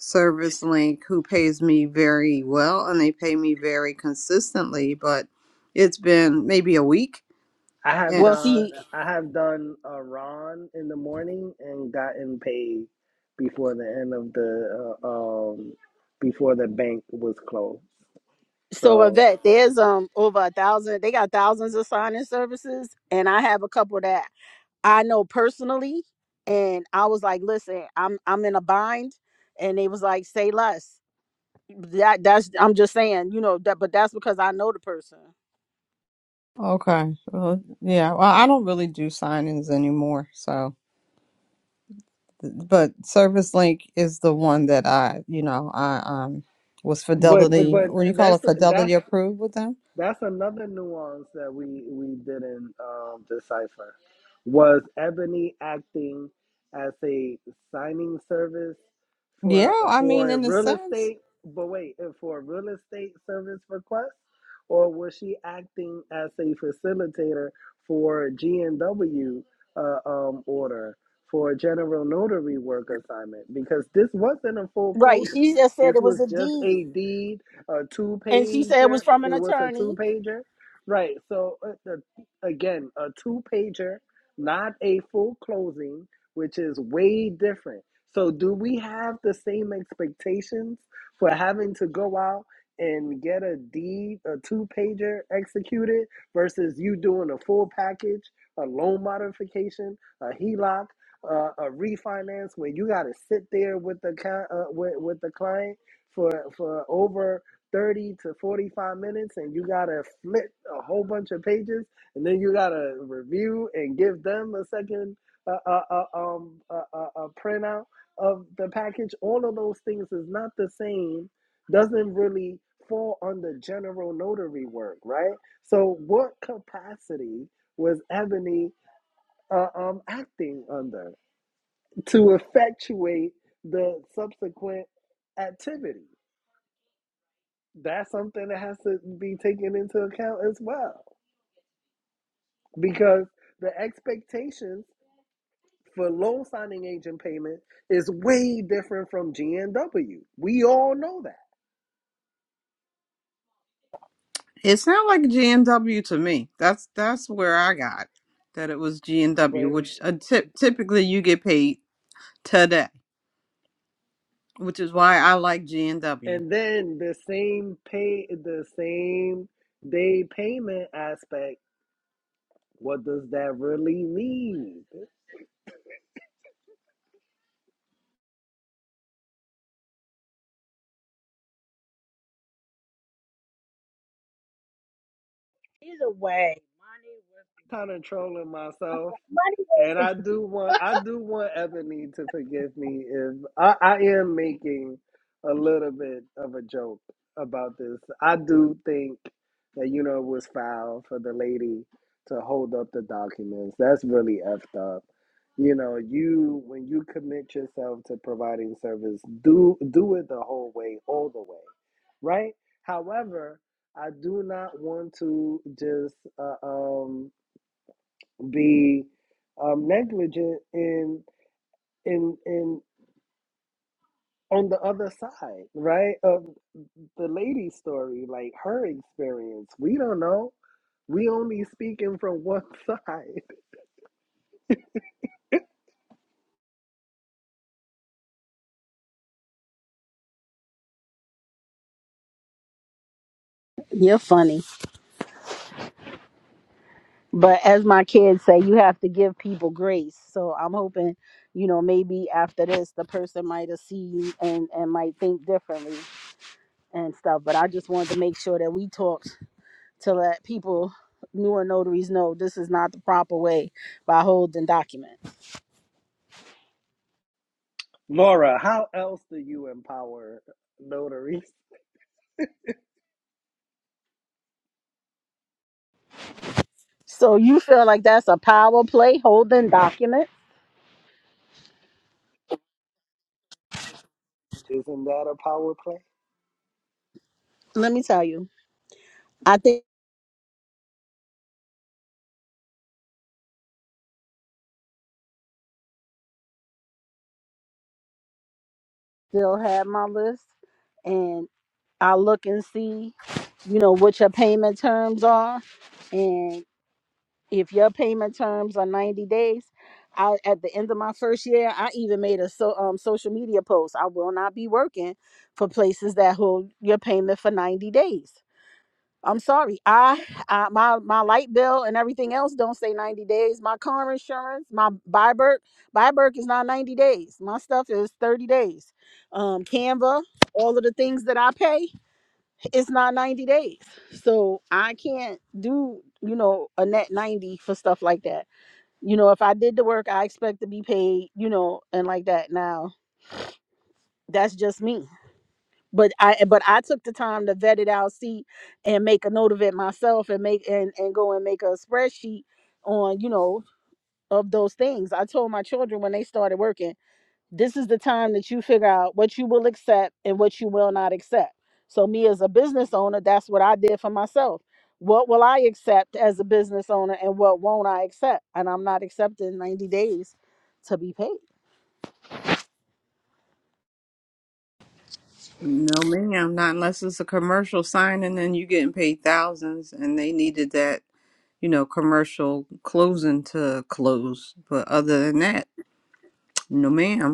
Speaker 10: ServiceLink, who pays me very well, and they pay me very consistently. But it's been maybe a week,
Speaker 7: I have
Speaker 2: Well,
Speaker 10: and
Speaker 7: done
Speaker 2: see,
Speaker 7: I have done a run in the morning and gotten paid before the end of the uh, um before the bank was closed.
Speaker 2: so
Speaker 7: So,
Speaker 2: Yvette, there's um over a thousand, they got thousands of sign-in services, and I have a couple that I know personally. And I was like, listen, I'm I'm in a bind. And they was like, say less. That that's I'm just saying, you know, that but that's because I know the person.
Speaker 10: Okay. Well, yeah. Well, I don't really do sign-ins anymore. So, but Service Link is the one that I, you know, I um was
Speaker 7: but
Speaker 10: Fidelity,
Speaker 7: but
Speaker 10: what do you call
Speaker 7: that's
Speaker 10: it, Fidelity
Speaker 7: that's
Speaker 10: approved with them.
Speaker 7: That's another nuance that we we didn't um, decipher. Was Ebony acting as a signing service
Speaker 10: Yeah,
Speaker 7: for
Speaker 10: I mean,
Speaker 7: for
Speaker 10: in a
Speaker 7: real
Speaker 10: sense.
Speaker 7: estate? But wait, uh, for a real estate service request, or was she acting as a facilitator for G and W uh, um, order for a general notary work assignment? Because this wasn't a full
Speaker 2: Right.
Speaker 7: closing.
Speaker 2: She just said
Speaker 7: This
Speaker 2: it was
Speaker 7: was
Speaker 2: a
Speaker 7: just
Speaker 2: deed.
Speaker 7: a deed a two
Speaker 2: And she said it
Speaker 7: pager.
Speaker 2: was from an
Speaker 7: It was a two
Speaker 2: attorney.
Speaker 7: pager, right? So uh, the, again, a two pager, not a full closing, which is way different. So do we have the same expectations for having to go out and get a deed, a two pager executed versus you doing a full package, a loan modification, a HELOC? Uh, a refinance where you got to sit there with the cli- uh, with, with the client for for over 30 to 45 minutes and you gotta flip a whole bunch of pages and then you gotta review and give them a second uh, uh, uh, um, uh, uh, uh, printout of the package all of those things is not the same doesn't really fall under general notary work right so what capacity was ebony uh, um, acting under to effectuate the subsequent activity that's something that has to be taken into account as well because the expectations for loan signing agent payment is way different from GNW. We all know that.
Speaker 10: It sounded like G and W to me. That's that's where I got that it was GNW,
Speaker 7: But
Speaker 10: which uh, tip, typically you get paid today, which is why I like G and W.
Speaker 7: and then the same pay the same day payment aspect, what does that really mean?
Speaker 5: Either way, money was.
Speaker 7: kind of trolling myself. And I do want I do want Ebony to forgive me if I, I am making a little bit of a joke about this. I do think that you know it was foul for the lady to hold up the documents. That's really effed up. You know, you when you commit yourself to providing service, do do it the whole way, all the way. Right? However, I do not want to just uh, um be um, negligent in in in on the other side, right? Of the lady's story, like her experience. We don't know. We only speaking from one side.
Speaker 2: You're funny. But as my kids say, you have to give people grace. So I'm hoping, you know, maybe after this the person might have seen you and, and might think differently and stuff. But I just wanted to make sure that we talked to let people newer notaries know this is not the proper way by holding document.
Speaker 7: Laura, how else do you empower notaries?
Speaker 2: So you feel like that's a power play holding document?
Speaker 7: Isn't that a power play?
Speaker 2: Let me tell you, I think I still have my list, and I'll look and see, you know, what your payment terms are, and if your payment terms are ninety days. I, at the end of my first year, I even made a so um social media post. I will not be working for places that hold your payment for ninety days. I'm sorry. I, I my my light bill and everything else don't say 90 days. My car insurance, my Byberg, Byberg is not 90 days. My stuff is 30 days. Um, Canva, all of the things that I pay, it's not 90 days. So I can't do you know a net 90 for stuff like that. You know, if I did the work, I expect to be paid. You know, and like that. Now that's just me but I but I took the time to vet it out, see, and make a note of it myself, and make and and go and make a spreadsheet on you know of those things. I told my children when they started working, this is the time that you figure out what you will accept and what you will not accept. So me as a business owner, that's what I did for myself. What will I accept as a business owner, and what won't I accept? And I'm not accepting 90 days to be paid.
Speaker 10: No, ma'am, not unless it's a commercial sign, and then you getting paid thousands, and they needed that, you know, commercial closing to close. But other than that, no, ma'am.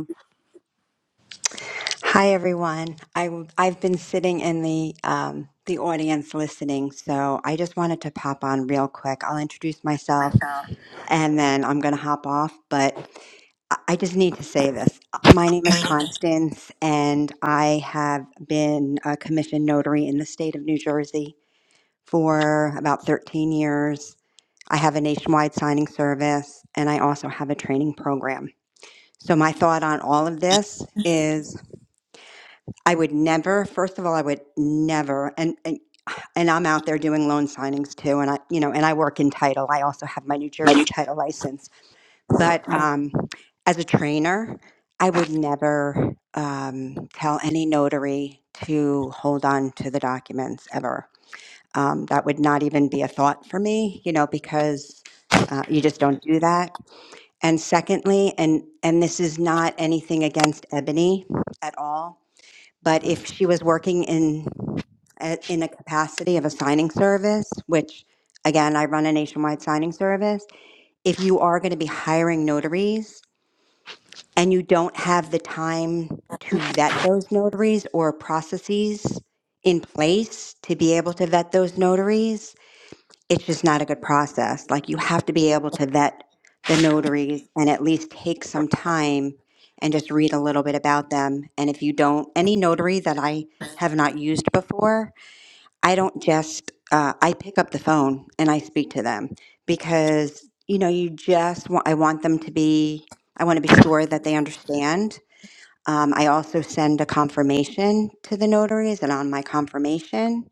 Speaker 11: Hi everyone. I have been sitting in the um, the audience listening, so I just wanted to pop on real quick. I'll introduce myself and then I'm going to hop off, but I I just need to say this. My name is Constance, and I have been a commissioned notary in the state of New Jersey for about 13 years. I have a nationwide signing service, and I also have a training program. So my thought on all of this is I would never, first of all, I would never, and, and, and I'm out there doing loan signings too. And I, you know, and I work in title. I also have my New Jersey title license. But um, as a trainer, I would never um, tell any notary to hold on to the documents ever. Um, that would not even be a thought for me, you know, because uh, you just don't do that. And secondly, and and this is not anything against Ebony at all but if she was working in a- in a capacity of a signing service, which again, I run a nationwide signing service, if you are going to be hiring notaries and you don't have the time to vet those notaries or processes in place to be able to vet those notaries, it's just not a good process. Like you have to be able to vet the notaries and at least take some time and just read a little bit about them. And if you don't, any notary that I have not used before, I don't just, uh, I pick up the phone and I speak to them because, you know, you just want, I want them to be, I want to be sure that they understand. Um, I also send a confirmation to the notaries and on my confirmation,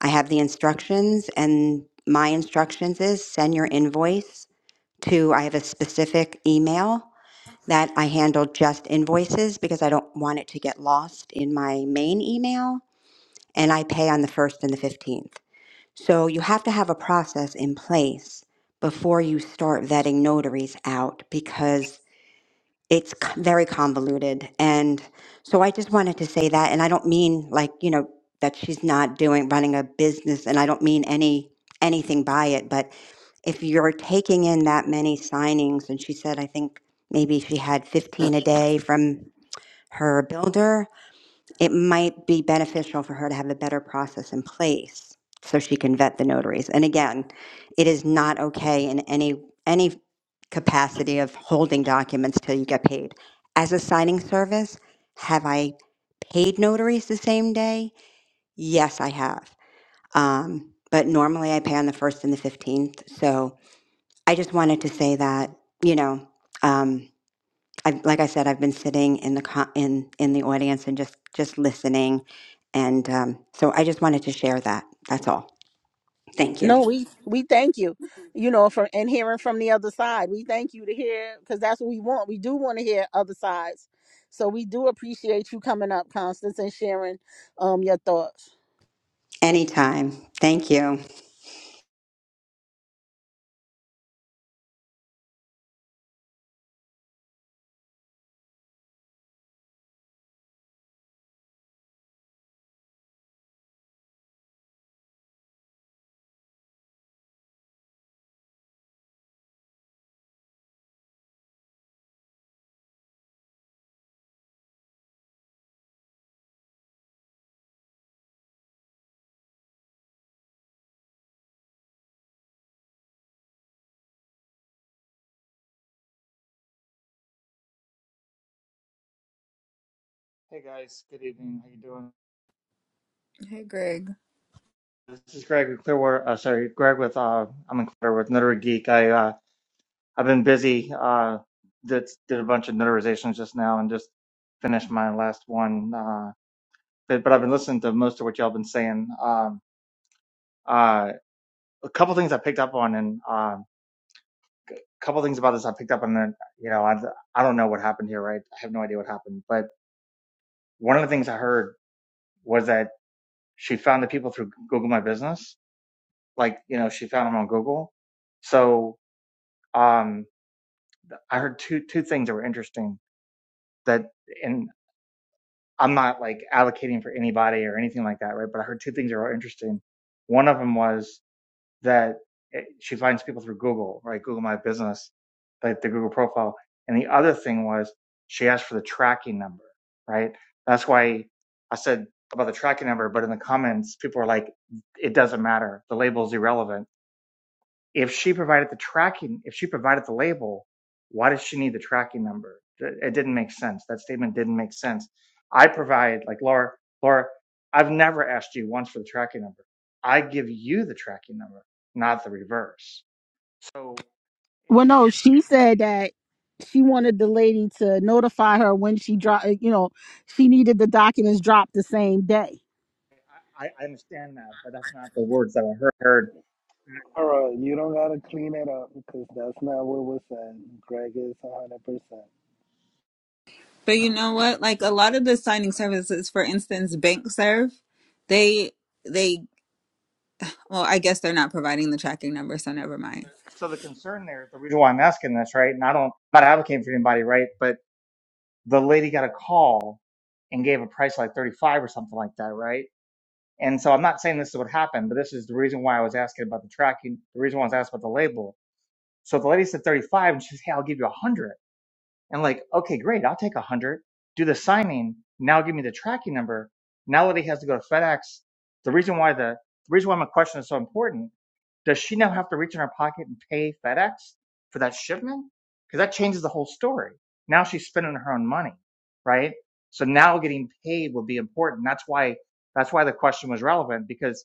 Speaker 11: I have the instructions, and my instructions is send your invoice to, I have a specific email that I handle just invoices because I don't want it to get lost in my main email, and I pay on the 1st and the 15th. So you have to have a process in place before you start vetting notaries out because it's c- very convoluted and so i just wanted to say that and i don't mean like you know that she's not doing running a business and i don't mean any anything by it but if you're taking in that many signings and she said i think maybe she had 15 a day from her builder it might be beneficial for her to have a better process in place so she can vet the notaries and again it is not okay in any any capacity of holding documents till you get paid. As a signing service, have I paid notaries the same day? Yes, I have. Um, but normally I pay on the 1st and the 15th. So I just wanted to say that, you know, um, I, like I said, I've been sitting in the co- in in the audience and just just listening, and um, so I just wanted to share that. That's all. Thank
Speaker 2: No,
Speaker 11: you.
Speaker 2: we we thank you, you know, for and hearing from the other side. We thank you to hear because that's what we want. We do want to hear other sides, so we do appreciate you coming up, Constance, and sharing um your thoughts.
Speaker 11: Anytime. Thank you.
Speaker 12: Hey guys, good evening. How you doing?
Speaker 3: Hey, Greg.
Speaker 12: This is Greg with Clearwater. Uh, sorry, Greg with uh, I'm in Clearwater with Notary Geek. I uh, I've been busy. Uh, did did a bunch of notarizations just now and just finished my last one. Uh, but, but I've been listening to most of what y'all been saying. Um, uh, a couple things I picked up on and um, a couple things about this I picked up on. And you know, I I don't know what happened here, right? I have no idea what happened. But one of the things I heard was that she found the people through Google My Business like you know she found them on Google. So um, I heard two two things that were interesting that and I'm not like allocating for anybody or anything like that, right? But I heard two things that were interesting. One of them was that it, she finds people through Google, right? Google My Business, like the Google profile. And the other thing was she asked for the tracking number, right? That's why I said about the tracking number, but in the comments, people were like, it doesn't matter. The label's irrelevant if she provided the tracking, if she provided the label, why does she need the tracking number? It didn't make sense. That statement didn't make sense. I provide, like Laura, Laura, I've never asked you once for the tracking number. I give you the tracking number, not the reverse. So, and,
Speaker 2: Well, no,
Speaker 12: and so
Speaker 2: she said that she wanted the lady to notify her when she dropped. You know, she needed the documents dropped the same day.
Speaker 12: I, I understand that, but that's not the words that I heard.
Speaker 7: All right, you don't gotta clean it up because that's not what we're saying. Greg is one hundred percent.
Speaker 3: But you know what? Like a lot of the signing services, for instance, BankServe, they they well, I guess they're not providing the tracking number, so never mind.
Speaker 12: So the concern there, the reason why I'm asking this, right? And I don't, I'm not advocating for anybody, right? But. the lady got a call and gave a price like 35 or something like that, right? And so I'm not saying this is what happened, but this is the reason why I was asking about the tracking, the reason why I was asking about the label. So the lady said 35 and she says, Hey, I'll give you 100 and like, okay, great, I'll take a hundred. Do the signing now. Give me the tracking number. Now that he has to go to FedEx, the reason why the, the reason why my question is so important. Does she now have to reach in her pocket and pay FedEx for that shipment? Because that changes the whole story. Now she's spending her own money, right? So now getting paid would be important. That's why that's why the question was relevant because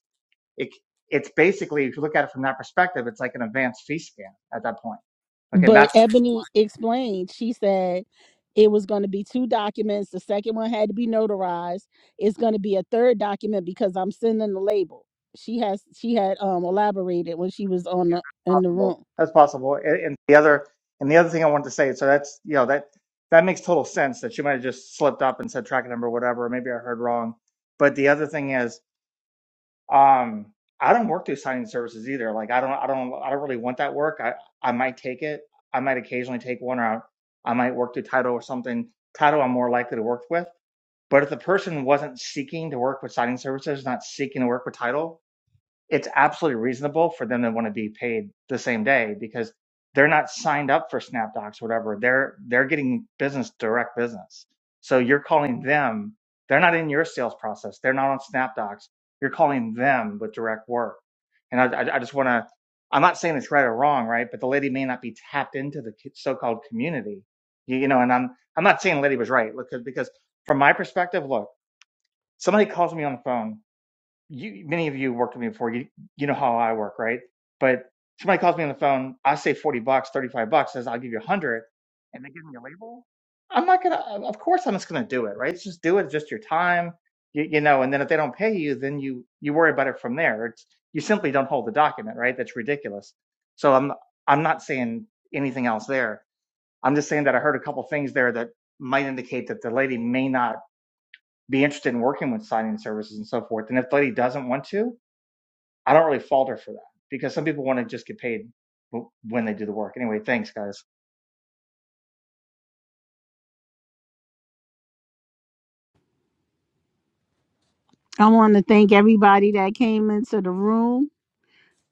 Speaker 12: it it's basically if you look at it from that perspective, it's like an advanced fee scam at that point. Okay, and
Speaker 2: But
Speaker 12: that's the reason why.
Speaker 2: Ebony explained, she said it was going to be two documents. The second one had to be notarized. It's going to be a third document because I'm sending the label. She has she had um elaborated when she was on
Speaker 12: Yeah,
Speaker 2: the
Speaker 12: that's
Speaker 2: in the
Speaker 12: possible.
Speaker 2: room.
Speaker 12: That's possible. And, and the other and the other thing I wanted to say, so that's you know that that makes total sense that she might have just slipped up and said tracking number whatever. Maybe I heard wrong. But the other thing is, um, I don't work through signing services either. Like I don't I don't I don't really want that work. I I might take it. I might occasionally take one out. I might work through title or something. Title I'm more likely to work with. But if the person wasn't seeking to work with signing services, not seeking to work with title, it's absolutely reasonable for them to want to be paid the same day because they're not signed up for SnapDocs or whatever. They're they're getting business direct business. So you're calling them. They're not in your sales process. They're not on SnapDocs. You're calling them with direct work. And I, I, I just want to. I'm not saying it's right or wrong, right? But the lady may not be tapped into the so-called community, you, you know. And I'm I'm not saying the lady was right because because from my perspective, look, somebody calls me on the phone you many of you worked with me before. You you know how I work, right? But somebody calls me on the phone, I say forty bucks, thirty five bucks, says I'll give you a hundred, and they give me a label. I'm not gonna. uh, Of course, I'm just gonna do it, right? It's just do it. It's just your time, you, you know. And then if they don't pay you, then you you worry about it from there. It's you simply don't hold the document, right? That's ridiculous. So I'm I'm not saying anything else there. I'm just saying that I heard a couple things there that might indicate that the lady may not be interested in working with signing services and so forth. And if the lady doesn't want to, I don't really falter for that because some people want to just get paid when they do the work. Anyway, thanks guys.
Speaker 2: I want to thank everybody that came into the room.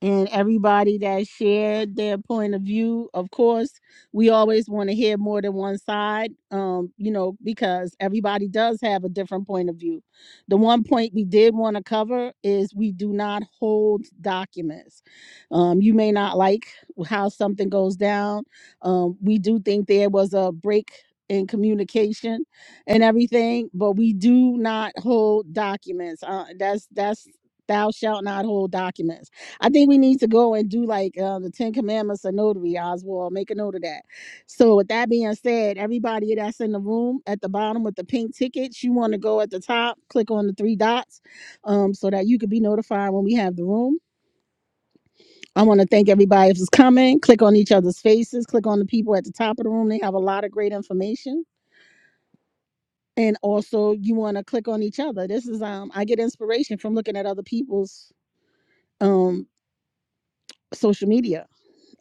Speaker 2: and everybody that shared their point of view. Of course, we always want to hear more than one side, um, you know, because everybody does have a different point of view. The one point we did want to cover is we do not hold documents. Um, you may not like how something goes down. Um, we do think there was a break in communication and everything, but we do not hold documents. Uh, that's that's thou shalt not hold documents I think we need to go and do like uh, the Ten Commandments of notary, Oswald. Make a note of that. So, with that being said, everybody that's in the room at the bottom with the pink tickets, you want to go at the top, click on the three dots um, so that you can be notified when we have the room. I want to thank everybody who's coming. Click on each other's faces, click on the people at the top of the room. They have a lot of great information. And also, you want to click on each other. This is um, I get inspiration from looking at other people's um social media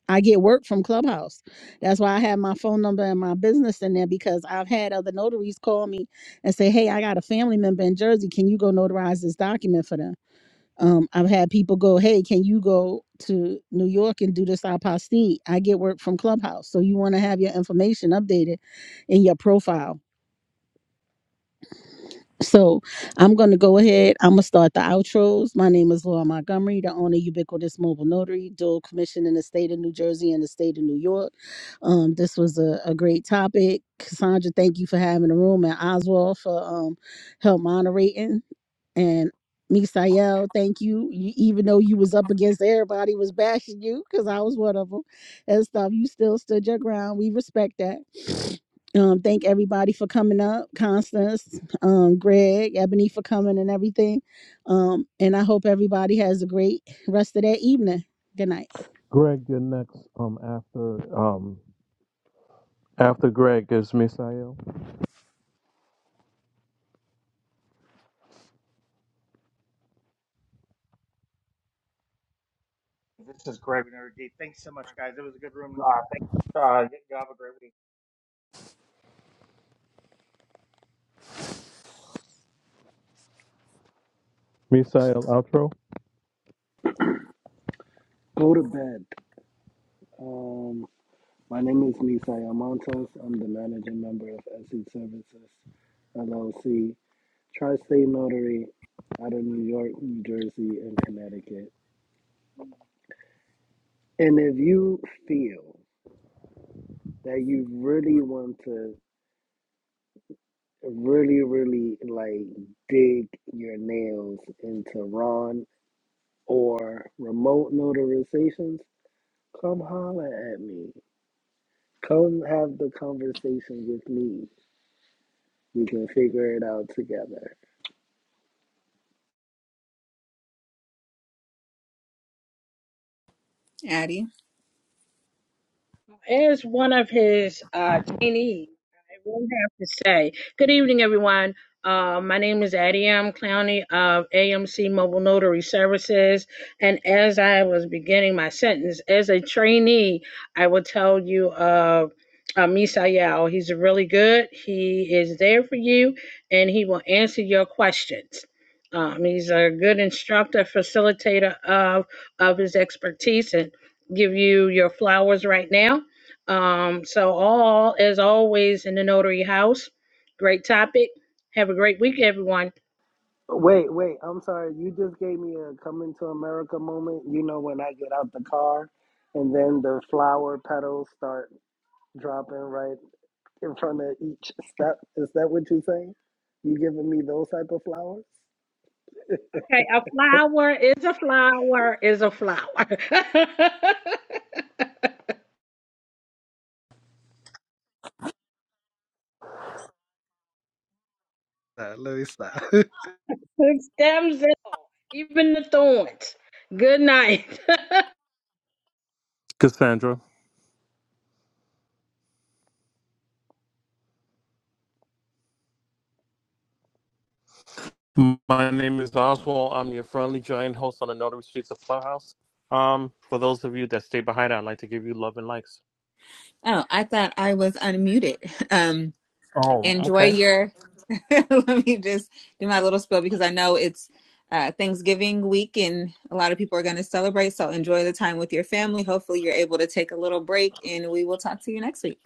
Speaker 2: I get work from Clubhouse. That's why I have my phone number and my business in there because I've had other notaries call me and say, "Hey, I got a family member in Jersey. Can you go notarize this document for them?" Um, I've had people go, "Hey, can you go to New York and do this apostille?" I get work from Clubhouse, so you want to have your information updated in your profile. So I'm going to go ahead. I'm going to start the outros. My name is Laura Montgomery, the owner of Ubiquitous Mobile Notary, dual commission in the state of New Jersey and the state of New York. Um, this was a, a great topic. Cassandra, thank you for having the room and Oswald for um, help moderating. And Misael, thank you. you. Even though you was up against everybody was bashing you, because I was one of them and stuff, you still stood your ground. We respect that. Um, thank everybody for coming up, Constance, um, Greg, Ebony for coming and everything. Um, and I hope everybody has a great rest of their evening. Good night.
Speaker 1: Greg, you're next. Um, after um, after Greg is Misael.
Speaker 12: This is Greg and Eric Thanks so much, guys. It was a good room. Uh, thanks. Uh, you have a great week.
Speaker 1: Misael outro.
Speaker 7: Go to bed. Um. My name is Nisaya Montes. I'm the managing member of SE Services LLC, Tri State Notary out of New York, New Jersey, and Connecticut. And if you feel that you really want to really, really like dig your nails into Ron or remote notarizations, come holler at me. Come have the conversation with me. We can figure it out together.
Speaker 3: Addie.
Speaker 5: As one of his uh, trainees, I will have to say, good evening, everyone. Uh, my name is Adiam Clowney of AMC Mobile Notary Services. And as I was beginning my sentence, as a trainee, I will tell you of uh, Misael. He's really good. He is there for you and he will answer your questions. Um, he's a good instructor, facilitator of, of his expertise and give you your flowers right now um, so all as always in the notary house. Great topic. Have a great week, everyone.
Speaker 7: Wait, wait. I'm sorry. You just gave me a coming to America moment. You know when I get out the car and then the flower petals start dropping right in front of each step. Is that what you're saying? You giving me those type of flowers?
Speaker 5: Okay, a flower is a flower is a flower.
Speaker 7: Uh, let me stop.
Speaker 5: With stems and all, even the thorns. Good night.
Speaker 1: Cassandra. My name is Oswald. I'm your friendly giant host on the Notary Streets of Clubhouse. Um, for those of you that stay behind, I'd like to give you love and likes.
Speaker 3: Oh, I thought I was unmuted. Um,
Speaker 1: Oh,
Speaker 3: enjoy
Speaker 1: okay.
Speaker 3: your Let me just do my little spiel because I know it's uh, Thanksgiving week and a lot of people are going to celebrate. So enjoy the time with your family. Hopefully, you're able to take a little break, and we will talk to you next week.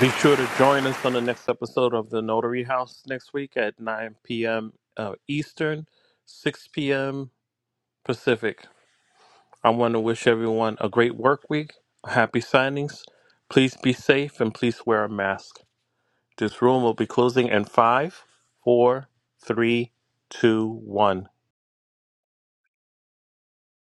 Speaker 1: Be sure to join us on the next episode of The Notary House next week at 9 p.m. Uh, Eastern, 6 p.m. Pacific. I want to wish everyone a great work week, happy signings. Please be safe and please wear a mask. This room will be closing in five, four, three, two, one.